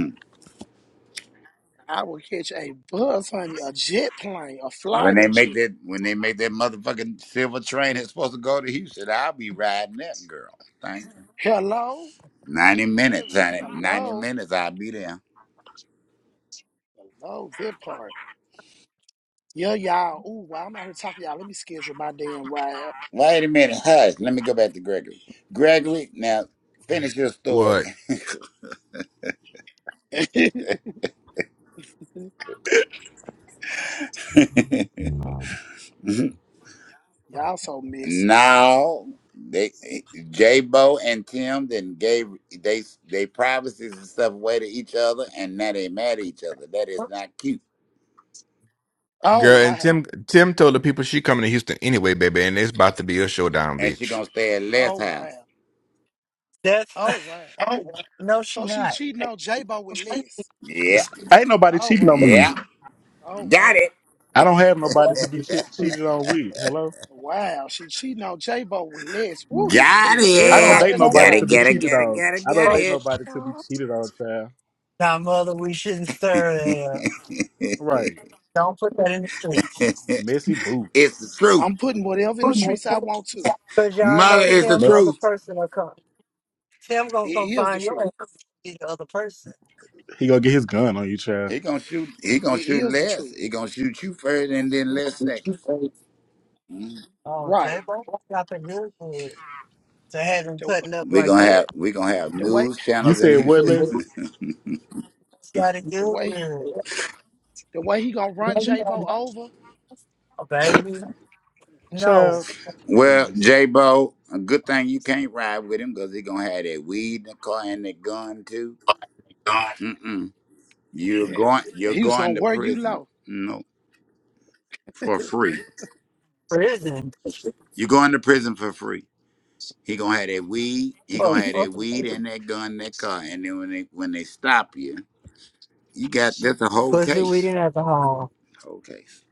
L: I will catch a bus, honey, a jet plane, a
G: When they
L: flighter
G: make
L: jet.
G: that when they make that motherfucking silver train that's supposed to go to Houston, I'll be riding that girl. Thank you.
L: Hello?
G: Ninety
L: That is
G: minutes, honey. Ninety
L: hello,
G: minutes, I'll be there.
L: hello, that part. Yeah, y'all. Ooh, while I'm out here talking to y'all, let me schedule my damn ride.
G: Wait a minute, hush. Let me go back to Gregory. Gregory, now finish your story.
K: What,
L: y'all so messy.
G: now they J Bo and Tim then gave they they privacies and stuff away to each other and now they mad at each other. That is not cute.
L: Oh
K: girl? And
L: wow.
K: Tim Tim told the people she coming to Houston anyway, baby, and it's about to be a showdown,
G: And she
K: bitch.
G: gonna stay at Les
L: Oh
G: house.
L: wow.
C: That's
L: Oh wow.
C: no, she
L: So she
C: not.
L: cheating on J-Bo with less.
G: Yeah.
D: It's- ain't nobody
L: Oh
D: cheating
L: wow.
D: on me.
G: Yeah.
L: Oh
G: Got it.
L: wow.
D: I don't have nobody to be che- cheated on with. Hello,
L: Wow. She cheating on J-Bo with less. Woo, this is
G: Got
L: getting
D: I
L: very
D: don't
G: it.
D: date
L: interesting
G: Got
D: nobody
G: it,
D: to
L: Friday.
D: be
G: got it,
D: cheated
G: got it,
D: on.
G: got it,
D: I
G: got
D: don't date
G: it.
D: nobody to be cheated on, child.
C: Now, mother, we shouldn't stir that up.
D: Right?
C: Don't put that in the street.
D: Messy
G: It's the
D: boots.
G: truth.
L: I'm putting whatever in the streets I want to.
C: Cause y'all
L: I'm
G: Mother
C: know
L: putting
G: is
L: what
G: the
C: Tim,
L: it,
D: Must,
C: other
G: truth.
C: person will come. Tim
L: it
C: gonna come
L: is the
C: find your
L: truth.
C: ass to be the other person.
D: he gonna get his gun on you, child.
G: He gonna shoot he gonna shoot
L: It is the
G: less.
L: truth.
G: He gonna shoot you first and then less second.
C: Oh, J
L: Right.
C: Bo, that's got to good good to have him
L: The
C: cutting up
G: We're
C: like
G: gonna
C: that.
G: have we gonna have
L: the way
G: news
D: You
G: channels in
D: said what,
G: Houston.
D: Les?
C: It's got to
L: the
C: good
L: way
C: good.
L: The way he gonna run J Bo over,
C: Oh, baby, no
D: Child,
G: well,
D: please.
G: J Bo, a good thing you can't ride with him because he gonna have that weed in the car and that gun too. Mm-mm. You're
L: yeah,
G: going
L: and
G: you're
L: he was gonna
G: going to
L: wear you
G: prison.
L: low.
G: No. For
L: Thank
G: free.
C: prison
G: You're going to prison for free. He gonna have that weed. He
C: for
G: gonna have that
C: fucking
G: weed and that gun, and that car, and then when they when they stop you, you got that's a whole
C: pussy, weed,
G: case.
C: and alcohol.
G: Whole case.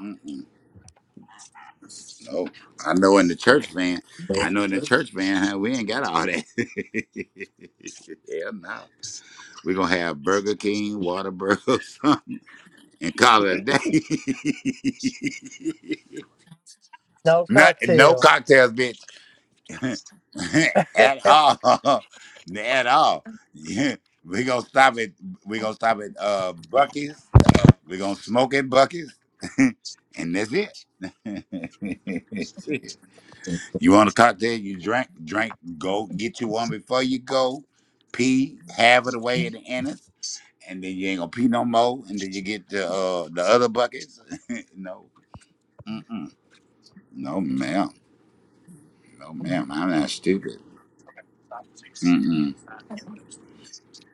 G: Mm-mm, no, I know in the church van. I know in the church van, huh, we ain't got all that. yeah, no. We're gonna have Burger King, Whataburger, or something, and call it a day.
C: No
G: no, no
C: cocktail.
G: cocktails, bitch. at all. at all. Yeah. We gonna stop it. We gonna stop at uh Bucky's. We gonna smoke at Bucky's, and that's it. That's it. you want a cocktail? You drink, drink. Go get you one before you go. Pee, have it away at the anus, and then you ain't gonna pee no more. And then you get the uh the other buckets. no, Mm-mm. no, ma'am, no, ma'am. I'm not stupid.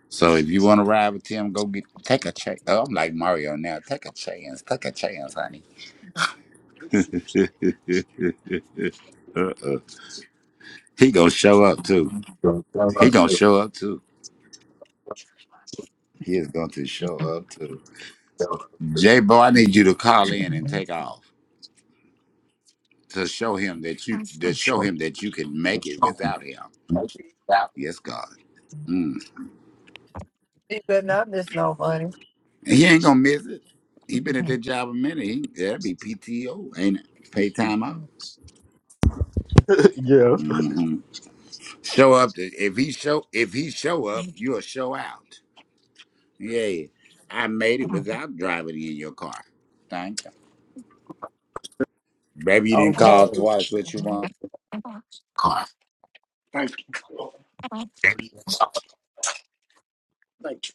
G: So if you want to ride with Tim, go get take a chance. Oh, I'm like Mario now. Take a chance. Take a chance, honey. uh-uh. He gonna show up too. He gonna show up too. He is going to show up too. J Bo, I need you to call in and take off to show him that you to show him that you can make it without him. Yes, God. Mm.
C: He better not miss no money.
G: And he ain't gonna miss it. He been at that job a minute. He, that'd be PTO, ain't it? Pay time out.
D: yeah.
G: Mm-hmm. Show up. To, if he show if he show up, you'll show out. Yeah, I made it without driving in your car. Thank you. Baby, you
C: Oh,
G: didn't
C: but
G: call twice. What you want?
L: you. Thank you.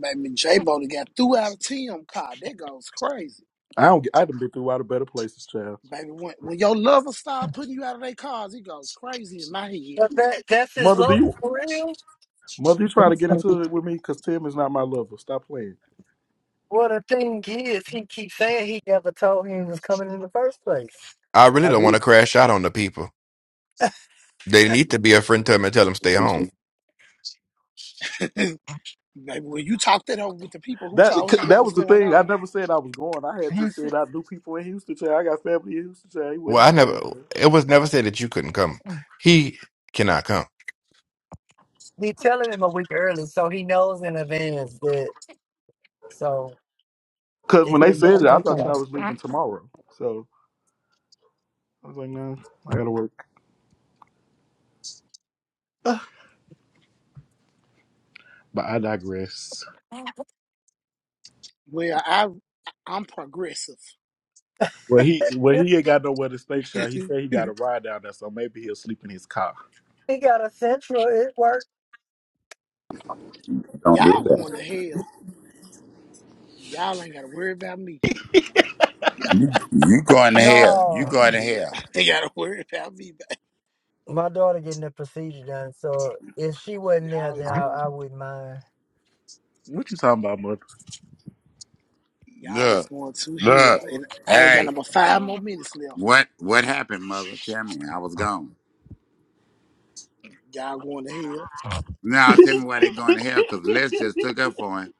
L: Baby J Bo got threw out of team car. That goes crazy.
D: I don't. get- I done been through out of better places, child.
L: Baby, when, when your lover start putting you out of their cars, he goes crazy in my head.
C: that, that's his
D: Mother, do
C: love
D: you?
C: for real.
D: Mother, you trying to get into it with me? Cause Tim is not my lover. Stop playing.
C: Well, the thing is, he keeps saying he never told him he was coming in the first place.
K: I really
D: I
K: don't want
D: did.
K: to crash out on the people. They need to be a friend to him and tell them stay home.
C: He,
L: Like, when you talked it over with the people who
D: That
L: told him what
D: that
L: was
D: was the
L: going
D: thing. I
L: on,
D: never said I was going. I had just said I knew people in Houston. Child. I got family in Houston. Child. He went
K: Well, I
D: off on
K: never.
D: it. child.
K: It was never said that you couldn't come. He cannot come.
C: he telling him a week early, so he knows in advance that. So
D: Cause
C: if
D: when
C: he,
D: they said it, I thought y'all was leaving tomorrow. So I was like, no, I gotta work. But I digress.
L: well, I I'm progressive.
D: Well, he well
C: if
D: he ain't got nowhere to stay, child. He said he got a ride down there, so maybe he'll sleep in his car.
C: he got a central, it worked.
G: Don't do
L: Y'all going to
G: that.
L: hell. Y'all ain't got to worry about me.
G: You, you going to hell? You
C: No,
G: going to
L: Yeah,
G: hell?
L: ain't got to worry about me. But
C: my daughter getting the procedure done, so if she wasn't there,
L: y'all
C: then
L: is
C: I,
L: going.
C: I wouldn't mind.
D: What you talking about, mother?
L: Y'all is
G: Look,
L: going to
G: look.
L: hell, and I ain't got
G: Hey,
L: number five more minutes left.
G: what what happened, mother? Tell me. I was gone.
L: Y'all going to hell.
G: Now tell me why they going to hell? Cause Les just took up for him.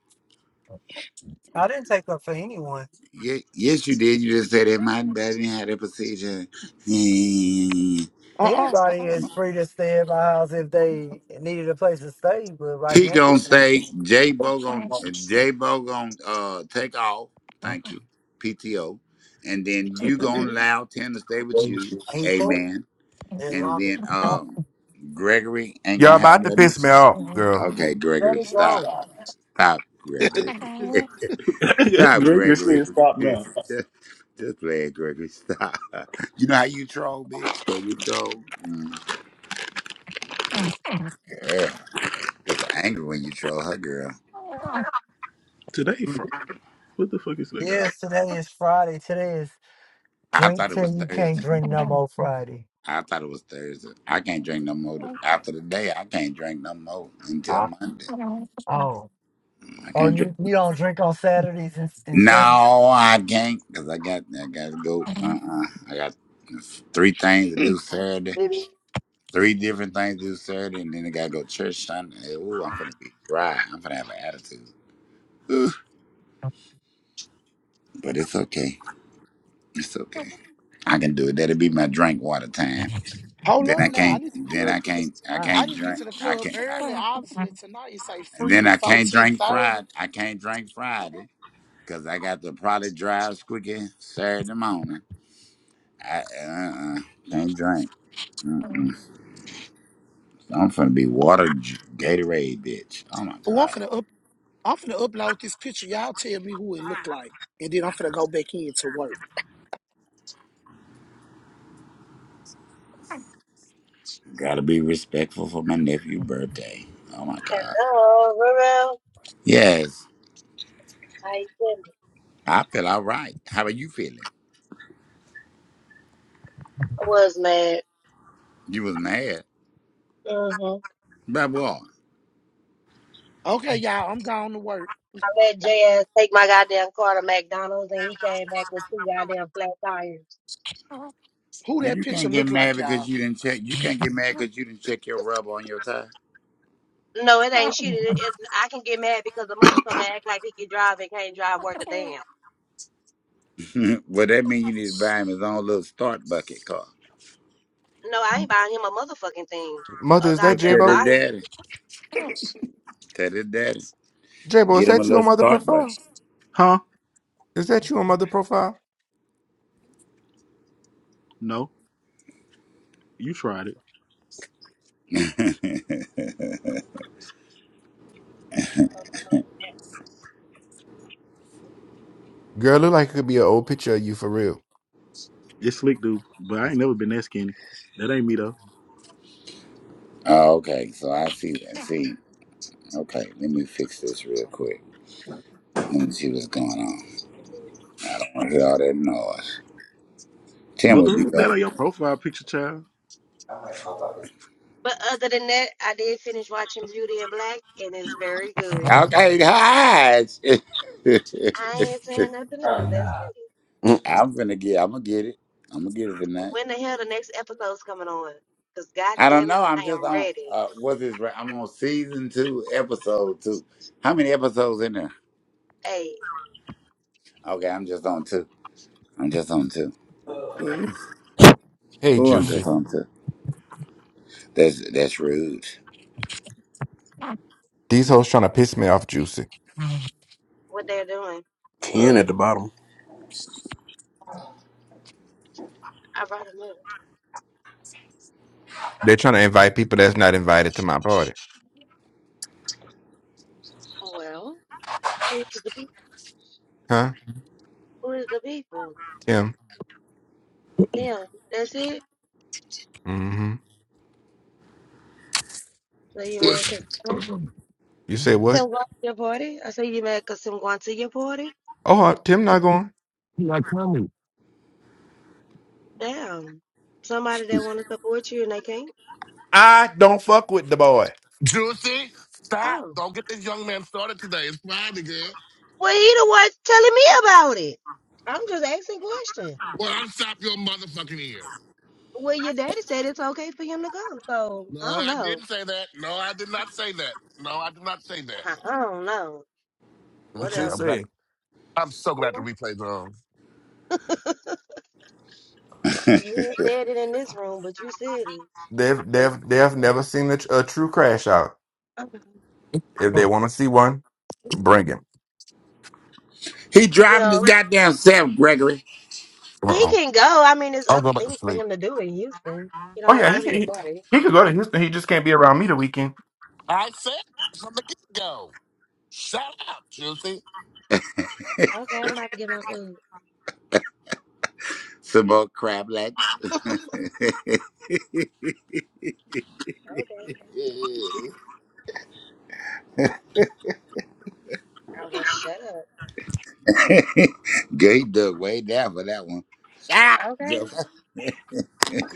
C: I didn't take up for anyone.
G: Ye- Yes, you did. You just said that my daddy had a procedure.
L: Uh
C: Anybody
L: uh-uh,
C: is free to stay at my house if they needed a place to stay, but right
G: He
C: now,
G: gonna say J Bo gonna J Bo gonna uh, take off. Thank you, PTO, and then you
L: uh
G: gonna
L: uh
G: allow Tim to stay with you.
C: he can't.
G: Amen.
C: As
G: And
C: long
G: then
C: as,
G: um, Gregory ain't gonna
K: Y'all
G: have
K: about to
G: nothing. To
K: piss me
G: say.
K: off, girl.
G: Okay,
C: let
G: Gregory,
C: it
G: stop,
C: go.
G: stop,
L: uh.
G: Gregory, stop,
D: Gregory
G: Gregory.
D: said, "Stop now."
G: just, just play it, Gregory. Stop. You know how you troll, bitch? Can we troll? Mm, yeah, just angry when you troll her, girl.
D: Today, fr- what the fuck is that guy?
C: Yes, today is Friday. Today is
G: I
C: drink
G: thought it was
C: till you can't
G: Thursday.
C: drink no more Friday.
G: I thought it was Thursday. I can't drink no more. th- After the day, I can't drink no more until Monday.
C: Oh,
G: I
C: oh,
G: can't drink.
C: you, you don't drink on Saturdays and, and
G: No,
C: Sundays?
G: I can't because I got I got to go. Uh, uh I got three things to
L: Hmm,
G: do Saturday.
C: Maybe.
G: Three different things to do Saturday, and then I gotta go to church Sunday. Ooh, I'm gonna be dry. I'm gonna have an attitude. Ooh, but it's okay. It's okay. I can do it. That'll be my drink water time.
L: Hold
G: Then
L: up
G: I
L: now. I
G: can't.
L: need to
G: Then I can't. I
C: Oh.
L: I
G: can't
L: need to get to
G: drink.
L: the
G: I
L: club
G: can't. I,
L: early. Obviously tonight it's like
G: and
L: free
G: then I
L: before
G: can't
L: ten
G: drink
L: thirty.
G: Friday. I can't drink Friday. because I got the product drive squeaky Saturday morning. I uh-uh, can't drink. Mm-mm. I'm finna be water J- Gatorade, bitch. Oh my
L: Oh, I'm
G: god.
L: finna up I'm finna upload this picture. Y'all tell me who it looked like. And then I'm finna go back in to work.
G: Gotta be respectful for my nephew's birthday. Oh my god.
F: Hello, Roro.
G: Yes,
F: How you feeling?
G: I feel all right. How are you feeling?
F: I was mad.
G: You was mad.
F: hmm
G: About what?
L: Okay, y'all, I'm going to work.
F: I let JS take my goddamn car to McDonald's and he came back with two goddamn flat tires.
L: Who
G: Well,
L: that
G: you
L: picture
G: can't get
L: look
G: mad
L: like, y'all?
G: because you didn't check. You can't get mad because you didn't check your rubber on your tie.
F: No, it ain't shit. It, it, I can get mad because the motherfucker act like he can drive and can't drive worth a damn.
G: well, that means you need to buy him his own little start bucket car.
F: No, I ain't buying him a motherfucking thing.
K: Mother,
F: A
K: is that
G: Well,
F: goddamn
G: tell
K: J-Bo?
G: his
F: bike.
G: daddy. Tell his daddy.
K: J-Bo, is
G: Get him a
K: that you
G: little
K: on Mother
G: start button.
K: Profile?
D: Huh?
K: Is that you on Mother Profile?
D: No, you tried it.
K: Girl, look like it could be an old picture of you for real.
D: It's slick, dude, but I ain't never been that skinny. That ain't me though.
G: oh, okay, so I see that. See, okay, let me fix this real quick. Let me see what's going on. I don't want to hear all that noise. Tim
D: Mother,
G: would be
D: who's
G: back.
D: that on your profile picture, child?
F: But other than that, I did finish watching Beauty and Black, and it's very good.
G: Okay, guys.
F: I ain't saying nothing else. That's it.
I: Mm,
G: I'm gonna get. I'm gonna get it. I'm gonna get it tonight.
F: When the hell the next episode's coming on? Because
G: I don't
F: goddamn it,
G: know. I'm
F: I
G: just
F: am
G: on.
F: ready.
G: Uh, what's this? right- I'm on season two, episode two. How many episodes in there?
F: Hey,
G: Okay, I'm just on two. I'm just on two. Ooh,
K: Hey,
G: ooh I'm just
K: Juicy.
G: on two. That's that's rude.
K: These hoes trying to piss me off, Juicy.
F: what they're doing.
I: Ken at the bottom.
F: I brought him up.
K: They're trying to invite people that's not invited to my party.
F: Oh, Well, who's the
K: Huh,
F: who's the people?
K: Tim?
F: Damn, that's it.
K: Mm-hmm.
F: So you mad
A: What?
F: 'cause some
K: You say what?
F: some going to your party? I say you mad mad 'cause some going to your party?
K: Oh, uh, Tim not going.
A: You're not coming.
F: Damn, somebody that want to support you and they can't.
K: I don't fuck with the boy.
A: Juicy, stop.
F: Oh,
A: Don't get this young man started today. It's Friday, girl.
F: well, he the one telling me about it. I'm just asking questions.
A: Well, unstop your motherfucking ears.
F: Well, your daddy said it's okay for him to come, so I
A: No,
F: don't
A: I
F: know.
A: didn't say that. No, I did not say that. No, I did not say that.
F: I, I don't know.
K: What
A: Okay,
K: you
A: I'm
F: Whatever.
A: glad.
K: say?
A: I'm so
F: You
A: glad the
F: know?
A: replay's on.
F: You ain't said it in this room, but you said it.
K: They've,
F: But
K: they've, they've never seen a, a true crash out.
F: uh,
K: If they want to see one, bring him.
G: He driving his
F: well,
G: goddamn self, Gregory.
A: Huh,
F: He
A: Uh-oh.
F: can go. I mean, there's
A: I'm
F: other
A: going back to
F: things for
A: sleep.
F: him to do in Houston. He don't
K: Oh,
F: have to
K: yeah.
F: go
K: He,
F: to
K: can-
F: your
K: he,
F: party.
K: he could go to Houston. He just can't be around me the weekend.
A: I said from the get go. Shut up, Juicy.
F: Okay, I'm about to get my food.
G: Some more crab legs.
F: Okay, I will shut up.
G: Gay dug way down for that one. Shut up,
F: Okay,
G: Joseph.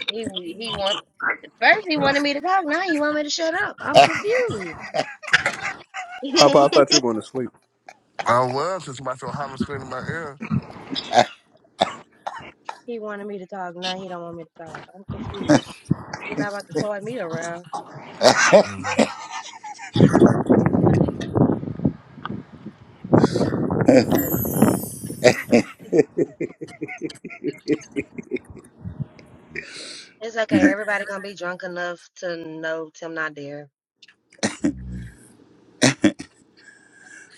F: he he want first he wanted me to talk. Now he want me to shut up. I'm confused.
I: Papa, I thought you were
F: he
I: going to sleep.
A: I was since my so hot and spinning in my ear.
F: wanted me to talk. Now he don't want me to talk. I'm confused. You're not about to toy me around.
A: Mm,
F: It's okay. Everybody gonna be drunk enough to know Tim not there.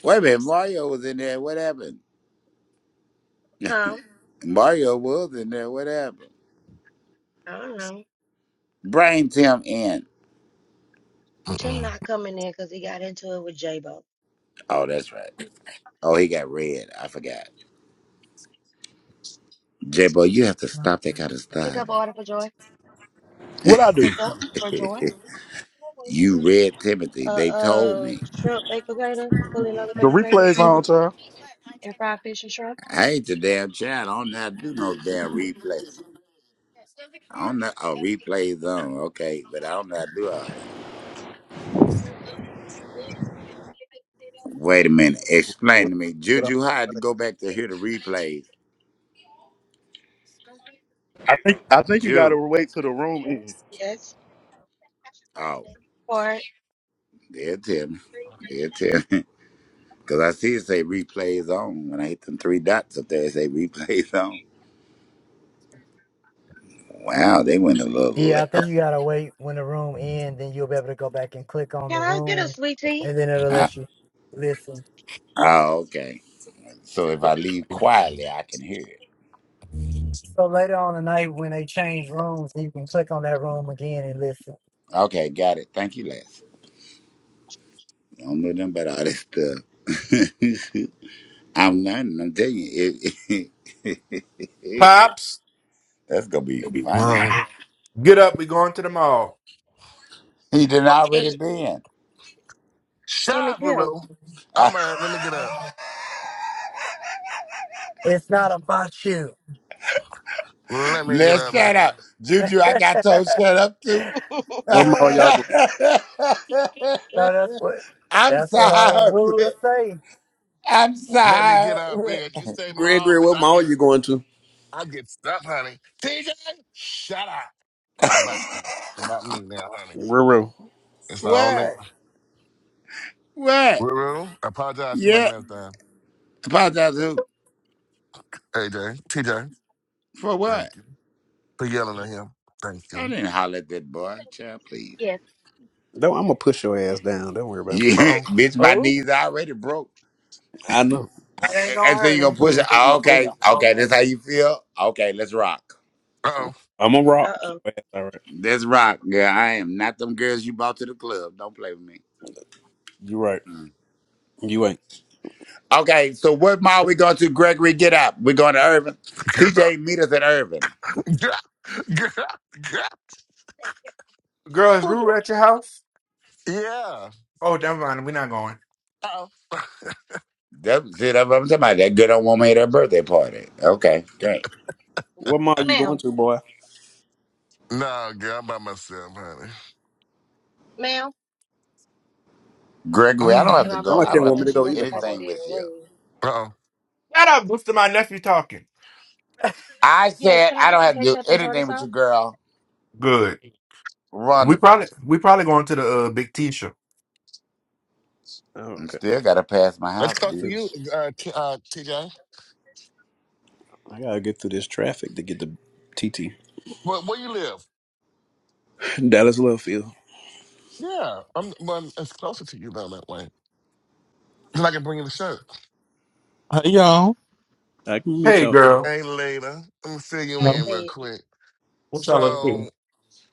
G: Wait a minute, Mario was in there. What happened?
F: Huh?
G: Mario was in there. What happened?
F: I don't know.
G: Bring Tim in.
F: Tim
A: Mm-mm.
F: not coming in because he got into it with J-Bo.
G: Oh, that's right. Oh, he got red. I forgot. J-Bo, you have to stop that kind of
F: Pick
G: stuff.
F: up order for Joy.
D: What I do?
F: pick up for joy.
G: you read
F: A
G: Timothy. They
F: uh,
G: told
F: uh,
G: me.
F: shrimp baked potato, fully loaded
D: The
F: baked potato,
D: replay's on, child.
F: and fried fish and shrimp.
G: I ain't the damn child. I don't know how to do no damn replay. I don't know. Oh, replays on. Okay, but I don't know how to do all that. Wait a minute. Explain to me.
I: Get up.
G: Juju, how I had to go back to hear the replays.
D: I think I think you gotta
G: Ju.
D: wait till the room ends.
F: Yes.
G: Oh,
F: Or
G: they'll tell me. They'll tell me. Because I see it say replays on. When I hit them three dots up there, it say replays on. Wow, they went a little
C: Yeah, I think
G: left.
C: you gotta wait when the room ends, then you'll be able to go back and click on
F: can
C: the
F: I get a
C: room,
F: sweet tea?
C: and then it'll
G: Uh,
C: let you listen.
G: oh, okay. So if I leave quietly, I can hear it.
C: So later on tonight, when they change rooms, you can click on that room again and listen.
G: Okay, got it. Thank you, Les. I don't know nothing about all this stuff. I'm learning. I'm telling you, it,
K: Pops,
G: that's gonna be funny.
A: Well,
K: get up. We going to the mall.
G: He did
A: okay.
G: already been.
A: Shut
F: Him and
A: up,
F: Tim.
A: Ruru.
G: I,
A: I'm uh, let me get up.
C: It's not about you.
A: Let me get
G: let's
A: up,
G: shut
A: honey.
G: up, Juju. I got told shut up too.
I: Where ma
C: Uh,
I: y'all going?
C: No, that's what
G: I'm
C: that's what all rude
G: sorry.
C: to say.
G: I'm
A: Let me get up,
G: sorry.
A: bitch. You say mom,
I: Gregory,
A: bitch.
I: what
A: I
I: mall
A: get
I: you going to?
A: I get stuff, honey. TJ, shut up. It's Not about you. It's about me now, honey.
I: Ruru.
A: It's on now.
G: what? What?
A: Ruru, I apologize to my
G: Yeah.
A: grandson.
G: Apologize who?
A: AJ, TJ,
G: For what?
A: thank you for yelling at him. Thank
G: I
A: you.
G: didn't holler at that boy, child. Please.
F: Yes.
I: No, I'm gonna push your ass down. Don't worry about
G: Yeah,
I: it.
A: Uh oh.
G: bitch. My
C: Oh,
G: knees already broke.
I: I know.
C: It ain't gonna
G: And so
C: hurt
G: you gonna push it. Oh,
C: him.
G: okay, okay, that's how you feel. Okay, let's rock.
A: Uh oh.
I: I'm gonna
F: Uh
I: rock your
F: oh.
I: ass. All right.
G: Let's rock, girl. I am not them girls you brought to the club. Don't play with me.
I: You right.
G: Mm.
I: You ain't.
G: Okay, so what mall we going to? Gregory, get up. We're going to Irvin. TJ,
A: Girl.
G: meet us at Irvin.
A: Girl. Girl. Girl.
K: Girl, is
A: Oh,
K: Ruru
A: girl.
K: at your house?
A: Yeah.
K: Oh, never mind. We're not going.
A: Uh oh.
G: That's it. I'm talking about that good old woman at her birthday party. Okay, great.
I: What mall you going
F: Ma'am.
I: to, boy?
A: no, girl, I'm by myself, honey.
F: Ma'am.
G: Gregory, I don't
A: Uh
G: have
F: And
G: to
F: I
I: Y'all
G: go.
F: blow
I: like
G: I
F: my
I: can't
G: don't have
I: want
G: to
F: horn,
I: me to
F: she
G: do
I: go
F: gonna
I: either,
F: feel like I'm
I: Papa.
G: anything
F: being
G: with you.
F: rude.
A: oh.
K: Shut up, Booster. My nephew talking.
G: I
F: Yes,
G: said
F: can I
G: I
F: get
G: don't
F: some
G: have to do
F: ketchup and tartar
G: anything with you,
F: sauce?
G: girl.
K: Good. We
G: Wonderful.
K: probably we probably going to the uh, Big T show.
I: Oh,
G: And
I: okay.
G: still got to pass my
A: That's
G: house,
A: close to
I: Hmm.
A: you,
G: bitch.
A: uh, T- uh, TJ.
I: I gotta get through this traffic to get to TT.
A: Where, where you live?
I: Dallas Love Field.
A: Yeah, I'm. Well, it's closer to you down that way. Cause I can bring you to shirt.
M: How y'all?
I: I can meet
K: Hey,
I: y'all.
K: girl.
A: Hey, later. Let me fill you
F: I
M: No.
A: in real
F: paid.
A: quick.
M: What y'all up to?
A: So,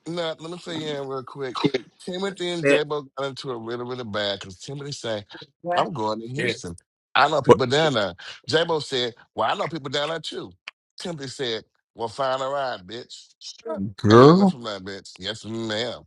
A: no, let me fill you in real quick. Timothy and
I: Yeah,
A: Jabo got into it really, really bad because Timothy said, I'm going to
M: Yeah.
A: Houston. I know
M: What
A: people down there. Jabo said, Well, I know people down there too. Timothy said, Well, find a ride, bitch. And then it went
M: girl?
A: from there, bitch. Yes, ma'am.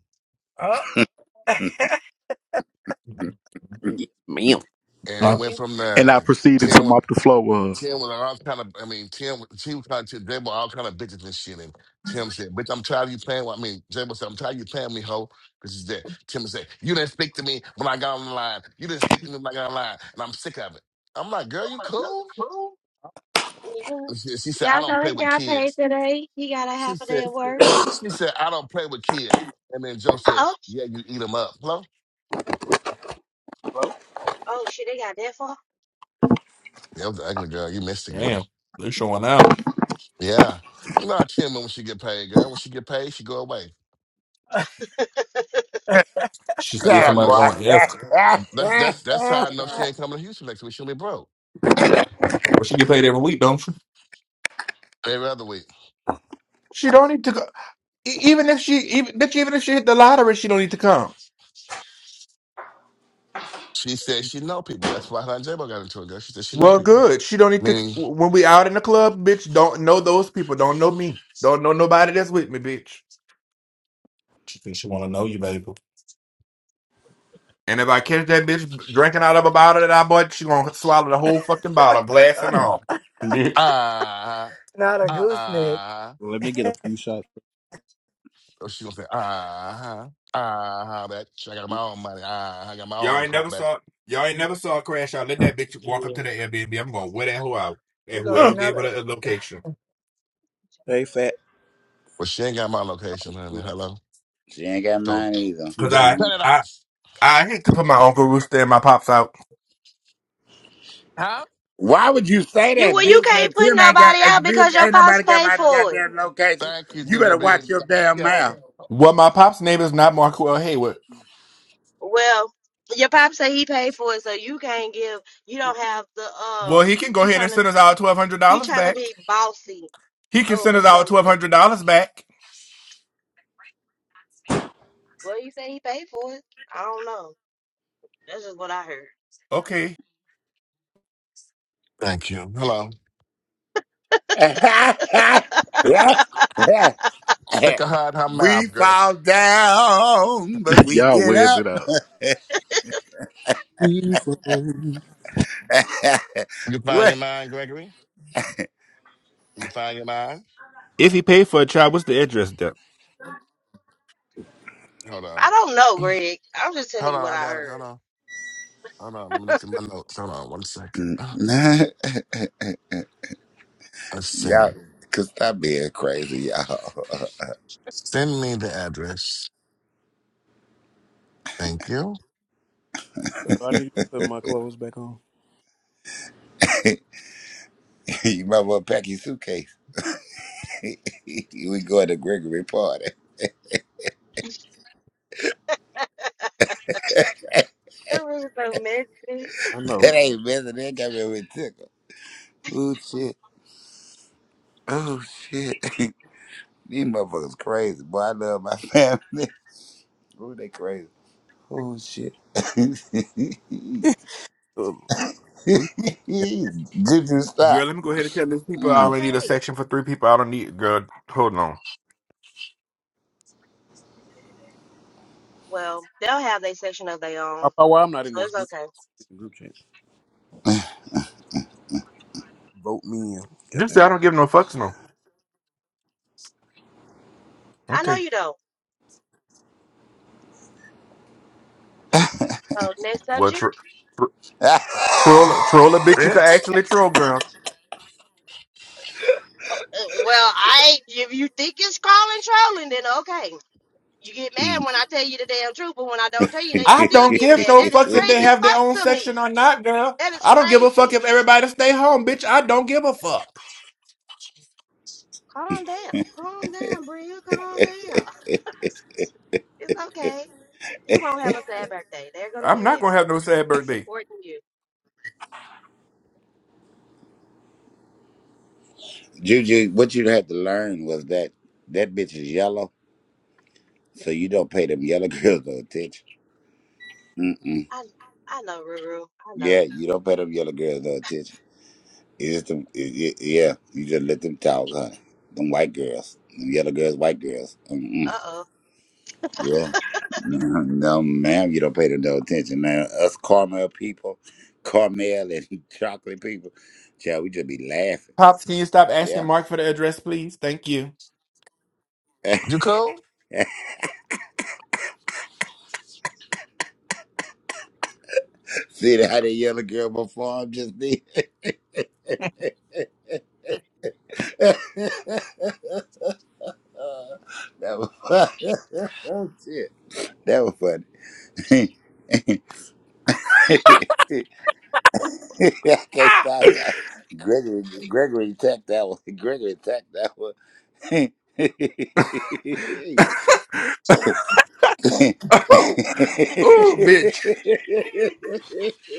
I: ma'am.
A: And it
M: Oh,
F: Thank
A: went
F: you.
A: from
D: And
A: there.
D: I proceeded to
A: Tim was
D: mop the floor.
A: Tim was all kind of, I mean, Tim, she was trying to, they all kind of bitches and shit. And Tim said, bitch, I'm tired of you playing with, I mean, Jabo said, I'm tired of you playing with me, hoe. Because he's there. Tim said, you didn't speak to me when I got on the line. You didn't speak to me when I got on the line. And I'm sick of it. I'm like, girl,
F: Yeah,
A: you cool?
F: you
A: And she, she said, I
F: Y'all
A: don't
F: know
A: play
F: he
A: with
F: got paid
A: kids.
F: today. He got a
A: She
F: half a day
A: said,
F: of work.
A: she said, I don't play with kids. And then Joe said,
F: Oh,
A: yeah, you eat them up. Hello?
F: oh shit, they got that far.
A: That was the ugly girl. You missed the girl.
M: damn. They're showing out.
A: Yeah. You know how Tim is when she get paid, girl. When she get paid, she go away.
M: She's
A: That's
M: getting
A: how I
G: Got
A: know
M: somebody
A: she.
M: on F.
G: it, boy.
A: That's that's that's how I know she ain't coming to Houston next week. She'll be broke
M: Well, she get paid every week, don't she?
A: every other week.
K: She don't need to go. E- Even if she even bitch, even if she hit the lottery, she don't need to come.
A: She said she know people. That's why her and J-Bo got into it. girl. She said she know
K: Well,
A: people.
K: good. She don't need to.
A: Meaning,
K: When we out in the club, bitch, don't know those people. Don't know me. Don't know nobody that's with me, bitch.
M: She thinks she want to know you, baby.
K: And if I catch that bitch drinking out of a bottle that I bought, she gonna swallow the whole fucking bottle,
C: uh,
K: glass and
M: Hmm,
K: all.
M: Bitch.
A: ah,
C: Not a gooseneck.
A: ah.
I: Let me get a few shots.
A: Oh, she gonna say, ah, ah, that. I got my own money. Ah, I got my
K: Y'all
A: own
K: ain't
A: car
K: never
A: back.
K: saw y'all ain't never saw a crash out. Let that bitch walk up to the Airbnb. I'm gonna wear that hoe out
C: You
K: and
C: gonna
M: Huh.
K: whoever
C: not
K: gave her
C: a-
K: the location.
I: Hey, fat.
A: Well, she ain't got my location, honey. Hello.
G: she ain't got
A: So,
G: mine either.
K: Cause
A: TJ,
K: I
G: Mm.
A: cut it
K: I
A: off.
K: I hate to put my uncle Rooster and my pops out.
A: Huh?
G: Why would you say
F: You
G: that,
F: well, you
G: bitch?
F: can't
G: That
F: put
G: Tim ain't got,
F: nobody
G: uh,
F: out because
G: bitch,
F: your
G: ain't
F: pops
G: nobody got
F: paid
G: my
F: for it.
G: goddamn location.
A: Thank you,
G: You
A: Juju
G: better
A: B.
G: watch your
A: Thank
G: damn
A: you.
G: mouth.
K: Well, my pops' name is not Marco L. Hayward.
F: Well, your pops say he paid for it, so you can't give. You don't have the
K: Well,
F: um.
K: he can go
F: You
K: ahead and
F: trying to
K: send us our twelve hundred
F: you
K: dollars
F: trying to
K: back.
F: be bossy
K: He can send
F: over
K: us our twelve
F: something.
K: hundred dollars back.
F: Well, you say he paid for it. I don't know. That's just what I heard.
K: Okay.
A: Thank you. Hello. Stick a heart in her
G: we
A: mouth, girl.
G: fall down, but
D: Uh,
G: we
D: y'all
G: get
D: wears
G: up.
D: it out.
I: Beautiful. So
A: You find your
G: what?
A: mind, Gregory? You find your mind?
K: If he paid for a child, what's the address there?
A: Hold on.
F: I don't know, Greg. I'm just telling
A: Hold
F: you
A: on,
F: what
A: I
F: I
A: got it.
F: heard.
A: Hold on. Hold on. Let me look at my notes. Hold on one second.
G: Mm, nah.
A: Let's see.
G: y'all, could stop being crazy, y'all.
A: Send me the address. Thank you.
I: Do I need to be putting my clothes back on?
G: you might want to pack your suitcase. we going to Gregory party. that
F: I really don't
I: I know.
G: ain't messing. That got me with tickle. Oh shit. Oh shit. These motherfuckers crazy. Boy, I love my family. Ooh, they crazy. Oh shit. Juju,
I: Um, group chat.
G: stop.
K: Girl, let me go ahead and tell these people I
G: Mm.
K: only need a
F: Okay.
K: section for three people. I don't need girl. Hold on.
F: Well, they'll have their section of their own.
I: Papa, why I'm not in
F: So
I: this
F: it's
I: group
F: okay.
I: group chat? Vote me in. God
K: Just say
I: damn
K: I
I: it.
K: don't give no fucks no.
F: I know
K: Okay.
F: you don't. So next
K: Well,
F: subject.
K: true. Troll, troll a bitch you can
A: Bitch.
K: actually troll, girl.
F: Uh, Well, I if you think it's crawling trolling, then okay. You get mad when I tell you the damn truth, but when I don't tell you, then you
K: I
F: still
K: don't
F: get
K: give
F: mad.
K: no
F: That is
K: fucks if they
F: crazy as
K: have their
F: fuck
K: own
F: to me.
K: section or not, girl.
F: That is
K: I don't give a fuck
F: crazy.
K: if everybody
F: It's,
K: stay home, bitch. I don't give a fuck.
F: Calm down, calm down, Bria. Calm down. It's okay. You won't have a sad birthday. They're gonna
K: I'm
F: be
K: not
F: there
K: gonna have no sad birthday.
F: supporting you.
G: Juju, what you had to learn was that that bitch is yellow, so you don't pay them yellow girls no attention. Mm mm.
F: I I know, Ruru. I
G: Yeah,
F: know.
G: you don't pay them yellow girls no attention. It's just them, it, it, yeah, you just let them talk, honey. Them white girls, them yellow girls, white girls. Mm-mm.
F: Uh oh.
G: Yeah, no, no, ma'am, you don't pay them no attention. man. us caramel people, caramel and chocolate people, child, we just be laughing.
K: Pops, can you stop asking
G: Yeah.
K: Mark for the address, please? Thank you.
A: You cool?
G: See how that yellow girl before him just did? uh, that was oh, shit. That was funny. okay, stop. Gregory, Gregory, tech that one. Gregory, tech that one.
K: oh, bitch.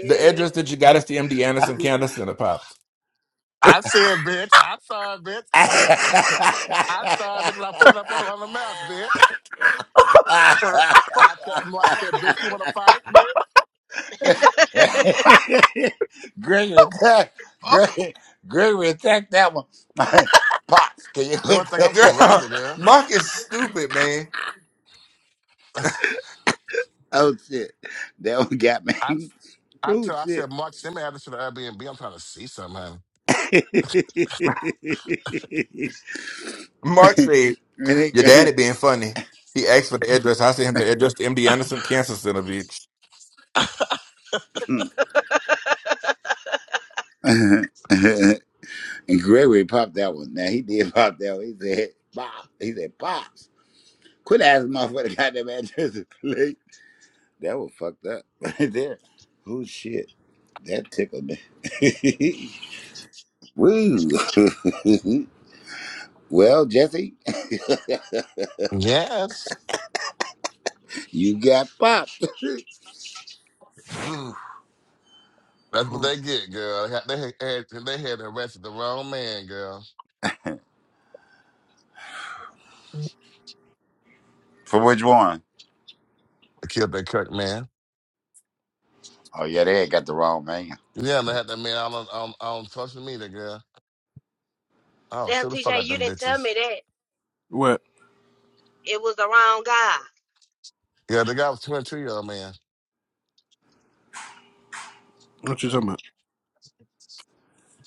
K: The address that you got is the MD Anderson Cancer Center, Pops.
A: I said bitch. I saw it, bitch. I, saw it, bitch, when I put it up on the, on the map, bitch. I text Mark, I said, bitch, you wanna fight, bitch?
G: Gregory, tech, Gregory, Gregory, tech that one. Pops, can
A: No one think I'm crazy,
K: girl.
G: you?
A: girl.
K: Mark is stupid, man.
G: Oh shit. That one got
A: I
G: me.
A: I
G: Oh
A: tell I
G: shit.
A: said, Mark, send me address to the Airbnb. I'm trying to see something.
G: and
K: Mark said,
G: it
K: Your
G: got-
K: daddy being funny. He asked for the address. I sent him the address to MD Anderson Cancer Center, bitch.
G: And Gregory popped that one. Now he did pop that one. He said, "Pop." He said, Pops. Quit asking my for the goddamn address to play. That was fucked up right there. Oh shit. That tickled me. Woo. well, Jesse,
A: Yes.
G: you got popped.
A: That's what they get, girl. They had, they had, they had arrested the wrong man, girl.
G: For which one?
A: They killed their Kirk man.
G: Oh yeah, they ain't got the wrong man.
A: Yeah, they had that man. I don't, I don't, I don't trust me, that girl. I don't
F: Damn,
A: shoot the fuck
F: TJ,
A: out
F: you
A: them
F: didn't tell me
A: bitches.
F: that
I: What?
F: it was the wrong guy
A: Yeah, the guy was 22 year old man.
I: What you talking about?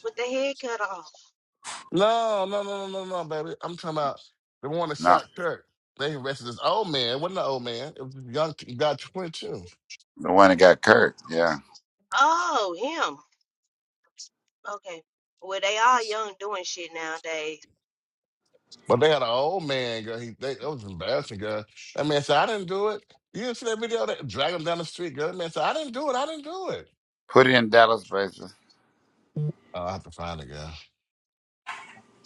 F: with the head cut off.
A: No, no, no, no, no, no, baby. I'm talking about the one that
G: No,
A: shot Kirk. They arrested this old man. It wasn't an old man. It was a young t- guy, 22.
G: the one that got Kurt. Yeah,
F: Oh, him. Okay. Well, they all young doing shit nowadays.
A: But they had an old man, girl. He, they, it was embarrassing, girl. That man said, I didn't do it. You didn't see that video? They drag him down the street, girl. That man said, I didn't do it. I didn't do it.
G: put it in Dallas basis.
A: Oh, I have to find it, girl.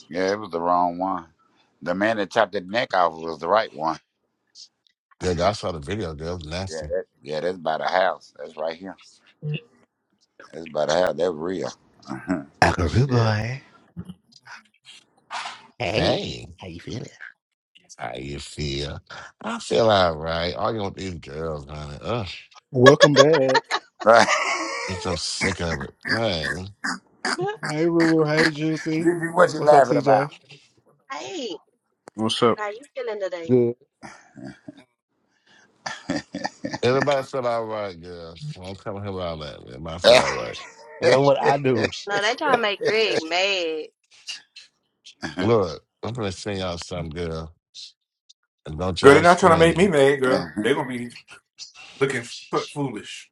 G: Yeah, it was the wrong one. The man that chopped the neck off was the right one.
A: Yeah, girl, I saw the video, girl. It was
G: Yeah,
A: nasty.
G: that, yeah, that's by the house. That's right here. That's by the house. That's real.
B: Akaru
G: Shit.
B: boy.
A: Hey.
B: Hey. How you feeling?
A: How you feel? I feel all right. Arguing with these girls, honey. Ugh,
D: Welcome back.
A: I'm so sick of it. Man,
B: Hey, Ruru. Hey, Juicy.
G: Gigi, what you
B: What's up,
G: laughing
B: CJ?
G: about?
F: hey,
I: What's up?
F: how you feeling today?
B: Good.
A: everybody feel all right, girls. Don't come here with all that. Everybody feel all right.
B: I got what I do.
F: No, they trying to make Greg mad.
A: Look, I'm gonna send y'all some girl, and don't
K: Girl, they're
A: y'all
K: not trying to make me
A: scream.
K: mad, girl. They're gonna be looking f- foolish.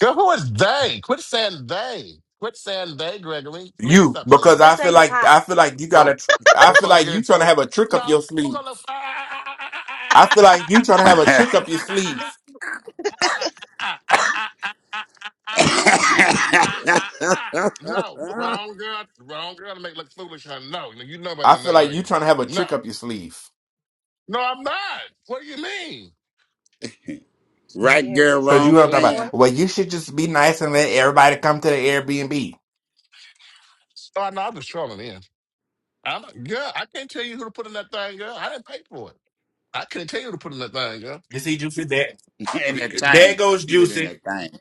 A: Girl, who is they? Quit saying they. Quit saying they, Gregory. Please
K: You,
A: stop saying
K: because
F: Just
K: I
A: they.
F: say
K: feel
F: you
K: like
F: popped.
K: I feel like you
A: Before,
K: gotta. I feel
A: before we
K: like
A: get
K: you trying
A: into
K: to
A: it,
K: have a trick up
A: no,
K: your
A: we're
K: sleeve.
A: gonna.
K: I feel like you trying to have a trick up your sleeve.
A: Ah ah ah ah ah ah ah ah ah ah ah! No, wrong girl, wrong girl to make look foolish, huh? No, no, you know better
K: I
A: than
K: feel
A: that,
K: like you
A: Gregory.
K: trying to have a
A: No,
K: trick up your sleeve.
A: no, I'm not. What do you mean?
G: right
F: Yeah,
G: girl,
F: that
K: Cause
G: wrong
K: you
F: sleek
K: have talk
F: ass
K: about,
G: plan.
F: horse.
K: well, you should just be nice and let everybody come to the Airbnb.
A: Oh, no, I'm just trolling in. I'm not, girl, I can't tell you who to put in that thing, girl. I didn't pay for it. I can't tell you who to put in that thing, girl.
K: You see, Juicy, that
G: in that
K: there
G: thing.
K: goes
G: He said in
K: Juicy.
G: that thing.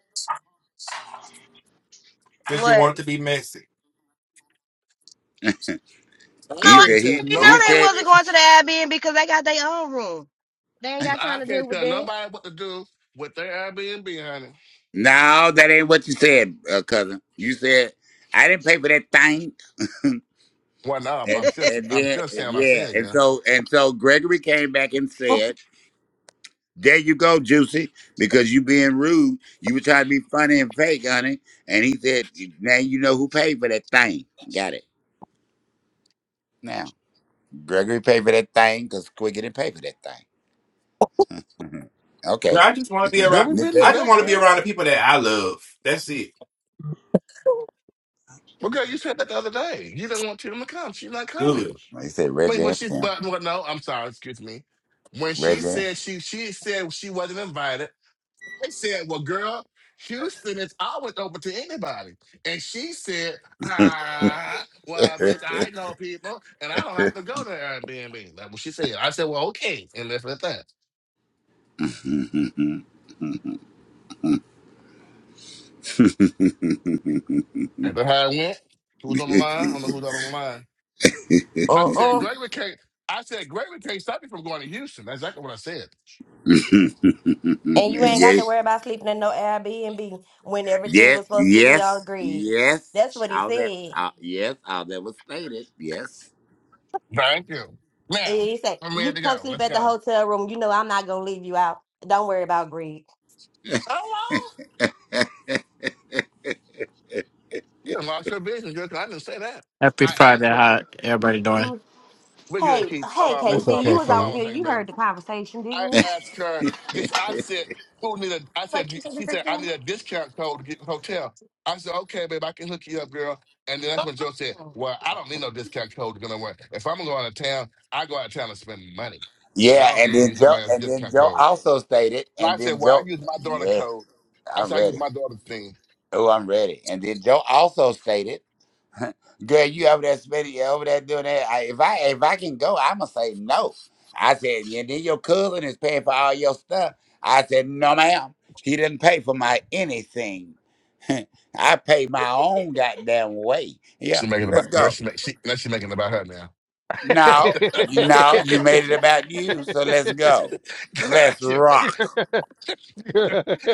K: Since you
F: What?
K: want to be messy,
A: I
G: He
F: Oh, I
A: can't
G: said
A: tell
G: he
F: already know
G: he
F: they
G: said
A: nobody.
F: wasn't going to the Airbnb because they got their own room. They ain't got
A: I
F: time to
A: can't
F: deal with
A: tell
F: that.
A: nobody what to do with their Airbnb, honey.
G: no, that ain't what you said, uh, cousin. You said I didn't pay for that thing,
A: Well, no, but I'm
G: and
A: still,
G: and
A: I'm
G: then
A: still saying what I'm
G: yeah,
A: saying,
G: and
A: girl.
G: so and so Gregory came back and said, "There you go, Juicy, because you being rude. You were trying to be funny and fake, honey." And he said, "Now you know who paid for that thing. Got it now." Gregory paid for that thing because Quiggy didn't pay for that thing. hmm
K: girl,
G: Okay,
K: I just want to be
A: Girl,
K: around.
A: we
G: Nick
A: been
G: said
A: through
K: I
G: it.
K: just
A: that,
K: want to be
A: girl.
K: around the people that I love. That's it.
A: Well, girl, you said that the other day. You didn't want Tatum to come. She's not
K: Good.
A: coming.
G: He said
A: Wait,
G: Reggie
A: but
G: and
A: she,
G: Tim.
A: but well, no, I'm sorry. Excuse me. When she
G: Reggie.
A: said she, she said she wasn't invited. I said, well, girl, Houston is always open to anybody. And she said, ah, well, bitch,
G: yes,
A: I know people, and I don't have to go to Airbnb. That's what she said. I said, well, okay, and that's at that. And that's how it went. Who's on the line? I don't know who's on the line. I said,
F: Uh-uh.
A: Gregory can't. I said, Gregory can't stop me from going to Houston. That's exactly what I said.
F: And you ain't got to worry about sleeping in no Airbnb when everything was
G: yes,
F: supposed to be all
G: yes,
F: agreed.
G: yes.
F: That's what he
G: All that,
F: said.
G: uh, yes, all that was stated. Yes.
A: Thank you. Now,
F: And He said,
A: I'm
F: You
A: ready
F: can
A: to
F: come
A: go.
F: sleep
A: Let's
F: at the
A: go.
F: hotel room. You know I'm not gonna leave you out. Don't worry about greed.
A: So long. You done lost your business, girl, 'cause I didn't say that.
N: Happy
A: I
N: Friday.
A: asked her,
N: How everybody doing?
F: Mm.
A: we're good,
F: Hey,
A: Keith. Hold
F: hey
A: on, baby.
B: What's up,
F: KC,
A: Hold
F: you
A: on.
F: was
A: Hold
F: on
A: on
B: KC?
A: one
F: here,
A: second,
F: you
A: baby.
F: heard the conversation, didn't
A: I
F: you?
A: asked her, this, I said, who need a, I said, she said, I need a discount code to get in the hotel. I said, okay, babe, I can hook you up, girl. And then that's when Joe said,
F: Mm.
A: well, I don't need no discount code to go nowhere. If I'm going to go out of town, I go out of town and spend money. And I
G: yeah,
A: don't
G: and
A: need to
G: then
A: use
G: Joe,
A: nobody else's
G: and then
A: discount
G: Joe
A: code.
G: also stated,
A: And
G: and
A: I said,
G: then
A: well, I
G: Joe.
A: use my daughter
G: Yeah,
A: code. I
G: I'm
A: said, I use
G: ready.
A: my daughter's thing.
G: Oh, I'm ready. And then Joe also stated. Girl, you over there spending you over there doing that. I, if I if I can go, I'ma say no. I said, and then your cousin is paying for all your stuff. I said, no, ma'am. He didn't pay for my anything. I paid my own goddamn way. Yeah,
A: She's making it about
G: let's
A: now
G: go.
A: she make she now she making it about her now.
G: No, you- no, you made it about you, so let's go. Let's
A: she,
G: rock.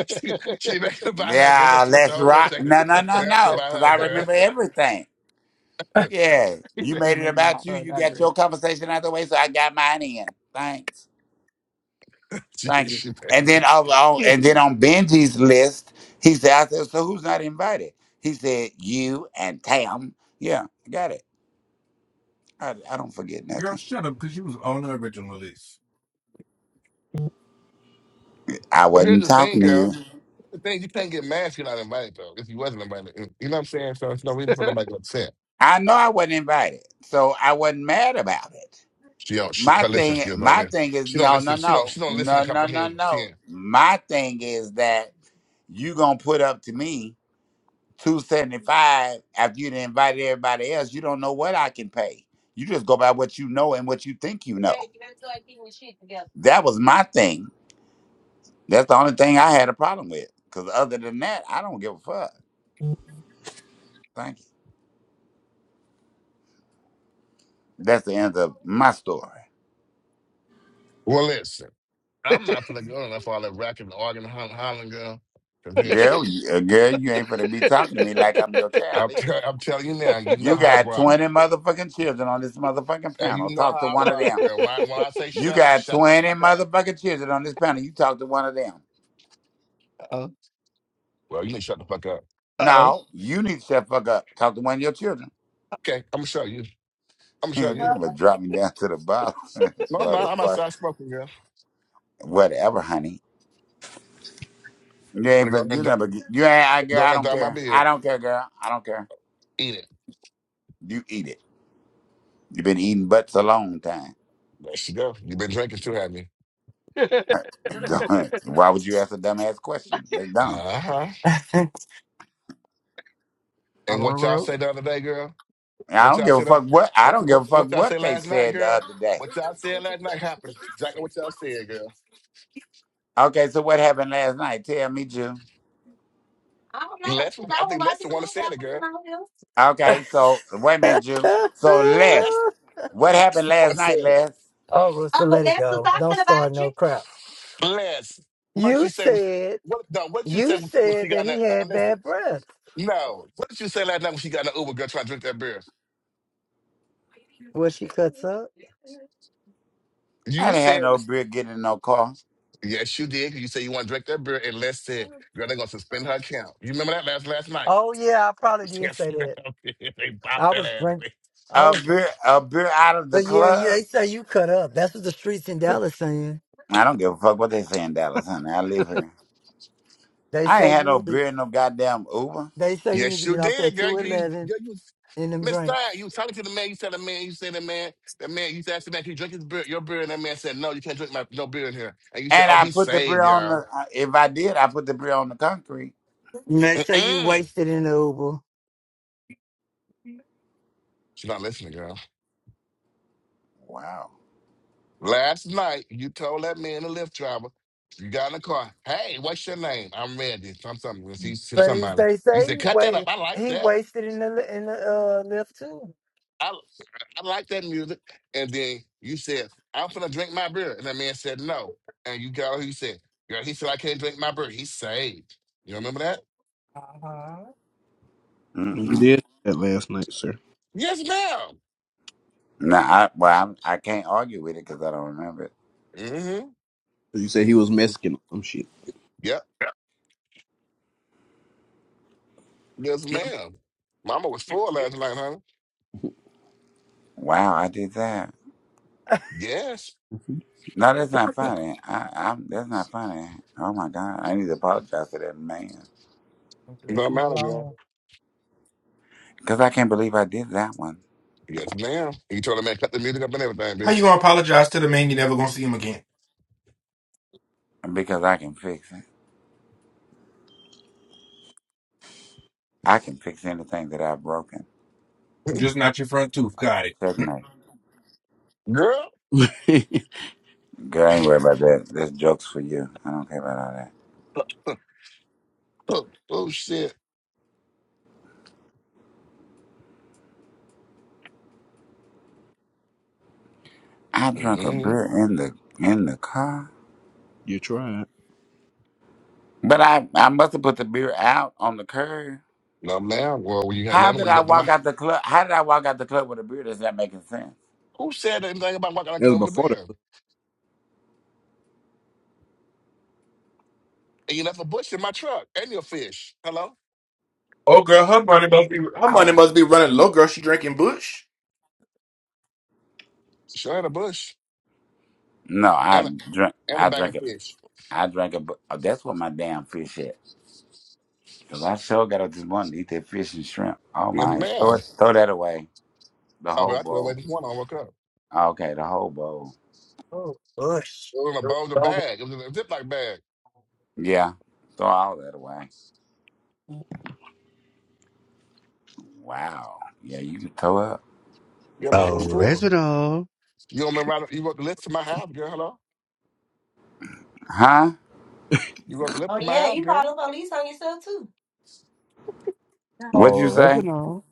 A: she, she making it about her girl.
G: Yeah,
A: Must switch the
G: let's
A: whole
G: rock.
A: conversation.
G: No, no, no,
A: Now it's
G: no,
A: about
G: because
A: her
G: I
A: girl.
G: remember everything. Yeah,
B: he
G: you
B: said he's
G: made it
B: making it about
G: about you.
B: her,
G: You
B: not
G: got your
B: Grill.
G: conversation out the way, so I got mine in. Thanks,
A: she,
G: thank you.
A: she, make-
G: And then on, on- and then on Benji's list, he said, "I said, so who's not invited?" He said, "You and Tam." Yeah, I got it. I, I don't forget
K: Girl,
G: nothing.
K: shut up, because you was on the original list.
G: I
A: but here's
G: wasn't
A: the thing,
G: talking to
A: girl.
G: you.
A: The thing you can't get mad if you're not invited though. If you wasn't invited, you know what I'm saying. So there's no reason for nobody to get upset.
G: I know I wasn't invited, so I wasn't mad about it.
A: She don't. She, if
G: My
A: I listen,
G: thing,
A: she don't
G: my
A: listen.
G: thing is
A: She don't
G: no, no,
A: listen. She don't.
G: no,
A: She don't listen
G: no,
A: to
G: no, no,
A: comprehend.
G: no.
A: Ten.
G: My thing is that you gonna put up to me 275 after you'd invited everybody else you don't know what i can pay you just go by what you know and what you think you know that was my thing that's the only thing i had a problem with because other than that i don't give a fuck thank you that's the end of my story
A: Well, listen. I'm not gonna go enough for all that racking, arguing, hollering, hollering, girl. 'Cause bitch,
G: girl you- uh, girl you ain't gonna be talking to me like i'm your child
A: I'm,
G: either
A: tell- I'm telling you now. You know
G: you
A: how I
G: got
A: rock.
G: 20 motherfucking children on this motherfucking
A: Hey,
G: panel
A: you know how
G: talk to
A: I
G: one
A: rock,
G: of them
A: girl. When I when I say
G: you
A: shut up,
G: got
A: shut the
G: 20
A: fuck up.
G: motherfucking children on this panel you talk to one of them
B: Uh
A: Well, you need to shut the fuck up.
B: oh.
G: no you need to shut the fuck up talk to one of your children
A: Okay, I'm gonna show you. I'm gonna
G: You
A: show
G: know,
A: you.
G: you but drop me down to the bottom,
A: No, I'm not. I'm
G: motherfucker.
A: outside smoking, girl.
G: Whatever, honey. You
A: Gonna
G: ain't
A: go
G: but
A: ahead and
G: you
A: d-
G: never. get- You ain't. I,
A: go
G: girl, I
A: ahead and
G: don't
A: dye my
G: care. I
A: beard.
G: don't care, girl. I don't care.
A: Eat it.
G: You eat it. You've been eating butts a long time.
A: There she go. You've been drinking too, haven't you?
G: Don't- Why would you ask a dumbass question? That's dumb.
A: Uh huh.
B: Uncle
A: And what y'all
B: Ruru.
A: say the other day, girl?
G: And I
A: What
G: don't
A: y'all
G: give a
A: said up?
G: fuck what. I
A: What
G: don't give
A: what
G: a fuck
A: what y'all say
G: what they
A: last night,
G: said the
A: girl?
G: other day.
A: What y'all said last night happened. Exactly what y'all said, girl.
G: Okay, so what happened last night? Tell me, Jew.
F: I don't know,
A: Les, was- I think Les the one that said it, girl.
F: too.
G: Okay, so wait a minute, Jew. So Les,
A: Les,
G: what
A: Les
G: happened
A: the one
G: last
A: said
G: night,
A: it.
G: Les?
C: oh, Rooster,
F: Oh,
C: let
F: let
C: it go. Don't start
F: you?
C: no crap.
A: Bless. what you
C: You
A: say was
C: said
A: what no, what you
C: you
A: say when she
C: said
A: got
C: that
A: in that
C: he
A: uh,
C: had
A: listen.
C: bad breath.
A: No. What did you say last night when she got in the Uber girl trying to drink that beer?
C: Was she cuts up.
G: I
A: You
G: didn't
A: said
G: have no
A: was
G: beer getting in no car.
A: Yes, you did. 'cause You said you want to drink that beer, and Les said, "Girl, they're gonna suspend her account." You remember that last last night?
C: Oh yeah, I probably did
A: Yes,
C: say
A: ma'am.
C: that.
A: they bopped
C: I
A: that
C: was
A: ass.
C: drinking.
A: bitch.
C: I
G: A
C: was,
G: beer, a beer out of the
C: but yeah, yeah.
G: club.
C: They say you cut up. That's what the streets in Dallas saying.
G: I don't give a fuck what they say in Dallas, honey. I live here.
C: They
G: I ain't
C: say
G: had
C: you
G: no
C: need to.
G: beer in no goddamn Uber.
C: They say you need
A: Yes,
C: to
A: you
C: get off
A: did,
C: that
A: girl.
C: two
A: You, you,
C: eleven
A: girl, you
C: in them
A: Miss Stein,
C: drinks.
A: you was talking to the man. You said the man. You said the man. The man. You asked the man, "Can you drink his beer, your beer?" And that man said, "No, you can't drink my no beer in here." And you said,
G: And
A: "Oh,
G: I
A: he's
G: put the beer
A: saved,
G: on
A: y'all."
G: the. uh, If I did, I put the beer on the concrete.
C: And they say you
A: Mm-mm.
C: wasted in the Uber.
A: She's not listening, girl.
G: Wow.
A: Last night, you told that man, the lift driver, you got in the car, hey, what's your name? I'm Randy. Some something. When she she-
C: But he,
A: somebody,
C: they
A: you
C: say
A: said,
C: he
A: cut that up.
C: wa
A: I like
C: He
A: that.
C: wasted in the li- in the uh, lift too.
A: I, I like that music. And then you said, I'm finna drink my beer. And that man said, no. And you got who you said, girl, he said, I can't drink my beer. He's saved. You remember that?
C: Uh
I: You
G: Mm-mm.
I: did say that last night, sir.
A: Yes, ma'am.
G: No, I, well, I'm, I can't argue with it because I don't remember it.
A: Mm-hmm.
I: You said he was Mexican or some shit.
A: Yep. Yes, ma'am. Mama was full last night, honey.
G: Wow, I did that.
C: huh.
A: Yes.
G: No, that's not funny. I, I'm, that's not funny. Oh my god, I need to apologize to that man
A: No
C: Leave him
A: matter, girl.
C: alone.
G: because I can't believe I did that one.
A: Yes, ma'am. You told the man, cut the music up and everything,
K: How you
A: bitch.
K: gonna apologize to the man you never gonna see him again?
G: Because I can fix it. I can fix anything that I've broken.
K: Just not your front tooth. Got it.
G: Checkmate.
A: Girl.
G: Girl, I ain't worried about that. That's jokes for you. I don't care about all that.
A: oh shit.
G: I drank a
A: Mm-hmm.
G: beer in the in the car,
I: you tried.
G: but I I must have put the beer out on the curb.
A: No man. Well, when you had
G: How
A: another
G: did
A: one, you
G: I
A: got the
G: walk
A: mouth.
G: out the club? How did I walk out the club with a beer? Does that make sense?
A: Who said anything about walking out of the
I: That
A: club
I: was
A: with a
I: before that.
A: beer? And you left a bush in my truck and your fish. Hello?
K: Oh girl, her money must be her money
G: Oh
K: must be running low. Girl, she drinking Bush.
A: Sure had a bush
G: no, I
A: and a,
G: drunk.
A: and a
G: I
A: bag of
G: drank it.
A: fish.
G: I drank it. Oh, that's what my damn fish at. Cause I sure got up this morning to eat that fish and shrimp. Oh
A: Yes,
G: my, throw
A: ma'am.
G: it, throw that away. The
A: Oh, but
G: whole
A: I threw away
G: bowl.
A: this one. I woke up. It
G: Okay, the whole bowl.
C: Oh, Bush.
A: was in a bulger
C: Don't
A: bag. It was in a Ziploc bag.
G: Yeah, throw all that away. Wow. Yeah, you can throw up.
A: Your mom was full.
B: Original.
A: You don't remember? how- You wrote the list to my house, girl. Hello?
G: Huh?
A: You wrote the list
F: Oh
A: to my
F: yeah,
A: house,
F: you
A: girl.
F: call the police on yourself too.
G: What'd you say?
B: Original.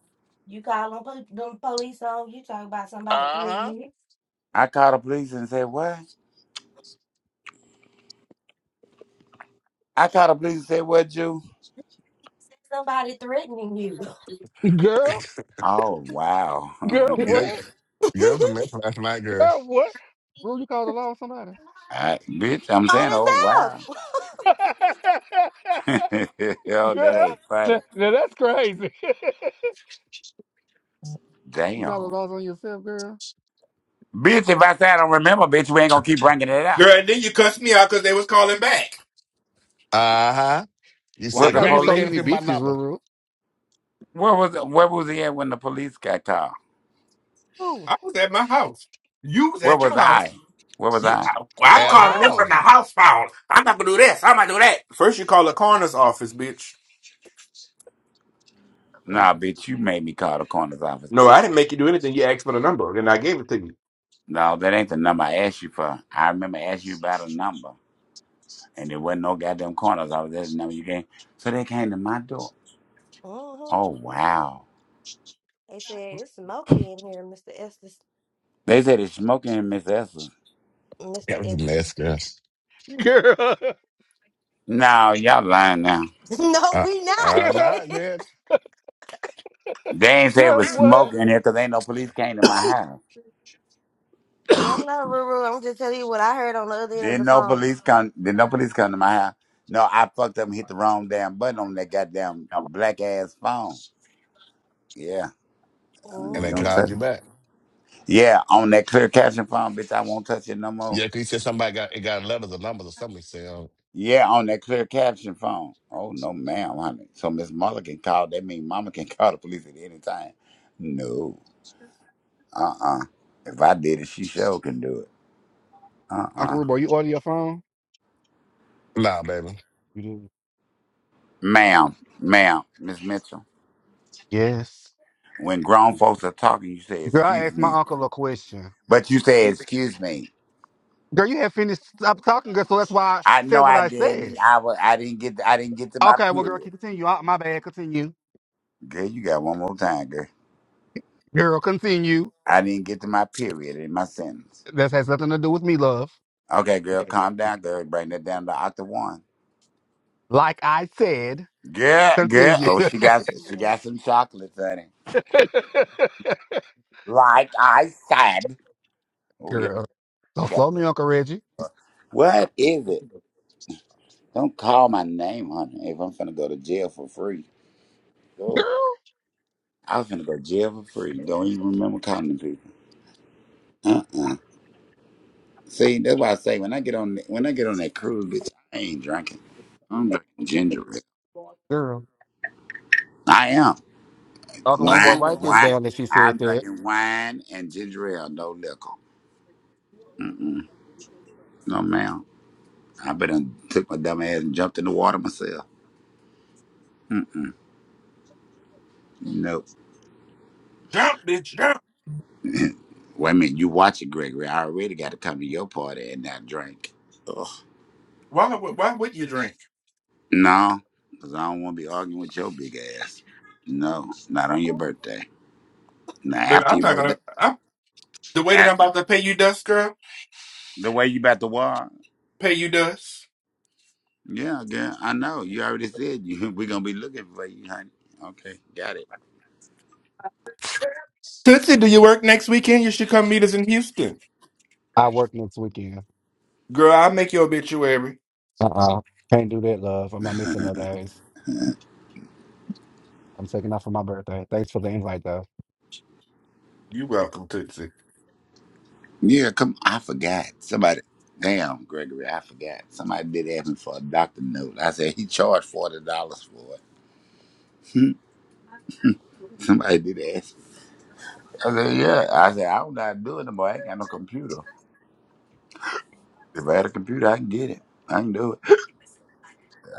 F: You call them, po- them police on you Talk about somebody
A: Uh huh.
F: threatening you.
G: I called the police and said what? I called the police and said what, you?
F: Somebody threatening you
B: Girl,
G: Oh wow.
B: girl,
A: Yeah,
B: what?
A: yeah, it was a mess last night, girl.
B: Girl, what? Ruru, you called the law on somebody.
G: I, bitch, I'm saying
F: on
G: oh
F: itself.
G: wow. Yo, that
B: girl,
G: ain't funny.
B: now, now that's crazy. you got a
G: Damn.
B: loss on yourself, girl.
G: Bitch, if I say I don't remember, bitch, we ain't gonna keep bringing it up.
K: Girl, and then you cussed me out because they was calling back.
A: Uh huh. You
B: Why I
G: With
A: said,
G: the
B: gotta be
A: Gregory, you
B: so
A: gave
G: police?
A: the
B: many
A: people my
B: bitches,
A: number.
B: Ruru?
G: Where was where was he at when the police got called?
F: Who?
K: I was at my house. You was
G: Where
K: at
G: was
K: your house.
G: I? Where was
K: You,
G: I?
K: I, well,
F: Your
K: I'm
A: At
K: calling them
F: house.
K: from
A: home.
K: the house phone. I'm not gonna do this. I'm gonna do that. First, you call the coroner's office, bitch.
B: Crazy.
G: Nah, bitch, you made me call the coroner's office,
K: No, I
G: bitch.
K: didn't make you do anything. You asked for the number, and I gave it to you.
G: No, that ain't the number I asked you for. I remember asking you about a number. and there wasn't no goddamn corners. I was there. No, you can't. So they came to my door.
F: hmm
G: Oh wow!
F: They said it's smoky in here, Mr. Estes.
G: They said it's smoking in Miss Esther's.
F: Mr.
A: That was a
F: Estes.
A: mess, girl.
B: Girl,
G: No, y'all lying now.
F: no,
A: I,
F: we not.
A: I
B: girl,
A: lied, man.
G: They ain't say it
B: girl,
G: was smoking
B: what?
G: in here because ain't no police came to my house.
F: I don't know, Ruru. I'm just telling you what I heard on the other end of
G: Didn't
F: the
G: no
F: phone.
G: police come. Didn't no police come to my house. No, I fucked up and hit the wrong damn button on that goddamn black ass phone. Yeah, um,
A: And
G: you
A: they
G: don't
F: Mm-hmm.
A: called
G: touch
A: you
G: it.
A: back.
G: Yeah, on that clear caption phone, bitch, I won't touch it no more.
A: Yeah, 'cause you said somebody got it got letters or numbers or something. You said, oh,
G: Yeah, on that clear caption phone. Oh no, ma'am, honey. So Miss Mother can call. That mean Mama can call the police at any time. No, uh, uh If I did it, she sure can do it. Uh,
B: Uncle
G: uh
B: Rubo, you order your phone?
A: nah, baby.
B: You do.
G: Ma'am, ma'am, Miss Mitchell.
B: Yes.
G: When grown folks are talking, you say
B: Girl, I
G: excuse
B: asked my
G: me,
B: uncle a question.
G: but you say excuse me.
B: Girl, you had finished stop talking, girl, so that's why I
G: I
B: said
G: know
B: what
G: I
B: I
G: didn't.
B: said.
G: I was. I didn't get. I didn't get to my
B: Okay, well, girl,
G: period.
B: keep continue. I, my bad, continue.
G: Girl, you got one more time, girl.
B: Girl, continue.
G: I didn't get to my period in my sentence.
B: This has nothing to do with me, love.
G: Okay, girl, calm down, girl. Bring that down to octave one.
B: Like I said,
G: Girl, girl.
B: continue.
G: Oh, she got she got some chocolates, honey. Like I said. Oh yeah.
B: girl,
G: she
B: don't
G: got-
B: slow me, Uncle Reggie.
G: What is it? Don't call my name, honey. If I'm finna go to jail for free. Oh, I am finna go to jail for free. Don't even remember calling the people. Uh uh See, that's why I say when I get on when I get on that cruise, bitch, I ain't drinking. I'm drinking ginger ale.
B: Girl,
G: I am.
B: Uncle Ruboy,
G: Wine,
B: write this
G: wine.
B: down that she said
G: I'm
B: that.
G: drinking wine and ginger ale, no liquor. Mm-mm. No, ma'am. I better took my dumb ass and jumped in the water myself. Mm-mm. Nope.
K: Jump, bitch, jump.
G: Wait a minute. You watch it, Gregory. I already got to come to your party and not drink. Ugh.
K: Why? would- Why would you drink?
G: No, because I don't want to be arguing with your big ass. No, not
F: Uh
G: on your
F: mm
G: birthday. Now,
K: But
G: after
K: I'm
G: your
K: not
G: birthday,
K: gonna. I'm, the way that I'm
G: at-
K: about to pay you dust, girl.
G: the way you about to walk.
K: Pay you dust.
G: Yeah, girl, I know. You already said you. We're going to be looking for you, honey. Okay, got it.
K: Tootsie, do you work next weekend? You should come meet us in Houston,
B: I work next weekend.
K: girl. I'll make your obituary.
B: Uh-uh. Can't do that, love. I'm not missing no days. I'm taking off for my birthday. Thanks for the invite, though.
K: You welcome, Tootsie.
G: Yeah, come. I forgot. Somebody. Damn, Gregory, I forgot. Somebody did ask me for a doctor note. I said he charged forty dollars for it. Somebody did ask. me. I said, yeah. I said I don't know how to do it no more. I ain't got no computer. If I had a computer, I can get it. I can do it.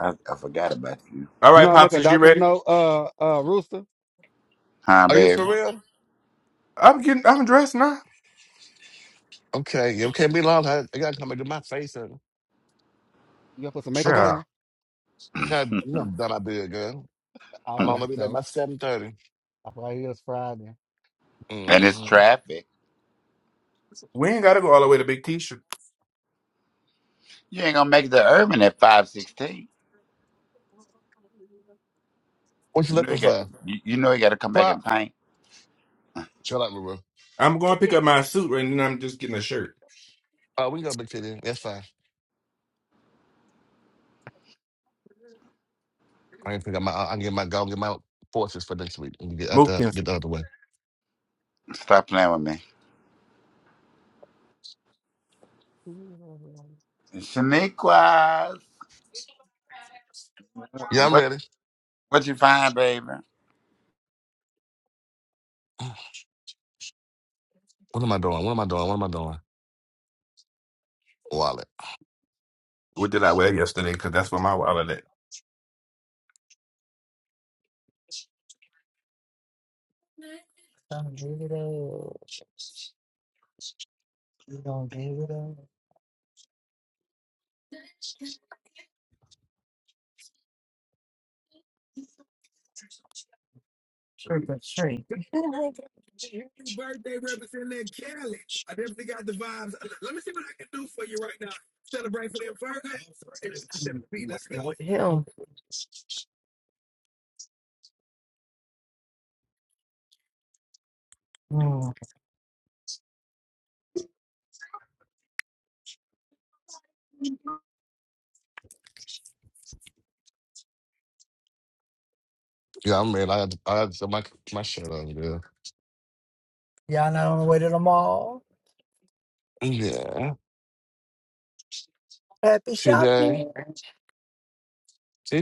G: I, I forgot about you,
K: All
B: You know
K: right,
B: how to make
K: pops,
B: a
K: is you
B: doctor's
K: ready?
B: note, uh, uh, Rooster?
G: huh,
A: Are you
G: baby?
A: for real?
K: I'm getting. I'm dressed now.
A: Okay, you can't be long. I, I gotta come into my face. And,
B: You gonna put some makeup
A: okay,
K: Sure.
B: on?
A: God, you know,
G: and
A: done I be a girl.
B: I
A: I'm
B: forgot
A: gonna be back
B: though.
A: by 7.30.
B: I forgot it was Friday.
G: it's
A: Mm-hmm.
G: traffic.
K: We ain't gotta go all the way to Big T-shirt.
G: You ain't gonna make it to Urban at five sixteen.
A: What you
G: You know
A: looking
G: you got.
A: for?
G: You, you know you got to come back
A: Crop?
G: and paint.
A: Shut up, Maru.
K: I'm going to pick up my suit, right now, and then I'm just getting a shirt.
A: Oh, we can go back to there. That's fine. I can pick up my, I can get my, go get my forces for next week and get out the,
K: Mokins.
A: get out the way.
G: Stop playing with me, Shaniquas.
A: Yeah, I'm
G: What
A: ready.
G: what you find, baby?
A: What am I doing? What am I doing? What am I doing? Wallet.
K: What did I wear yesterday? Because that's what my wallet
C: give it up. You don't give it up. Happy birthday, Representative Kelly. I definitely got the vibes. Let me see what I can do for you right now. Celebrate for them first. Let's go. Him. Mm.
A: Yeah, I'm ready. I had to, I had to put my my shirt on, girl.
C: Y'all not on the way to the mall.
A: Yeah.
C: Happy
A: T J.
C: shopping.
A: T J.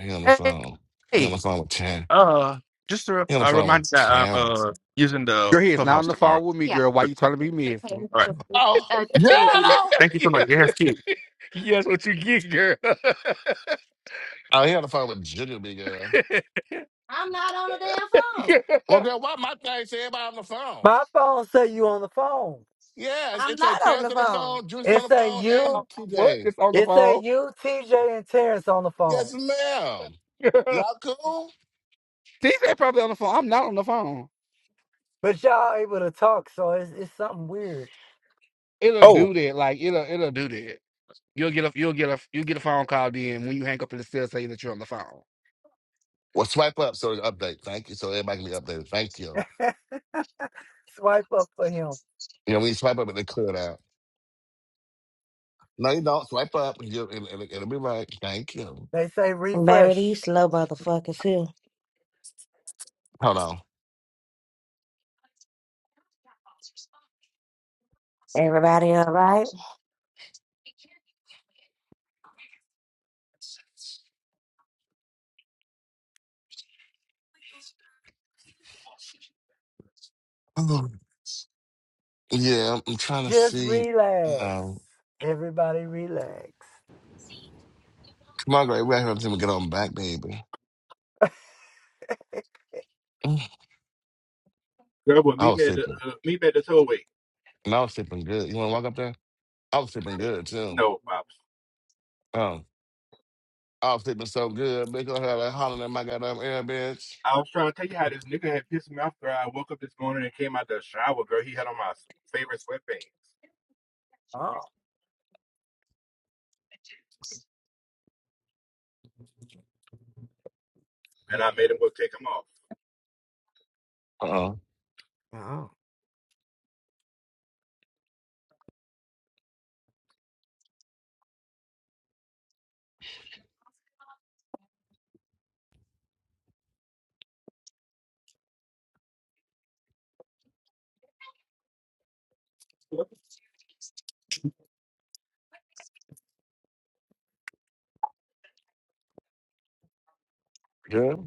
A: He on the
K: at. Hey,
A: phone. He on the
K: hey,
A: phone with Terrence.
K: uh, just a,
A: He on the
K: a
A: phone with
K: reminder that I'm
A: Terrence.
K: uh, using the
B: Girl, he is Y- not
K: clubhouse
B: on the
K: tomorrow.
B: phone with me,
K: Yeah.
B: girl. Why you trying to be messy?
K: All right.
A: Oh,
K: Uh,
A: yeah,
K: will be now.
A: hello.
K: Thank you so
B: Yeah,
K: much. You have key.
B: yes, what you get, girl.
A: Oh, he on the phone with Junior Big Girl.
F: I'm not on the damn phone.
B: yeah.
A: Well, girl, why my thing say everybody on the phone?
C: My phone say you on the phone.
A: Yeah, it's,
F: I'm
A: it's a
F: not on
A: Terrence
F: the
A: on the phone,
F: phone.
A: Juice on
C: It
A: the
C: say
A: phone,
B: Oh,
A: and
C: you.
B: I was
A: TJ.
B: just on the
C: It say
B: phone.
C: you, TJ, and Terrence on the phone.
A: Yes, ma'am. Y'all cool?
B: TJ probably on the phone. I'm not on the phone.
C: But y'all able to talk, so it's, it's something weird.
B: it'll
K: Oh,
B: do that. Like it'll it'll do that. You'll get a you'll get a you'll get a phone call then when you hang up in the cell saying that you're on the phone.
A: Well, swipe up so it's update. Thank you. So everybody can be updated. Thank you.
C: Swipe up for him.
A: You know, when you swipe up, it they clear it out. No, you don't. Swipe up and you'll, it'll, it'll, be right. Thank you.
C: They say
F: Baby,
C: refresh.
F: these slow motherfuckers here.
A: Hold on.
F: Everybody all right?
A: Oh, yeah, I'm trying to
C: Just
A: see.
C: relax.
A: Um,
C: Everybody relax.
A: come on, Gray. We're here until we get on back, baby. Mm,
K: girl, but
A: I
K: meet
A: was
K: me at the
A: sleeping.
K: uh, meet me at the tollway.
A: And I was sleeping good. You want to walk up there? I was sleeping good, too.
K: No, Pops.
A: Um, I was sleeping so good. Bitch, I had like hollering at my goddamn air, bitch.
K: I was trying to tell you how this nigga had pissed me off, girl. I woke up this morning and came out the shower, girl. He had on my favorite sweatpants.
C: Oh.
K: and I made them go take them off.
A: Uh-oh.
C: Oh.
A: Good?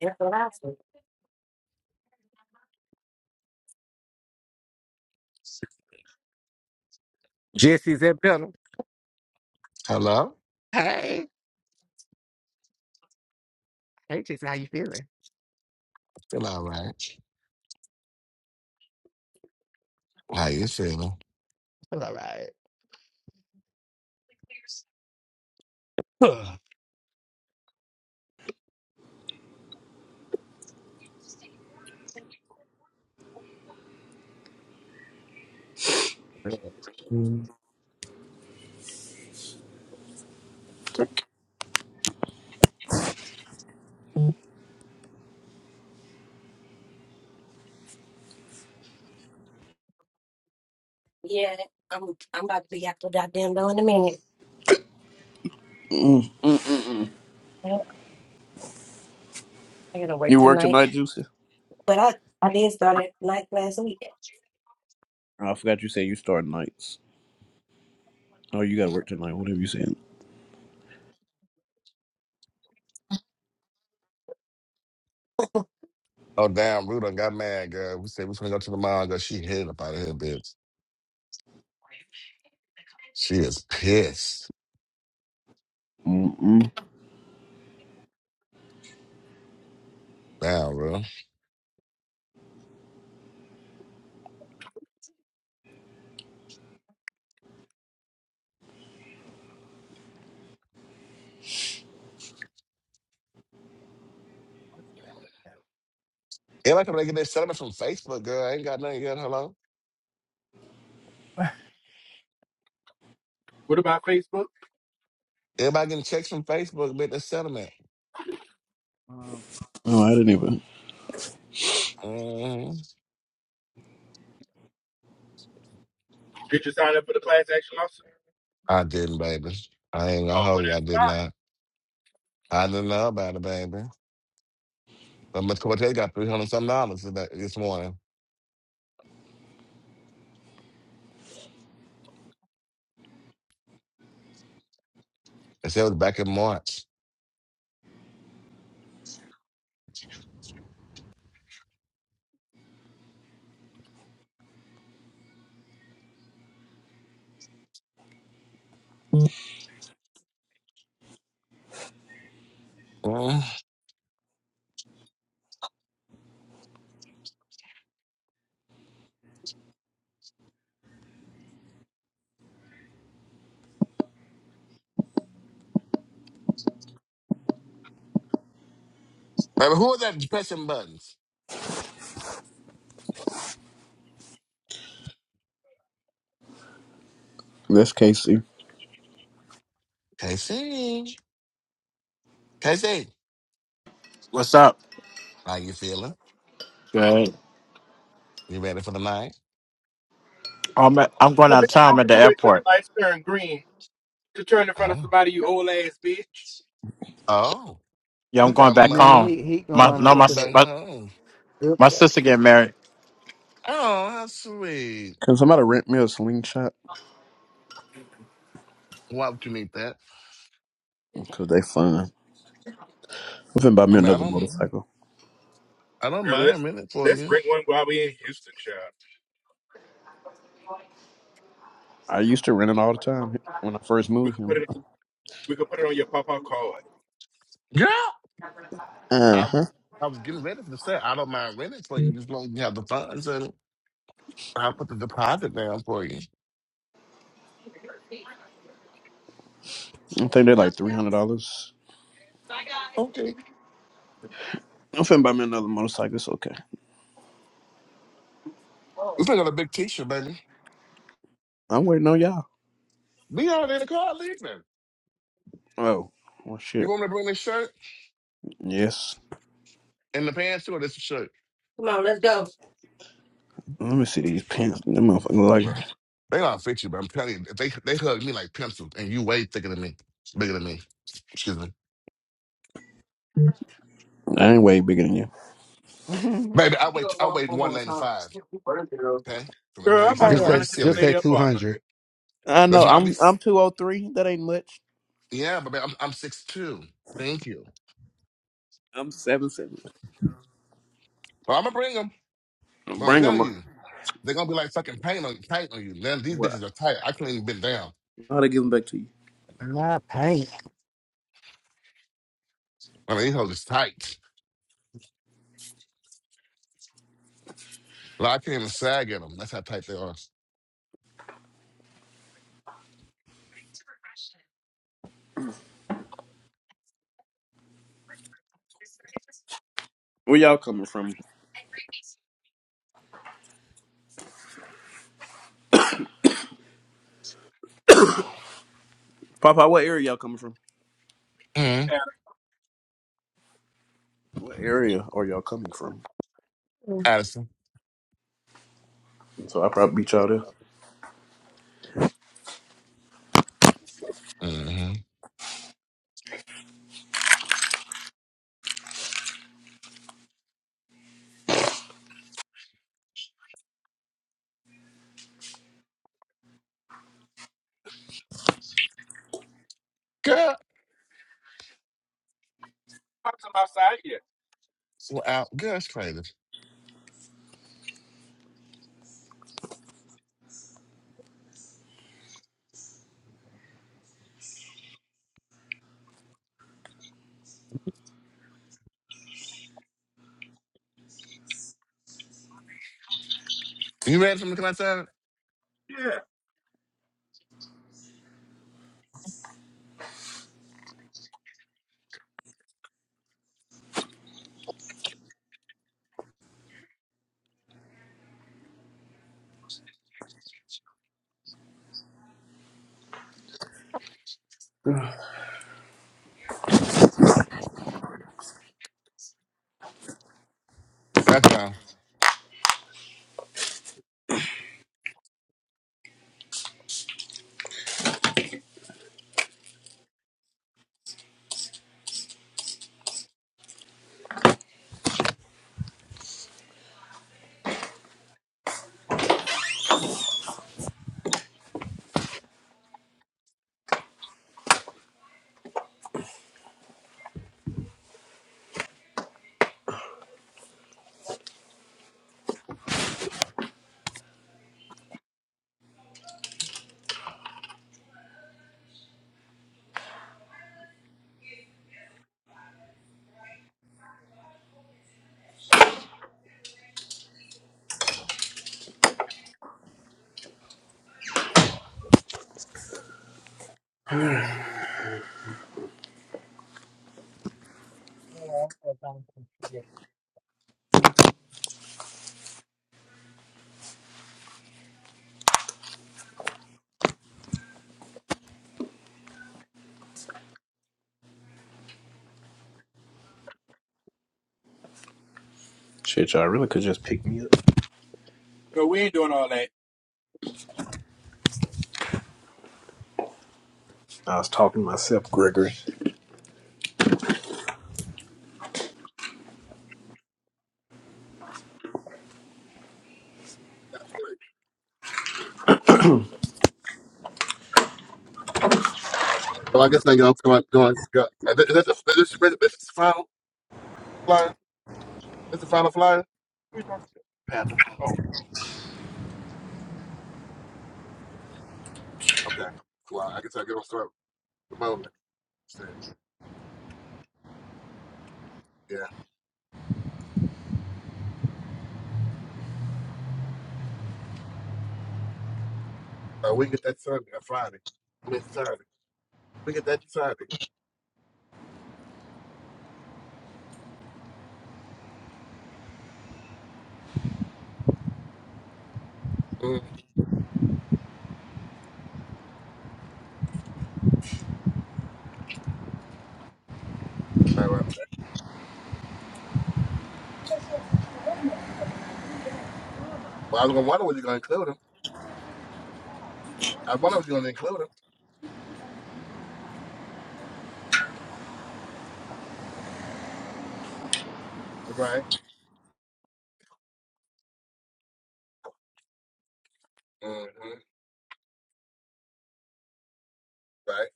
F: Yeah, That's what I said.
B: Jesse's that better.
A: Hello?
B: Hey, hey,
A: Feel all right. How you feeling?
B: it's all right.
F: Yeah, I'm I'm about to be after that damn door in a minute. Yep, I gotta work
I: You work
F: tonight.
I: tonight, Juicy?
F: But I I did start at night last week.
I: Oh, I forgot you said you start nights. Oh, you gotta work tonight. Whatever you said.
A: Oh, damn, Ruth done got mad, girl. We said we was going to go to the mall, girl. She hit up out of here, bitch. She is pissed.
I: Mm-mm.
A: Now, bro.
C: What's
A: Everybody coming to get their settlement from Facebook, girl. I ain't got nothing yet. Hello.
C: that?
K: What about Facebook?
A: Everybody getting checks from Facebook, but the settlement.
C: Mm.
I: Oh, I didn't even.
A: hmm
K: Did you sign up for the class action lawsuit?
A: I didn't, baby. I ain't gonna
K: Oh, well,
A: hold you.
K: that's
A: I did
K: fine.
A: not. I didn't know about it, baby. But Miss Cortez got three hundred some dollars today- this morning. They said it was back in March. Mm. Baby, who was that pressing buttons?
I: That's Casey.
A: Casey. Casey,
N: What's up?
A: How you feeling?
N: Good.
A: You ready for the night?
N: I'm at, I'm going
K: Well,
N: out of
K: bitch,
N: town.
K: why
N: I'm at
K: would
N: the
K: you wait till
N: airport.
K: the lights turn green to turn in front of
A: Oh.
K: somebody, you old ass bitch?
A: Oh.
N: Yeah,
A: He
N: I'm
A: got
N: going back
C: Remember
N: home.
A: money.
C: he he
N: My
A: He
C: going
N: no, my
A: going
C: into
N: s-
A: back
C: the
N: my,
A: home.
C: good
N: my
C: place.
N: sister getting married.
A: Oh, how sweet.
I: Can somebody rent me a slingshot?
A: Why would you need that?
I: Cause they fun. I'm finna buy
A: I
I: me
A: mean, I
I: another
A: don't,
I: motorcycle.
A: I don't
K: Girl,
A: mind
K: that's
A: renting for
K: that's a
A: you.
K: great one while we in Houston, child.
I: I used to rent it all the time when I first
K: We
I: moved
K: could
I: here.
K: put it we could put it on your papa card.
A: Girl,
I: Uh
A: I,
I: huh.
A: I was getting ready to say I don't mind renting for you, just long as you have the funds and I'll put the deposit down for you.
I: I think they're like three hundred dollars.
A: Okay,
I: I'm finna buy me another motorcycle. It's okay.
A: we still got a big T-shirt, baby.
I: I'm waiting on y'all.
A: We already in the car leaving.
I: Oh, well,
A: You
I: shit.
A: want me to bring this shirt
I: Yes.
A: and the pants too, or this shirt?
F: Come on, let's go.
I: Let me see these pants. Them motherfuckers
A: Look,
I: look
A: They don't fit you, but I'm telling you, if they they hug me like pencils, and you way thicker than me, bigger than me. Excuse me,
I: like I ain't way bigger than you.
C: Mhm.
A: baby. I wait, I weigh 195. Okay, So let's not,
K: Girl, I'm about
A: let's
K: to
F: Hurry
B: just
C: mm
A: not
F: up.
K: run
B: say
A: be
K: into this
B: just
A: silly.
K: lady
B: say two
K: apartment.
B: hundred.
I: I
A: Let's
I: know.
A: not be.
I: I'm I'm two oh three. That ain't much.
A: Yeah, but I'm I'm six two. Thank you.
I: I'm seven seven
A: But I'm gonna bring them. But I'm
I: Bring them.
A: telling you, they're gonna be like fucking paint on tight on you. Man, these
I: Well,
A: bitches are tight. I can't even bend down.
I: How to give them back to you?
C: Not paying.
A: I mean, these hoes is tight. Like I can't even sag at them. That's how tight they are.
I: Where y'all coming from? Papa, what area y'all coming from?
A: Mm-hmm.
K: Yeah,
I: What area are y'all coming from?
A: Addison.
I: So I probably beat y'all
A: Mm-hmm. Girl,
K: I'm outside here.
A: so out. Girl, it's crazy. You ready for me to come outside?
K: Yeah.
I: there.
A: Okay.
I: Shit, y'all really could just pick me up.
K: But we ain't doing all that.
I: I was talking to myself, Gregory.
K: So I guess they go go on. Go on go. Is that, is that the, is this, is this the final flyer? Is the final flyer? Who are you talking to? Panther. Oh. Okay. cool. Yeah. Uh, we get that Sunday, uh, Friday. I mean, Saturday. We get that Sunday. Mm. All right. Well, I was going to wonder was you going to include him. I wonder was you going to include him. Right. Mm-hmm. Right.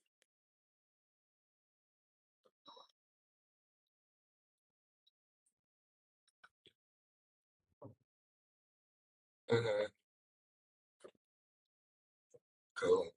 K: Mm-hmm. Cool.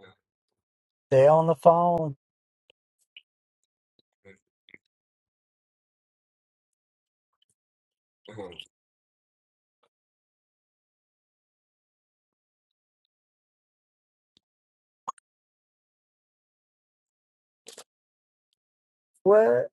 K: Mhm.
C: They're on the phone. What?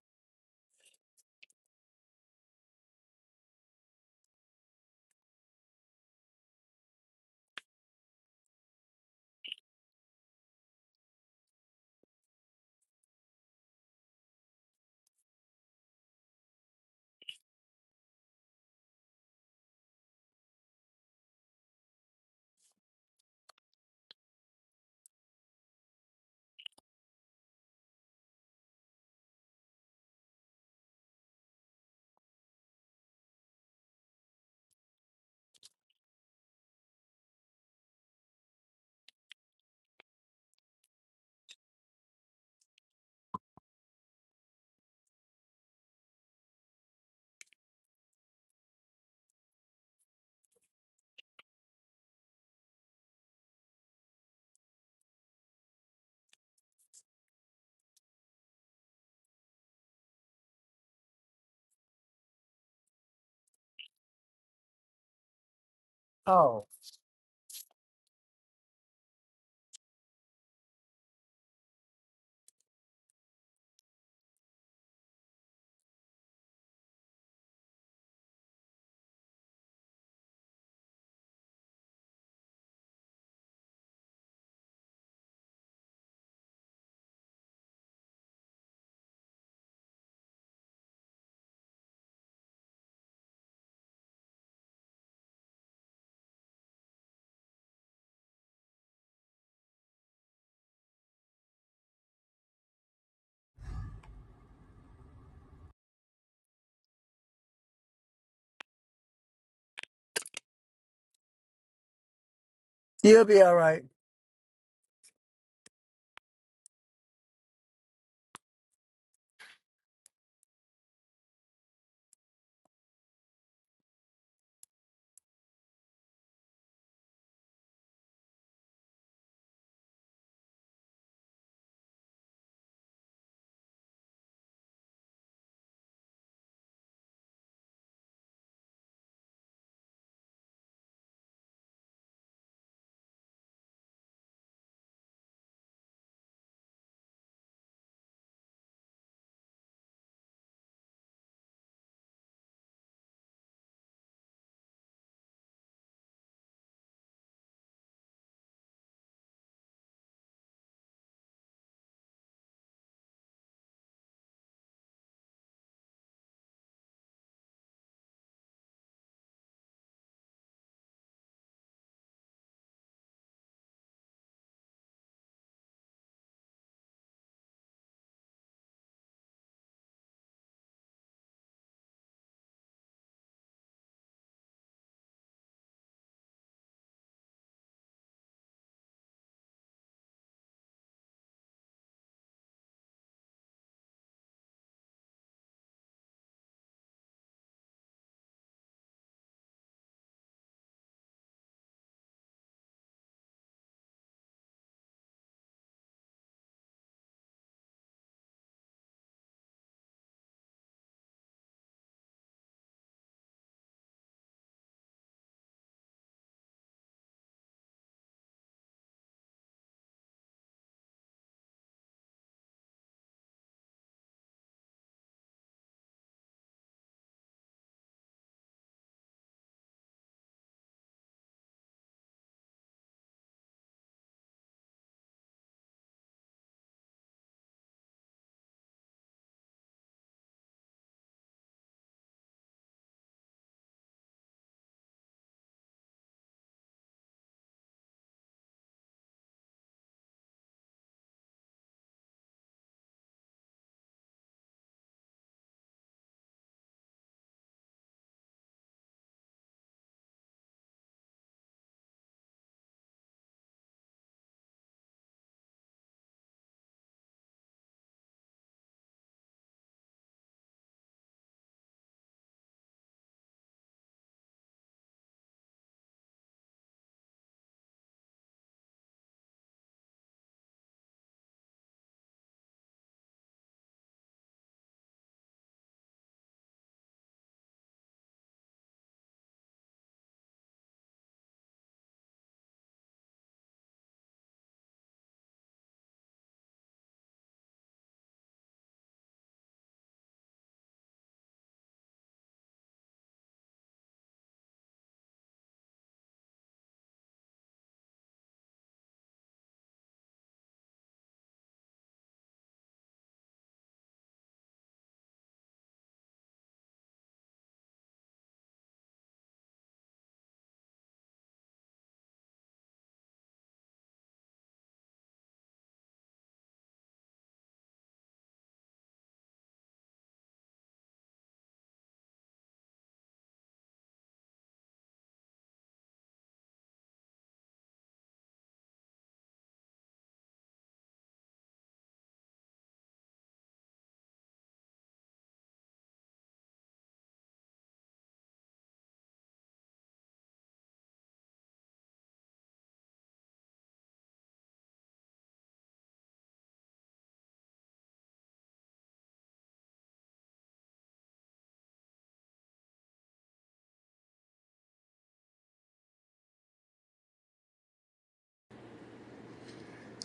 C: Oh, you'll be all right.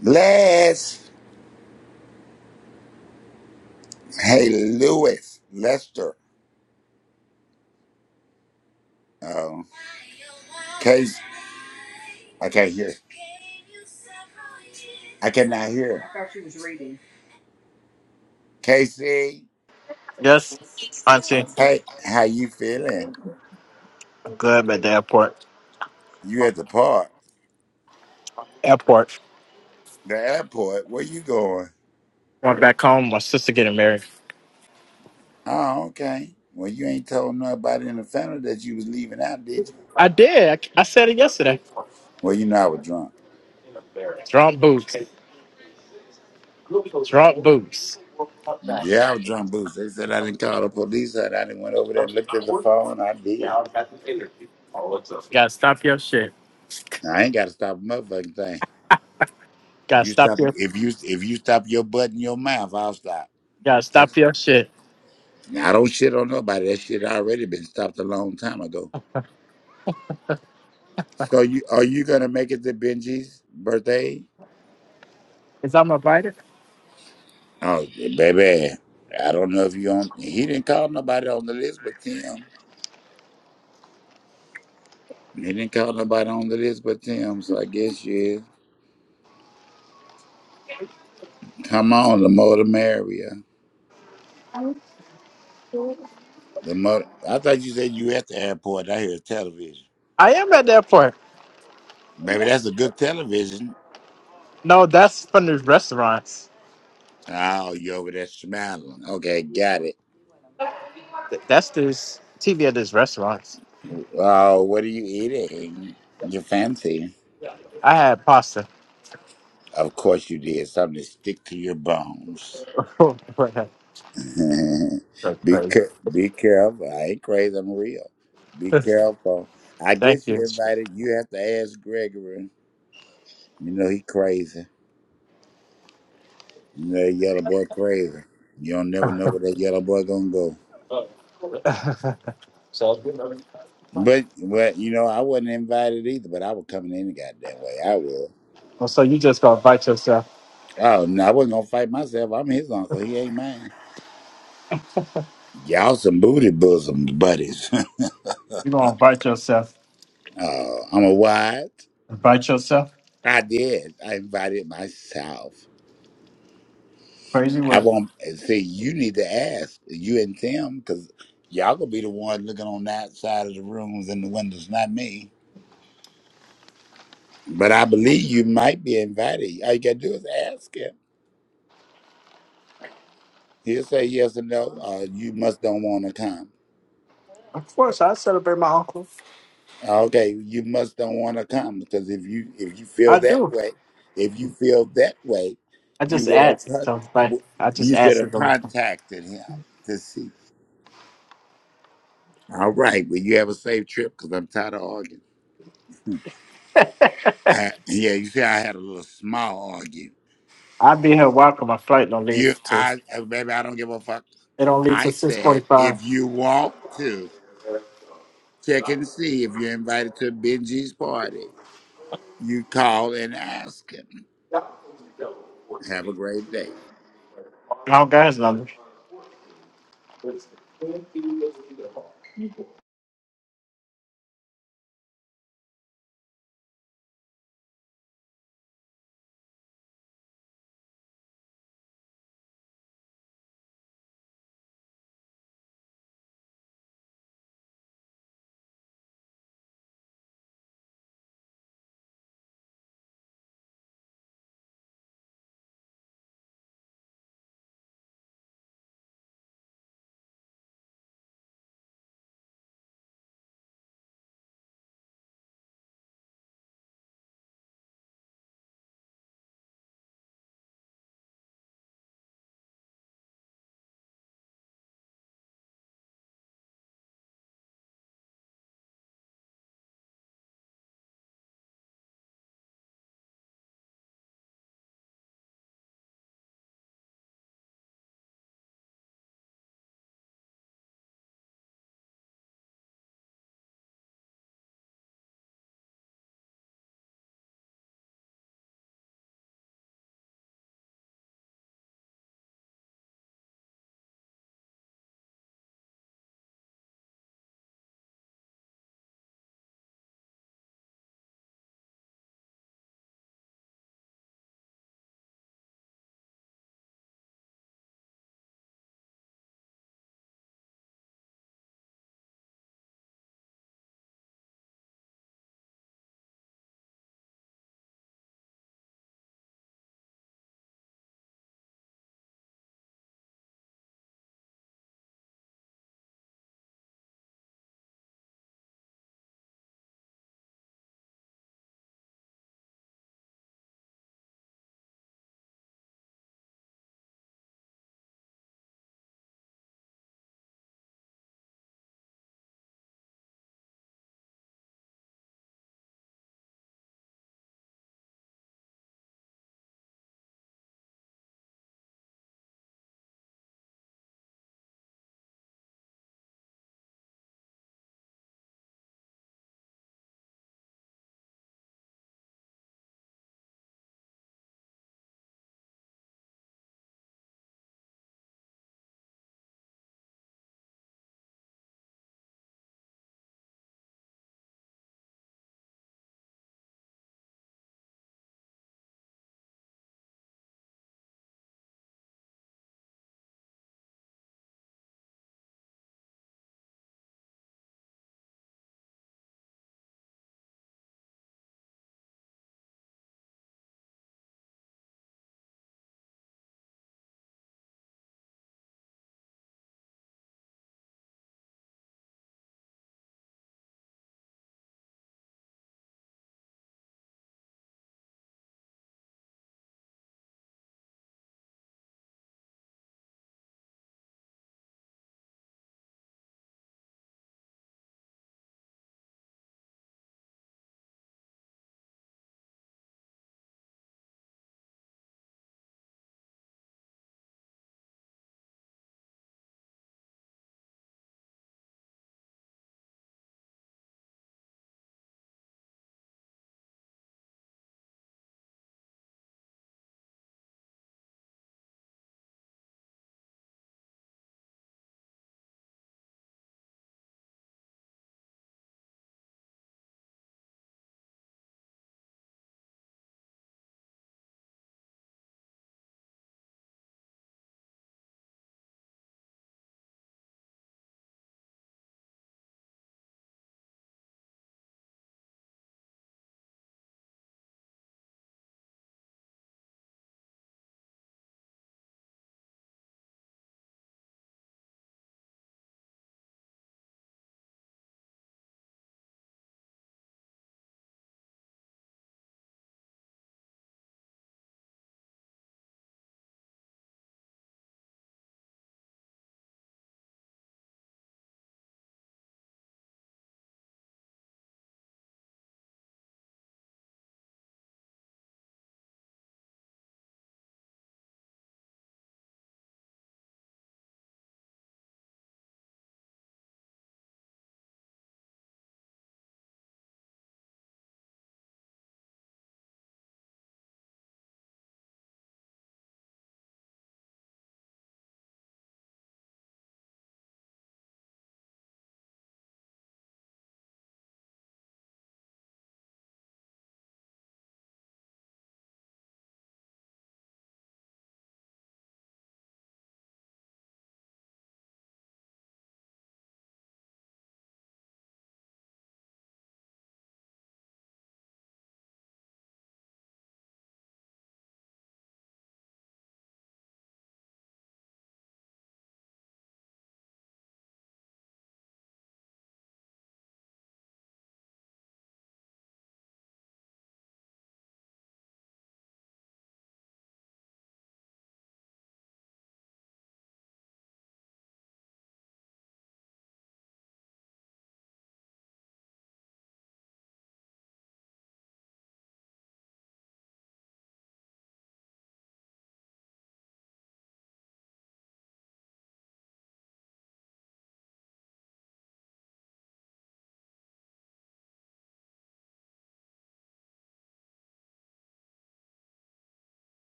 G: Les, hey Lewis, Lester, um, Casey, I can't hear, I cannot hear. Casey,
N: Yes, auntie.
G: hey, how you feeling?
N: I'm good. I'm at the airport.
G: You at the park,
N: Airport.
G: the airport? Where you going?
N: Going back home. My sister getting married.
G: Oh, okay. Well, you ain't told nobody in the family that you was leaving out, did you?
N: I did. I, I said it yesterday.
G: Well, you know I was drunk.
N: Drunk boots. Drunk boots.
G: Yeah, I was drunk, Boots. They said I didn't call the police. I I didn't went over there and looked at the phone. I did.
N: Gotta stop your shit.
G: I ain't got to stop a motherfucking thing.
N: Gotta
G: You stop
N: stop your.
G: if you if you stop your butt in your mouth, I'll stop.
N: Gotta stop
G: That's-
N: your shit.
G: I don't shit on nobody. That shit already been stopped a long time ago. So you are you gonna make it to Benji's birthday?
N: Is I'm invited?
G: Oh baby. I don't know if you on he didn't call nobody on the list but Tim. He didn't call nobody on the list but Tim, so I guess you is. Come on, the more the merrier. The more I thought you said you at the airport. I hear television.
N: I am at the airport.
G: Baby, that's a good television.
N: No, that's from the restaurants.
G: Oh, you over there smiling. Okay, got it.
N: Th- That's this TV at this restaurants.
G: Uh, what are you eating? You fancy?
N: I had pasta.
G: Of course you did. Something to stick to your bones.
N: Right.
G: be ca- be careful. I ain't crazy. I'm real. Be careful. I
N: Thank
G: guess you
N: you.
G: invited. You have to ask Gregory. You know he crazy. You know that yellow boy crazy. You don't never know where that yellow boy gonna go. But well, you know I wasn't invited either. But I was coming any goddamn way. I would.
N: Well, so you just gonna bite yourself.
G: Oh no, I wasn't gonna fight myself. I'm his uncle. He ain't mine. Y'all some booty bosoms buddies.
N: You gonna bite yourself.
G: oh, I'm a what?
N: Bite yourself.
G: I did. I invited myself.
N: Crazy
G: I
N: word.
G: won't see. You need to ask you and Tim because y'all gonna be the one looking on that side of the rooms and the windows, not me. But I believe you might be invited. All you gotta do is ask him. He'll say yes or no. Uh, you must don't want to come.
N: Of course, I celebrate my uncle.
G: Okay, you must don't want to come because if you if you feel
N: I
G: that
N: do.
G: way, if you feel that way,
N: I
G: you
N: just
G: would have
N: asked.
G: con-
N: So like,
G: w-
N: I just
G: you should
N: asked
G: have
N: it.
G: contacted him to see. All right, well you have a safe trip because I'm tired of arguing. Hmm. I, yeah, you see, I had a little small argue.
N: I'll be here. Welcome. My flight don't
G: You,
N: leave till it
G: I, uh, baby, I don't give a fuck.
N: don't leave
G: I
N: till six
G: said
N: forty-five.
G: if you want to check and see if you're invited to Benji's party, you call and ask him. Have a great day.
N: I don't got his number.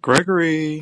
O: gregory